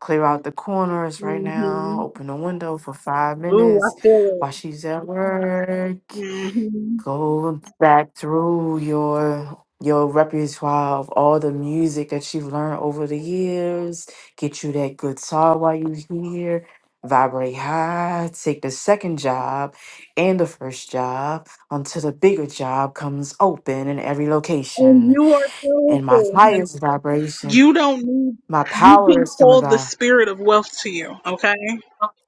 [SPEAKER 2] clear out the corners right now,
[SPEAKER 1] hmm
[SPEAKER 2] open the window for five
[SPEAKER 1] Ooh.
[SPEAKER 2] minutes while she's at work.
[SPEAKER 1] hmm
[SPEAKER 2] Go back through your your repertoire of all the music that you've learned over the years. Get you that good guitar while you are here. Vibrate high, take the second job and the first job until the bigger job comes open in every
[SPEAKER 1] And
[SPEAKER 2] location.
[SPEAKER 1] you are
[SPEAKER 2] And my
[SPEAKER 1] powerful, and
[SPEAKER 2] highest vibration,
[SPEAKER 1] you don't need.
[SPEAKER 2] my
[SPEAKER 1] You
[SPEAKER 2] power
[SPEAKER 1] can
[SPEAKER 2] is coming
[SPEAKER 1] call the
[SPEAKER 2] by.
[SPEAKER 1] spirit of wealth to you. Okay.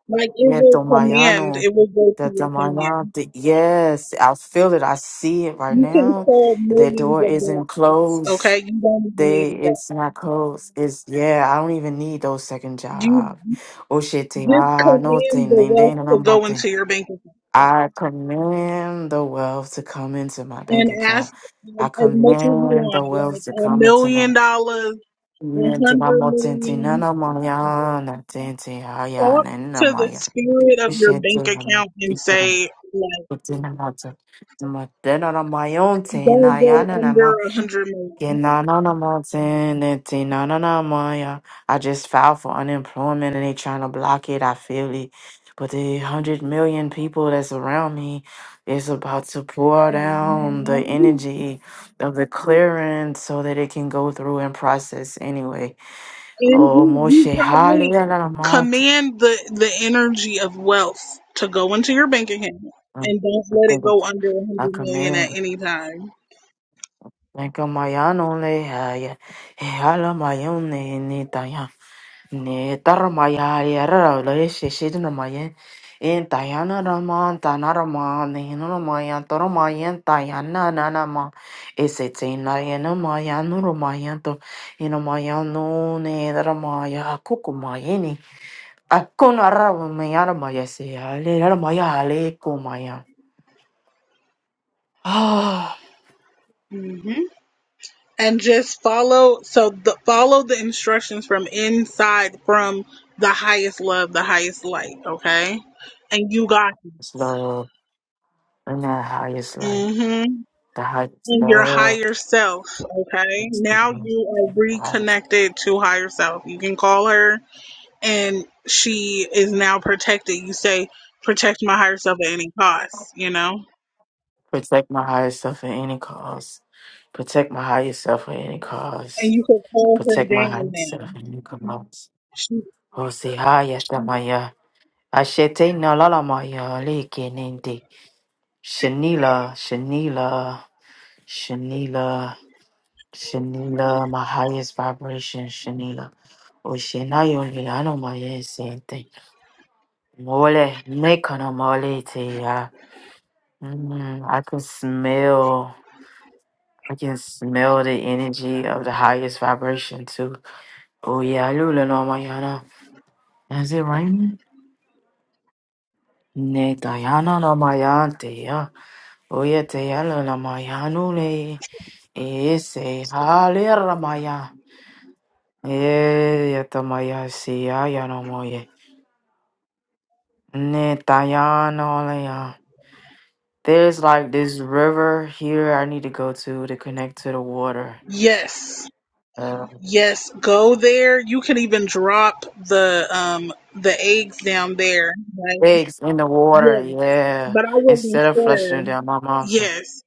[SPEAKER 1] Like it will command.
[SPEAKER 2] Yedomayano,
[SPEAKER 1] It will go to
[SPEAKER 2] the
[SPEAKER 1] your command.
[SPEAKER 2] Damayano, the- yes, I feel it. I see it right
[SPEAKER 1] You can
[SPEAKER 2] now.
[SPEAKER 1] call
[SPEAKER 2] The
[SPEAKER 1] millions
[SPEAKER 2] door
[SPEAKER 1] of
[SPEAKER 2] isn't
[SPEAKER 1] dollars.
[SPEAKER 2] closed.
[SPEAKER 1] Okay, you don't even need
[SPEAKER 2] They,
[SPEAKER 1] a debt.
[SPEAKER 2] it's not closed. It's yeah. I don't even need those second
[SPEAKER 1] You
[SPEAKER 2] job. Oh shit, Oshete,
[SPEAKER 1] just
[SPEAKER 2] ah, no
[SPEAKER 1] command
[SPEAKER 2] thing,
[SPEAKER 1] the
[SPEAKER 2] ding,
[SPEAKER 1] wealth
[SPEAKER 2] ding, and
[SPEAKER 1] to
[SPEAKER 2] I'm
[SPEAKER 1] go
[SPEAKER 2] nothing.
[SPEAKER 1] into your bank account
[SPEAKER 2] I command the wealth to come into my bank
[SPEAKER 1] and
[SPEAKER 2] account.
[SPEAKER 1] ask um,
[SPEAKER 2] I
[SPEAKER 1] as much as you
[SPEAKER 2] command the
[SPEAKER 1] want, like
[SPEAKER 2] wealth to
[SPEAKER 1] a
[SPEAKER 2] come into my
[SPEAKER 1] million dollars, a
[SPEAKER 2] into my
[SPEAKER 1] hundred million.
[SPEAKER 2] motentinana mayana tentia
[SPEAKER 1] Talk to
[SPEAKER 2] yana
[SPEAKER 1] the spirit of
[SPEAKER 2] I
[SPEAKER 1] your
[SPEAKER 2] just filed for
[SPEAKER 1] bank account and say, like, don't go under a hundred
[SPEAKER 2] unemployment and they trying to block it. I feel it. But the hundred million people that's around me is about to pour down the
[SPEAKER 1] million.
[SPEAKER 2] energy of the clearance so that it can go through and process anyway.
[SPEAKER 1] and
[SPEAKER 2] Oh
[SPEAKER 1] you, you
[SPEAKER 2] Moshe,
[SPEAKER 1] probably
[SPEAKER 2] hallelujah.
[SPEAKER 1] command the the energy of wealth to go into your bank account and don't let it go under a
[SPEAKER 2] I
[SPEAKER 1] 100 million at
[SPEAKER 2] command.
[SPEAKER 1] any time
[SPEAKER 2] Nikamayonle haya, ihala mayonne ni taya, ni tarmaya yara le shishid namayen, in tayana raman tanaraman, in ramayan toramayan tayana nanama, is it in layanamayan rumayanto, in no ne ramaya kukumayeni, akunaramayanamaya se, ale ramaya ale kumayan. Ah,
[SPEAKER 1] hmm and just follow so the follow the instructions from inside from the highest love the highest light okay and you got
[SPEAKER 2] slow, <sighs> and the highest light,
[SPEAKER 1] mm-hmm
[SPEAKER 2] the highest
[SPEAKER 1] and your
[SPEAKER 2] love.
[SPEAKER 1] higher self okay
[SPEAKER 2] Protect
[SPEAKER 1] now you are reconnected to higher self you can call her and she is now protected. You say, protect my higher self at any cost, you know?
[SPEAKER 2] my higher self at any cost. Protect my higher self at any
[SPEAKER 1] And
[SPEAKER 2] cost.
[SPEAKER 1] you could call her
[SPEAKER 2] Protect my higher
[SPEAKER 1] down
[SPEAKER 2] self
[SPEAKER 1] now.
[SPEAKER 2] at any cost.
[SPEAKER 1] She,
[SPEAKER 2] Oh, say hi, Yashamaya. Ashete na lalamaya lekenende. Shanila, Shanila, Shanila, Shanila, my highest vibration, Shanila. Oh, Shanayo, Liano, my sente. Mole, mekana mole te ya. Mm, I can smell. I can smell the energy of the highest vibration too. Oh yeah, lula no mayana. Is it raining? Ne tayana no mayante ya. Oh yeah, tayana no mayanu le. Ese halera maya. Eh, yata maya siya ya no moye. Ne tayana le ya. There's like this river here I need to go to to connect to the water.
[SPEAKER 1] yes.
[SPEAKER 2] Uh,
[SPEAKER 1] Yes, go there. You can even drop the um the eggs down there. Like,
[SPEAKER 2] eggs in the water,
[SPEAKER 1] yes.
[SPEAKER 2] yeah.
[SPEAKER 1] But I wasn't
[SPEAKER 2] Instead of flushing it
[SPEAKER 1] sure.
[SPEAKER 2] down my mom's.
[SPEAKER 1] Yes.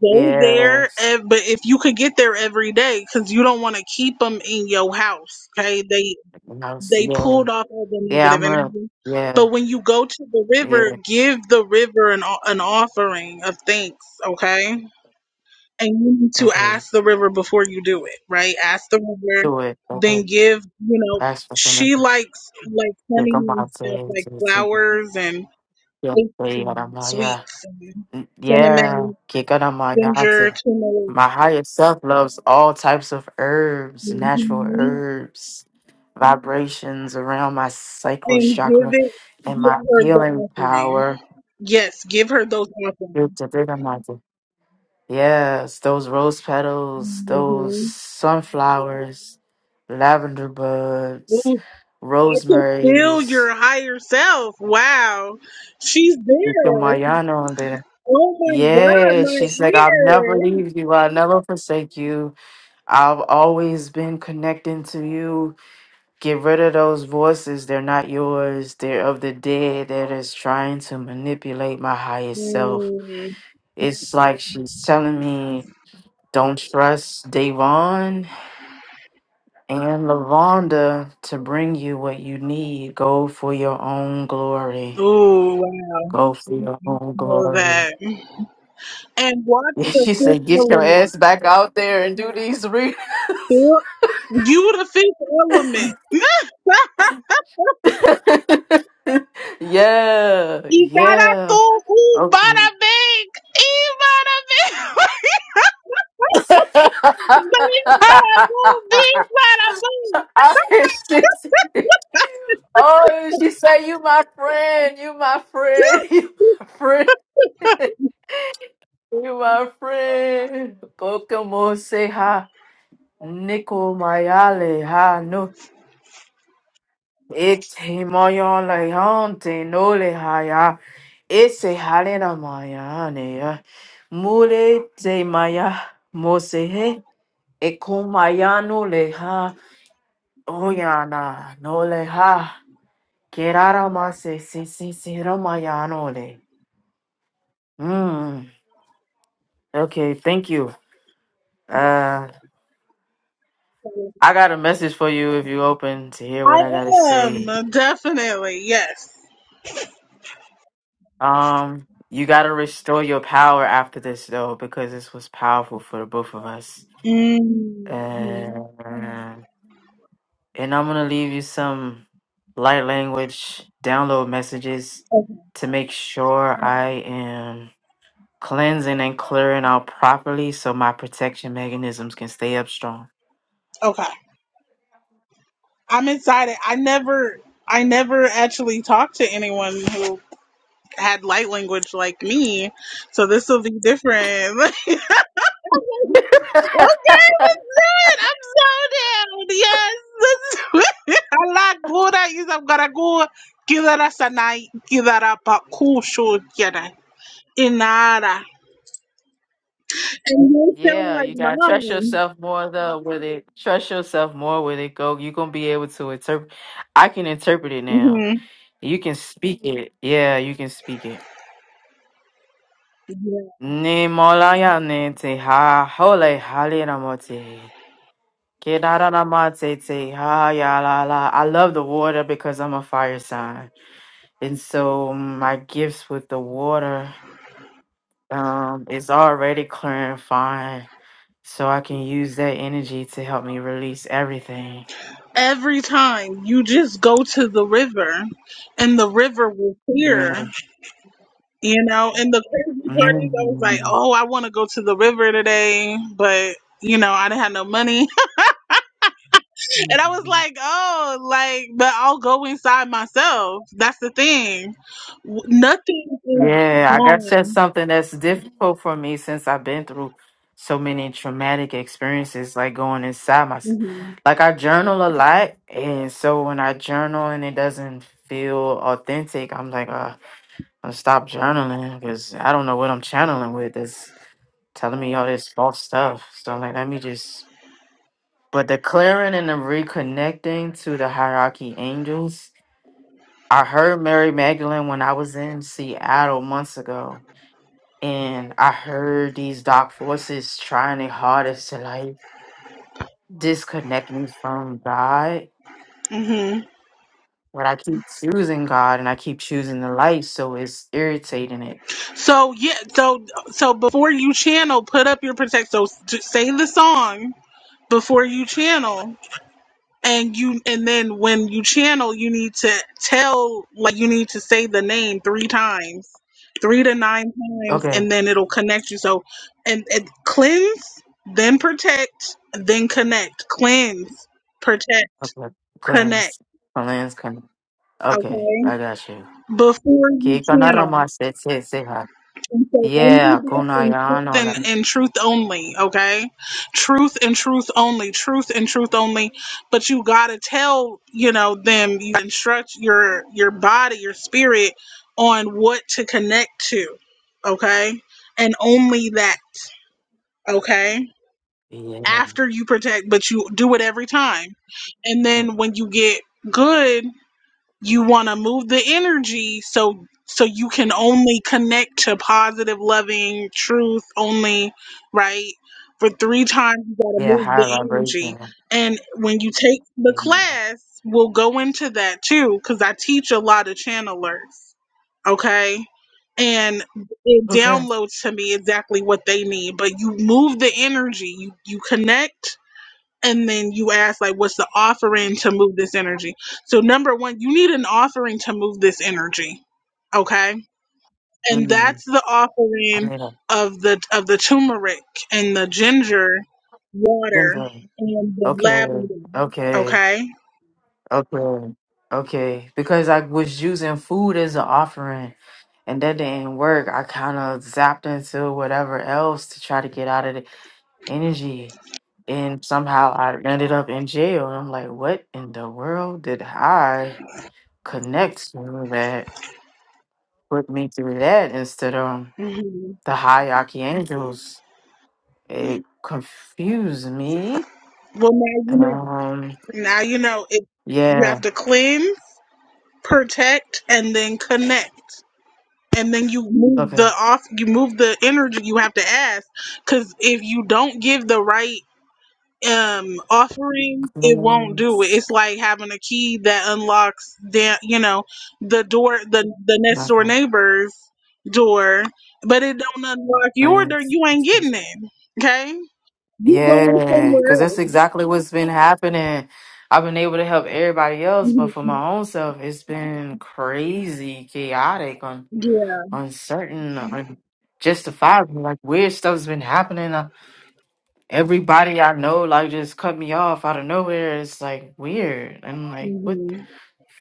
[SPEAKER 1] Go there,
[SPEAKER 2] Yes.
[SPEAKER 1] ev- but if you could get there every day, because you don't want to keep them in your house, okay? They
[SPEAKER 2] Mouse.
[SPEAKER 1] they
[SPEAKER 2] Yeah.
[SPEAKER 1] pulled off all the
[SPEAKER 2] Yeah. I'm
[SPEAKER 1] negative
[SPEAKER 2] gonna.
[SPEAKER 1] energy. But
[SPEAKER 2] Yeah.
[SPEAKER 1] when you go to the river,
[SPEAKER 2] Yeah.
[SPEAKER 1] give the river an, o- an offering of thanks, okay? And you need to
[SPEAKER 2] Okay.
[SPEAKER 1] ask the river before you do it, right? Ask the river,
[SPEAKER 2] Do it.
[SPEAKER 1] then
[SPEAKER 2] Okay.
[SPEAKER 1] give, you know,
[SPEAKER 2] Ask for
[SPEAKER 1] she
[SPEAKER 2] permission.
[SPEAKER 1] likes like
[SPEAKER 2] Kick
[SPEAKER 1] honey
[SPEAKER 2] on my
[SPEAKER 1] and stuff
[SPEAKER 2] to
[SPEAKER 1] like
[SPEAKER 2] Team. Team. Yeah.
[SPEAKER 1] flowers and
[SPEAKER 2] Yeah,
[SPEAKER 1] cakes
[SPEAKER 2] Play
[SPEAKER 1] and
[SPEAKER 2] out of my yeah.
[SPEAKER 1] sweets and
[SPEAKER 2] Mm, Yeah.
[SPEAKER 1] cinnamon,
[SPEAKER 2] Kick out of my
[SPEAKER 1] ginger,
[SPEAKER 2] yante.
[SPEAKER 1] turmeric,
[SPEAKER 2] My higher self loves all types of herbs, natural
[SPEAKER 1] mhm.
[SPEAKER 2] herbs, vibrations around my sacral
[SPEAKER 1] and
[SPEAKER 2] chakra,
[SPEAKER 1] give it,
[SPEAKER 2] and
[SPEAKER 1] give
[SPEAKER 2] my
[SPEAKER 1] her the
[SPEAKER 2] healing
[SPEAKER 1] offering.
[SPEAKER 2] power.
[SPEAKER 1] Yes, give her those offerings.
[SPEAKER 2] Yes, those rose petals, those
[SPEAKER 1] Mhm.
[SPEAKER 2] sunflowers, lavender buds,
[SPEAKER 1] Mm, I can feel
[SPEAKER 2] rosemary's,
[SPEAKER 1] your higher self. Wow. She's
[SPEAKER 2] you put
[SPEAKER 1] there.
[SPEAKER 2] Mariano in there.
[SPEAKER 1] Oh my God,
[SPEAKER 2] Yeah, she's
[SPEAKER 1] my
[SPEAKER 2] like, I'll never
[SPEAKER 1] ear.
[SPEAKER 2] leave you. I'll never forsake you. I've always been connecting to you. Get rid of those voices. They're not yours. They're of the dead that is trying to manipulate my highest self.
[SPEAKER 1] Mm.
[SPEAKER 2] It's like she's telling me, don't trust Davon And Lavonda, to bring you what you need, go for your own glory.
[SPEAKER 1] Oh, wow.
[SPEAKER 2] Go for your own
[SPEAKER 1] Feel
[SPEAKER 2] glory.
[SPEAKER 1] that.
[SPEAKER 2] <laughs>
[SPEAKER 1] And watch the
[SPEAKER 2] She said,
[SPEAKER 1] fifth
[SPEAKER 2] get your
[SPEAKER 1] element.
[SPEAKER 2] ass back out there and do these readings.
[SPEAKER 1] Feel- You the fifth element. <laughs>
[SPEAKER 2] <laughs> yeah,
[SPEAKER 1] Ibara
[SPEAKER 2] yeah.
[SPEAKER 1] tu,
[SPEAKER 2] Okay.
[SPEAKER 1] ubara big, ibara big, big para boom, big para boom.
[SPEAKER 2] <laughs> she oh, she said, you my friend, you my friend, <laughs> you my friend, you my friend. Kokomo say hi. Nico Mayale ha no ete moyon le hante no le haya ese halena mayane ya mule te maya mose eko mayano le ha oyana no le ha kerara mase si si si ramayano le mm okay thank you uh I got a message for you if you open to
[SPEAKER 1] <laughs>
[SPEAKER 2] hear what
[SPEAKER 1] I
[SPEAKER 2] I gotta say.
[SPEAKER 1] am definitely yes.
[SPEAKER 2] Um, you gotta restore your power after this though, because this was powerful for the both of us.
[SPEAKER 1] hmm
[SPEAKER 2] And, and I'm gonna leave you some light language download messages to make sure I am cleansing and clearing out properly so my protection mechanisms can stay up strong.
[SPEAKER 1] Okay, I'm excited. I never, I never actually talked to anyone who had light language like me, so this will be different. <laughs> Okay, what's good? I'm so down. Yes, this- <laughs> Allah gura is <laughs> I'm gonna go. Kidara sanai, kidara pakusho kira inara. And they sound
[SPEAKER 2] Yeah,
[SPEAKER 1] like
[SPEAKER 2] you gotta trust
[SPEAKER 1] mine.
[SPEAKER 2] yourself more though with it. Trust yourself more with it. Go, you're gonna be able to interpret. I can interpret it now
[SPEAKER 1] hmm
[SPEAKER 2] You can speak it. Yeah, you can speak it. Ni molaya ni te ha hole halinamote. Kedaranamate te ha ya la la. I love the water because I'm a fire sign. And so my gifts with the water um is already clarifying. So I can use that energy to help me release everything.
[SPEAKER 1] Every time you just go to the river, and the river will hear,
[SPEAKER 2] Yeah.
[SPEAKER 1] you know. And the crazy part is, I was like, oh, I want to go to the river today, but you know, I didn't have no money. And I was like, oh, like, but I'll go inside myself. That's the thing. W- Nothing is
[SPEAKER 2] Yeah, I guess that's
[SPEAKER 1] gone.
[SPEAKER 2] something that's difficult for me since I've been through so many traumatic experiences, like going inside myself. Like I journal a lot, and so when I journal and it doesn't feel authentic, I'm like, uh, I'm stop journaling because I don't know what I'm channeling with. That's telling me all this false stuff. So I'm like, let me just. But the clearing and the reconnecting to the hierarchy angels. I heard Mary Magdalene when I was in Seattle months ago and I heard these dark forces trying their hardest to like disconnect me from God.
[SPEAKER 1] hmm
[SPEAKER 2] But I keep choosing God and I keep choosing the light, so it's irritating it.
[SPEAKER 1] So yeah, so so before you channel, put up your protect. So s- just say the song before you channel. and you and then when you channel you need to tell like you need to say the name three times three to nine times
[SPEAKER 2] Okay,
[SPEAKER 1] and then it'll connect you so and, and cleanse then protect then connect cleanse protect
[SPEAKER 2] okay,
[SPEAKER 1] connect
[SPEAKER 2] cleanse, cleanse, cleanse. Okay,
[SPEAKER 1] okay
[SPEAKER 2] I got you.
[SPEAKER 1] before you
[SPEAKER 2] Ke
[SPEAKER 1] channel
[SPEAKER 2] kanarama se se se ha.
[SPEAKER 1] And so only
[SPEAKER 2] Yeah,
[SPEAKER 1] this in truth
[SPEAKER 2] kunayano la.
[SPEAKER 1] and, and truth only, okay? Truth and truth only, truth and truth only. But you gotta tell, you know, them you instruct your your body, your spirit on what to connect to, okay? And only that, okay?
[SPEAKER 2] Yeah,
[SPEAKER 1] After you protect, but you do it every time. And then when you get good, you want to move the energy so so you can only connect to positive loving truth only right for three times you got to
[SPEAKER 2] yeah,
[SPEAKER 1] move
[SPEAKER 2] high
[SPEAKER 1] the energy
[SPEAKER 2] vibration.
[SPEAKER 1] and when you take the
[SPEAKER 2] Yeah.
[SPEAKER 1] class we'll go into that too because i teach a lot of channelers okay and it
[SPEAKER 2] Okay.
[SPEAKER 1] downloads to me exactly what they need but you move the energy you you connect and then you ask like what's the offering to move this energy so number one you need an offering to move this energy okay and
[SPEAKER 2] Mm,
[SPEAKER 1] that's the
[SPEAKER 2] I
[SPEAKER 1] offering
[SPEAKER 2] need a.
[SPEAKER 1] of the of the turmeric and the ginger water
[SPEAKER 2] window.
[SPEAKER 1] and the
[SPEAKER 2] Okay,
[SPEAKER 1] lavender
[SPEAKER 2] okay.
[SPEAKER 1] okay
[SPEAKER 2] Okay. Okay. Because I was using food as an offering and that didn't work. I kind of zapped into whatever else to try to get out of the energy. And somehow I ended up in jail. And I'm like, what in the world did I connect to that put me through that instead of the hierarchy angels? It confused me.
[SPEAKER 1] well now you know
[SPEAKER 2] Um,
[SPEAKER 1] now you know it you
[SPEAKER 2] yeah.
[SPEAKER 1] have to cleanse protect and then connect and then you move the
[SPEAKER 2] Okay.
[SPEAKER 1] off you move the energy you have to ask because if you don't give the right um offering it won't do it
[SPEAKER 2] Close.
[SPEAKER 1] it's like having a key that unlocks the you know the door the the next door
[SPEAKER 2] Nothing.
[SPEAKER 1] neighbor's door but it don't unlock your door
[SPEAKER 2] Friends.
[SPEAKER 1] you ain't getting it okay you going
[SPEAKER 2] Yeah,
[SPEAKER 1] somewhere
[SPEAKER 2] because that's
[SPEAKER 1] else
[SPEAKER 2] exactly what's been happening. I've been able to help everybody else, but for my own self, it's been crazy, chaotic, un- uncertain, un- justifiable. Like weird stuff's been happening. Uh, Everybody I know, like, just cut me off out of nowhere. It's like weird. I'm like, what the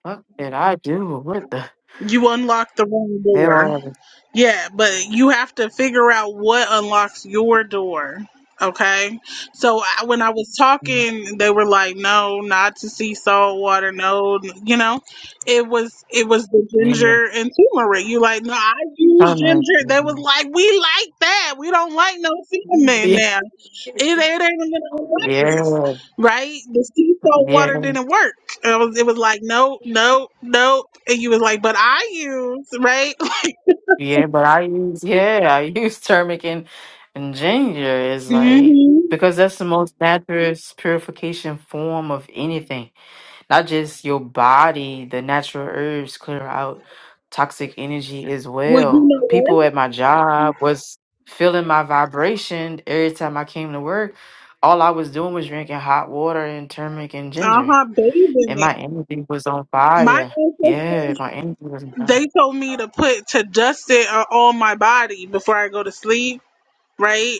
[SPEAKER 2] fuck did I do? What the
[SPEAKER 1] you unlock the wrong door
[SPEAKER 2] hell?
[SPEAKER 1] Yeah, but you have to figure out what unlocks your door. Okay. So I, when I was talking, they were like, no, not to see salt water. No, n- you know, it was, it was the
[SPEAKER 2] Yeah,
[SPEAKER 1] ginger and turmeric. You like, no, I use
[SPEAKER 2] trying
[SPEAKER 1] ginger. They was like, we like that. We don't like no cinnamon
[SPEAKER 2] to-
[SPEAKER 1] now. It, it ain't even gonna like
[SPEAKER 2] yeah,
[SPEAKER 1] this. Right. The sea salt water
[SPEAKER 2] yeah.
[SPEAKER 1] didn't work. And I was, it was like, no, no, no. And you was like, but I use, right.
[SPEAKER 2] Yeah, but I use yeah, I <laughs> use turmeric and, and ginger is like
[SPEAKER 1] hmm
[SPEAKER 2] because that's the most natural purification form of anything. Not just your body, the natural herbs clear out toxic energy as
[SPEAKER 1] Well, you
[SPEAKER 2] well.
[SPEAKER 1] know what?
[SPEAKER 2] People at my job was feeling my vibration every time I came to work. All I was doing was drinking hot water and turmeric and
[SPEAKER 1] I
[SPEAKER 2] ginger.
[SPEAKER 1] have bathe in
[SPEAKER 2] And
[SPEAKER 1] it.
[SPEAKER 2] my energy was on
[SPEAKER 1] My
[SPEAKER 2] fire. Yeah,
[SPEAKER 1] ancestors,
[SPEAKER 2] my energy was on fire.
[SPEAKER 1] they told me to put to dust it on on my body before I go to sleep. Right?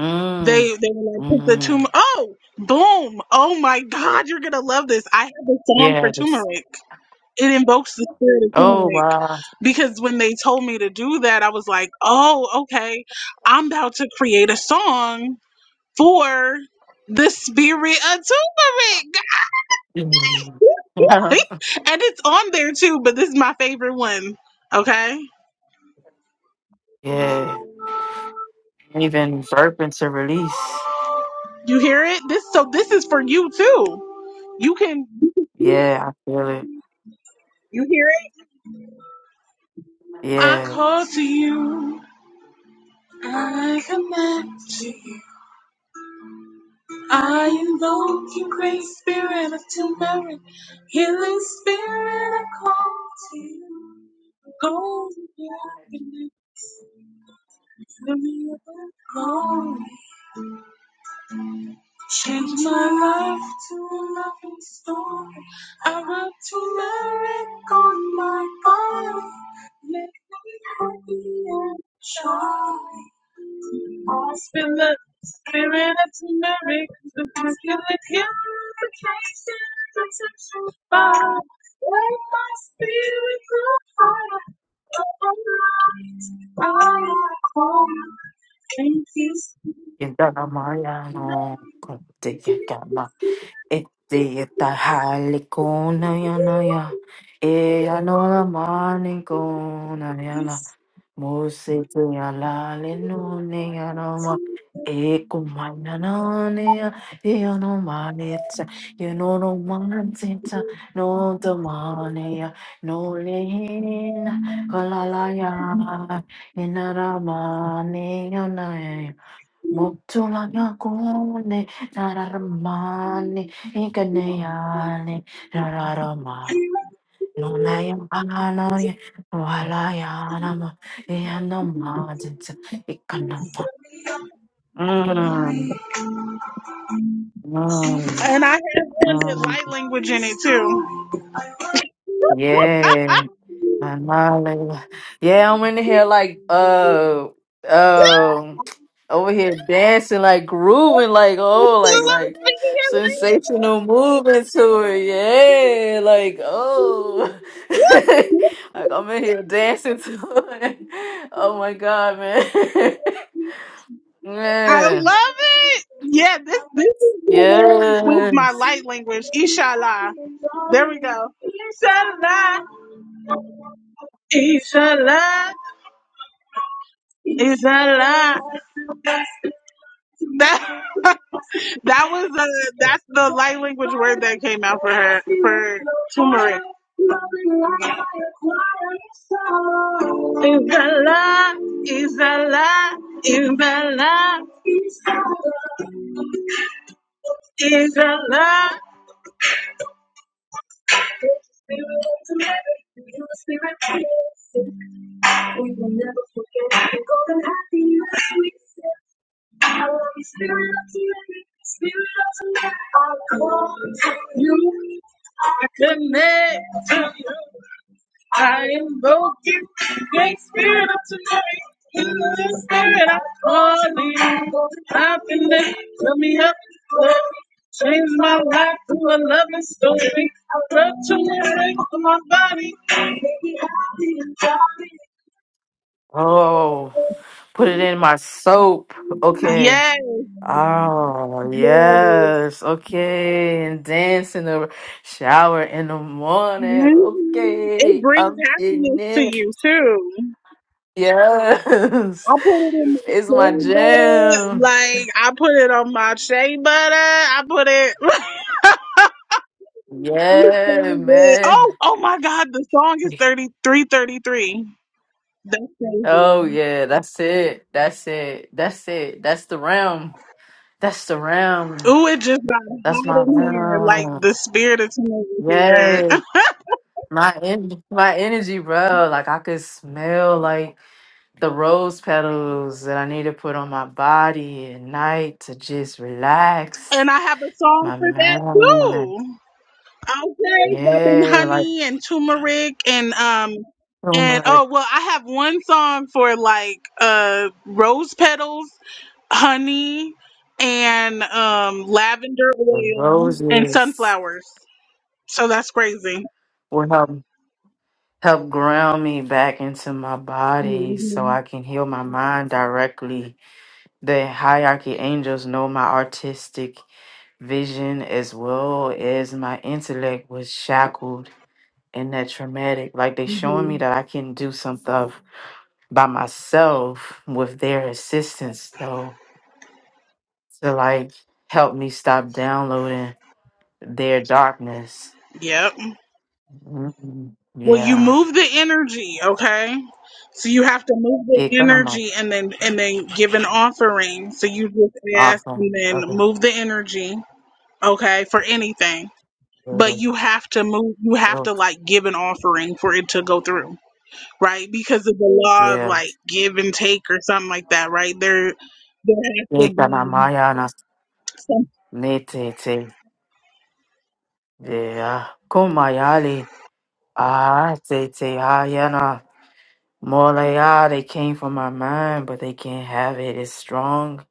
[SPEAKER 2] Mm,
[SPEAKER 1] They they were like put the
[SPEAKER 2] mm.
[SPEAKER 1] turmeric. Oh, boom! Oh my God, you're gonna love this. I have a song for
[SPEAKER 2] Yes.
[SPEAKER 1] turmeric. It invokes the spirit of
[SPEAKER 2] Oh,
[SPEAKER 1] turmeric
[SPEAKER 2] wow.
[SPEAKER 1] because when they told me to do that, I was like, oh, okay. I'm about to create a song for the spirit of turmeric.
[SPEAKER 2] Mm.
[SPEAKER 1] <laughs>
[SPEAKER 2] <laughs>
[SPEAKER 1] and it's on there too, but this is my favorite one. Okay?
[SPEAKER 2] yeah. Even burping to release.
[SPEAKER 1] You hear it? This so this is for you too. You can
[SPEAKER 2] Yeah, I feel it.
[SPEAKER 1] you hear it? I
[SPEAKER 2] Yeah.
[SPEAKER 1] call to you. I command to you. I invoke your great spirit of turmeric. Healing spirit, I call to you. Go to the darkness. Fill me up with glory. Change my life to a loving story. I want to lyric on my body. Make me happy and joy. I spin the spirit of turmeric, the muscular purification, protection fire. Let my spirit go fire, over light, I am calling, Thank you,
[SPEAKER 2] Yentana Mariano, kote yakama.
[SPEAKER 1] spirit.
[SPEAKER 2] Ete yeta halikona yanaya. E anola manikona
[SPEAKER 1] And
[SPEAKER 2] Mose te alale nune anoma eku mananane ya no manita you know no manita no the mania no lehin kalalaya inaramane ya na Motula ya kone nararamane ikane yane no name, Anani, Walayanama, Yanomad, Ikanama. Mm, mm,
[SPEAKER 1] I have one with light
[SPEAKER 2] mm.
[SPEAKER 1] language in it too. <laughs>
[SPEAKER 2] Yeah. Hallelujah. Yeah, I'm in here like uh um over here dancing like grooving like oh like like sensational movement to it. Yeah, like oh <laughs> like I'm in here dancing to it. Oh my god, man. <laughs>
[SPEAKER 1] I
[SPEAKER 2] Man.
[SPEAKER 1] love it. Yeah, this this is the one with my
[SPEAKER 2] Yes.
[SPEAKER 1] light language. Inshallah. There we go. Inshallah. Inshallah. Inshallah. That <laughs> that was uh that's the light language word that came out for her for turmeric. Is a lie, is a lie, is a lie, is a lie. Holy Spirit, Spirit of the Lord, I call to you. I connect to you. I invoke you. Great Spirit of tonight. Holy Spirit, I call you. i connect. been there. Fill me up. Lord. Change my life to a loving story. I love to live for my body.
[SPEAKER 2] Oh, put it in my soap. Okay.
[SPEAKER 1] Yes,
[SPEAKER 2] Oh,
[SPEAKER 1] yes.
[SPEAKER 2] yes. Okay. And dance in the shower in the morning.
[SPEAKER 1] Mhm. It
[SPEAKER 2] Okay.
[SPEAKER 1] brings
[SPEAKER 2] I'm getting
[SPEAKER 1] happiness to
[SPEAKER 2] it.
[SPEAKER 1] you too. I
[SPEAKER 2] Yes. <laughs>
[SPEAKER 1] put it in my
[SPEAKER 2] It's my
[SPEAKER 1] shea butter.
[SPEAKER 2] jam.
[SPEAKER 1] Like I put it on my shea butter. I put it. <laughs> It's so
[SPEAKER 2] Yeah,
[SPEAKER 1] good.
[SPEAKER 2] man.
[SPEAKER 1] Oh, oh my God! The song is thirty three thirty three. That's crazy.
[SPEAKER 2] Oh, yeah. That's it. That's it. That's it. That's the realm. That's the realm.
[SPEAKER 1] Ooh, it just got
[SPEAKER 2] That's
[SPEAKER 1] hot
[SPEAKER 2] my
[SPEAKER 1] in here. Like
[SPEAKER 2] realm.
[SPEAKER 1] the spirit of summer is here. <laughs>
[SPEAKER 2] Yeah. My, en- my energy, bro. Like, I could smell, like, the rose petals that I need to put on my body at night to just
[SPEAKER 1] and
[SPEAKER 2] relax
[SPEAKER 1] I have a song
[SPEAKER 2] my
[SPEAKER 1] for that
[SPEAKER 2] mind.
[SPEAKER 1] too. Okay, rubbing
[SPEAKER 2] Yeah, like
[SPEAKER 1] honey and turmeric and um and
[SPEAKER 2] turmeric,
[SPEAKER 1] oh well, I have one song for like uh rose petals honey and um, lavender
[SPEAKER 2] the
[SPEAKER 1] oil and
[SPEAKER 2] roses
[SPEAKER 1] sunflowers. So that's crazy.
[SPEAKER 2] will help help ground me back into my body so
[SPEAKER 1] Mhm.
[SPEAKER 2] I can heal my mind directly. The hierarchy angels know my artistic vision as well as my intellect was shackled in that traumatic. Like they showing me that I can do something by myself with their assistance though to like help me stop downloading their darkness.
[SPEAKER 1] Yep.
[SPEAKER 2] Mm,
[SPEAKER 1] Well, you
[SPEAKER 2] Yeah.
[SPEAKER 1] move the energy, okay? So you have to move
[SPEAKER 2] Que
[SPEAKER 1] the
[SPEAKER 2] cono mo-
[SPEAKER 1] energy and then and then give an offering. So you just ask
[SPEAKER 2] Awesome.
[SPEAKER 1] and then
[SPEAKER 2] Okay.
[SPEAKER 1] move the energy, okay, for anything. But
[SPEAKER 2] Yeah.
[SPEAKER 1] you have to move. You have
[SPEAKER 2] Oh,
[SPEAKER 1] to like give an offering for it to go through. right? Because of the law of
[SPEAKER 2] yeah.
[SPEAKER 1] like give and take or something like that, right? There, there has to
[SPEAKER 2] Que cana
[SPEAKER 1] be
[SPEAKER 2] maya na-
[SPEAKER 1] some.
[SPEAKER 2] ne te te. Yeah. Kumayali. Ah, te te ayana. Molaya, they came from my mind, but they can't have it. It's strong.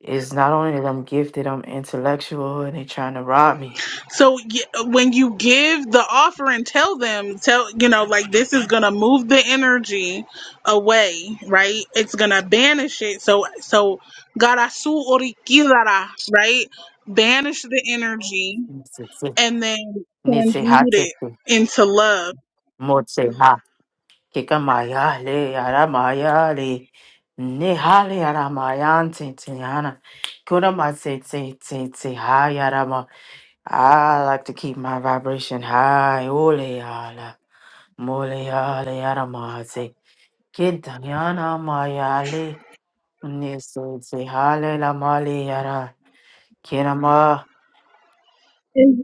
[SPEAKER 2] It's not only that I'm gifted, I'm intellectual, and they're trying to rob me.
[SPEAKER 1] So y- when you give the offering, tell them, tell you know, like this is gonna move the energy away, right? It's gonna banish it. So so garasu orikidara, right? Banish the energy
[SPEAKER 2] Nisese,
[SPEAKER 1] and then
[SPEAKER 2] Niseha
[SPEAKER 1] transmute it
[SPEAKER 2] Tete,
[SPEAKER 1] into love.
[SPEAKER 2] Motseha, Kikamaya, Le, Aramaya, Le, Nihali, Aramayan, Tintiana, Kunama, Tete, Tete, Hi, Arama. I like to keep my vibration high, Ole, Ala, Mole, Ale, Aramate, Kintayana, Maya, Nisese, Hale, La, Mali, Ara, Kinama.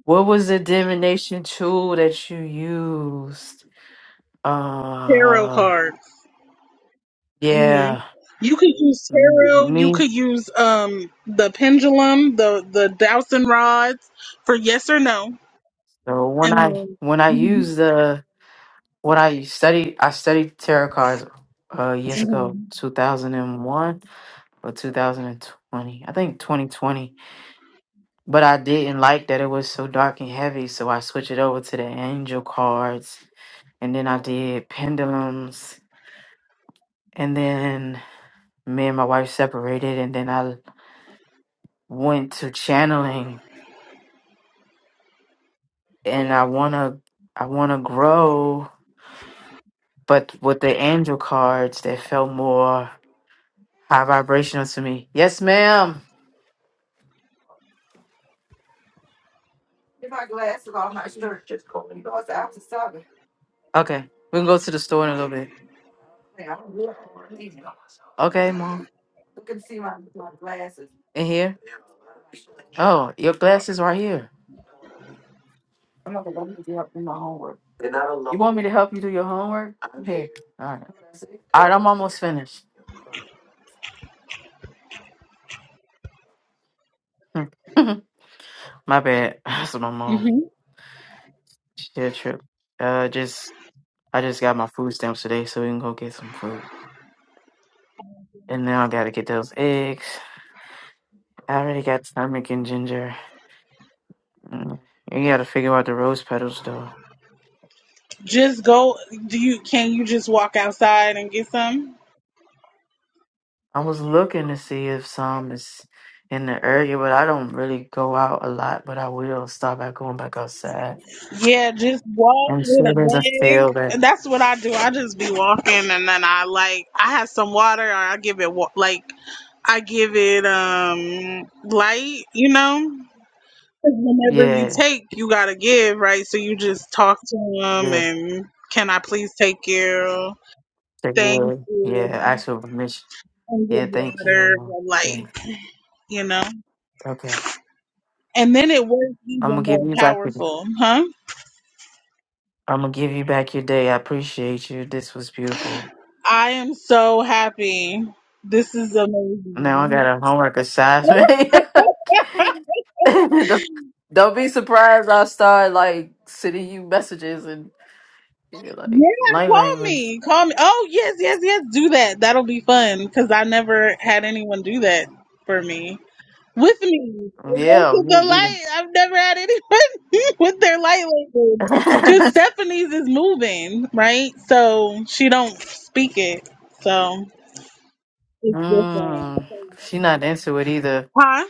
[SPEAKER 2] What was the divination tool that you used?
[SPEAKER 1] Tarot
[SPEAKER 2] Uh,
[SPEAKER 1] card. hmm
[SPEAKER 2] yeah,
[SPEAKER 1] You could use
[SPEAKER 2] m-
[SPEAKER 1] tarot. You
[SPEAKER 2] me.
[SPEAKER 1] could use um the pendulum, the the dowsing rods for yes or no,
[SPEAKER 2] So when
[SPEAKER 1] and
[SPEAKER 2] I
[SPEAKER 1] then
[SPEAKER 2] when I use the when I studied I studied tarot cards uh years ago, two thousand and one or two thousand and twenty, I think twenty twenty. But I didn't like that it was so dark and heavy, so I switched it over to the angel cards, and then I did pendulums, and then me and my wife separated, and then I went to channeling, and I wanna I wanna grow But with the angel cards, they felt more high vibrational to me. Yes, ma'am. Okay, we can go to the store in a little bit. Okay, mom. In here? Oh, your glasses right here. They're not alone. You want me to help you do your homework? I'm here. All right. All right, I'm almost finished. <laughs> my bad. <sighs> That's my mom.
[SPEAKER 1] mhm.
[SPEAKER 2] She did a trip. Uh, just I just got my food stamps today, so we can go get some food. And now I gotta get those eggs. I already got turmeric and ginger. Mm. You gotta figure out the rose petals though.
[SPEAKER 1] just go. Do you can you just walk outside and get some?
[SPEAKER 2] I was looking to see if some is in the area, but I don't really go out a lot. But I will start by going back outside.
[SPEAKER 1] Yeah, just walk
[SPEAKER 2] I'm
[SPEAKER 1] with
[SPEAKER 2] sure
[SPEAKER 1] a
[SPEAKER 2] there's a field that,
[SPEAKER 1] bag. That's what I do. I just be walking, and then I like I have some water, or I give it wa- like I give it um light, you know. 'Cause whenever you
[SPEAKER 2] yeah,
[SPEAKER 1] take, you gotta give, right? So you just talk to them
[SPEAKER 2] yeah,
[SPEAKER 1] and can I please take you?
[SPEAKER 2] they
[SPEAKER 1] Thank
[SPEAKER 2] will. yeah,
[SPEAKER 1] you.
[SPEAKER 2] actual permission.
[SPEAKER 1] And give
[SPEAKER 2] Yeah, thank
[SPEAKER 1] water
[SPEAKER 2] you.
[SPEAKER 1] or light,
[SPEAKER 2] Yeah,
[SPEAKER 1] you know?
[SPEAKER 2] okay.
[SPEAKER 1] And then it works
[SPEAKER 2] I'm gonna
[SPEAKER 1] even more
[SPEAKER 2] give you back. Your,
[SPEAKER 1] powerful, huh?
[SPEAKER 2] I'm gonna give you back your day. I appreciate you. This was beautiful.
[SPEAKER 1] I am so happy. This is
[SPEAKER 2] Now I
[SPEAKER 1] amazing.
[SPEAKER 2] got a homework assignment. <laughs>
[SPEAKER 1] <laughs>
[SPEAKER 2] don't, don't be surprised. I start like sending you messages and. Yeah, like light
[SPEAKER 1] Yeah, call
[SPEAKER 2] language.
[SPEAKER 1] me. Call me. Oh, yes, yes, yes. Do that. That'll be fun because I never had anyone do that for me. with me.
[SPEAKER 2] Yeah,
[SPEAKER 1] With the
[SPEAKER 2] me either.
[SPEAKER 1] light, I've never had anyone <laughs> with their light like
[SPEAKER 2] <laughs>
[SPEAKER 1] Cause Stephanie's is moving, right? So she don't speak it. So it's different.
[SPEAKER 2] mm, she not into it either.
[SPEAKER 1] Huh?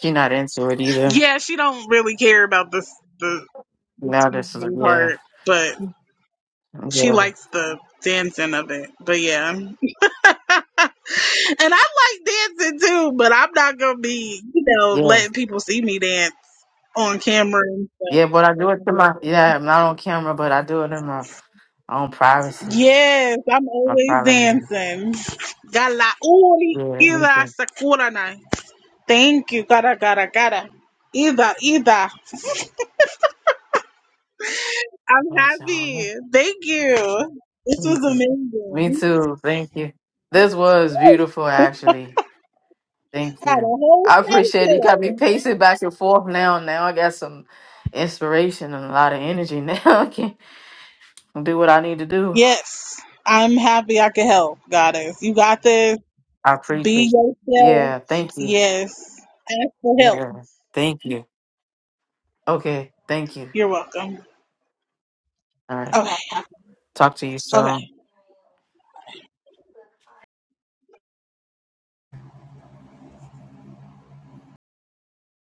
[SPEAKER 2] She not into it either.
[SPEAKER 1] Yeah, she don't really care about this the
[SPEAKER 2] Now this is
[SPEAKER 1] singing
[SPEAKER 2] yeah,
[SPEAKER 1] part, but she
[SPEAKER 2] yeah,
[SPEAKER 1] likes the dancing of it. But yeah. <laughs> and I like dancing too, but I'm not gonna be, you know,
[SPEAKER 2] yeah,
[SPEAKER 1] letting people see me dance on camera and
[SPEAKER 2] yeah. But I do it to
[SPEAKER 1] stuff.
[SPEAKER 2] my yeah. I'm not on camera, but I do it in my own privacy.
[SPEAKER 1] Yes, I'm
[SPEAKER 2] My
[SPEAKER 1] always
[SPEAKER 2] private. hand.
[SPEAKER 1] dancing. Gala uli
[SPEAKER 2] Yeah, me
[SPEAKER 1] ida
[SPEAKER 2] too.
[SPEAKER 1] sakura na. Thank you, cara, cara, cara. Ida ida. I'm
[SPEAKER 2] What's
[SPEAKER 1] happy.
[SPEAKER 2] all
[SPEAKER 1] Thank you. This
[SPEAKER 2] right?
[SPEAKER 1] was
[SPEAKER 2] Me too. Me
[SPEAKER 1] amazing.
[SPEAKER 2] too. Thank you. This was beautiful,
[SPEAKER 1] <laughs> Got
[SPEAKER 2] actually. Thank
[SPEAKER 1] a
[SPEAKER 2] you.
[SPEAKER 1] whole
[SPEAKER 2] I appreciate it. You got me
[SPEAKER 1] session.
[SPEAKER 2] pacing back and forth now. Now I got some inspiration and a lot of energy now. <laughs> I can do what I need to do.
[SPEAKER 1] Yes, I'm happy I could help, goddess. You got this.
[SPEAKER 2] I appreciate
[SPEAKER 1] Be
[SPEAKER 2] it.
[SPEAKER 1] yourself.
[SPEAKER 2] Yeah, thank you.
[SPEAKER 1] Yes. Ask for help.
[SPEAKER 2] Yeah, thank you. Okay, thank you.
[SPEAKER 1] You're welcome.
[SPEAKER 2] All right.
[SPEAKER 1] Okay.
[SPEAKER 2] Talk to you
[SPEAKER 1] Okay.
[SPEAKER 2] soon.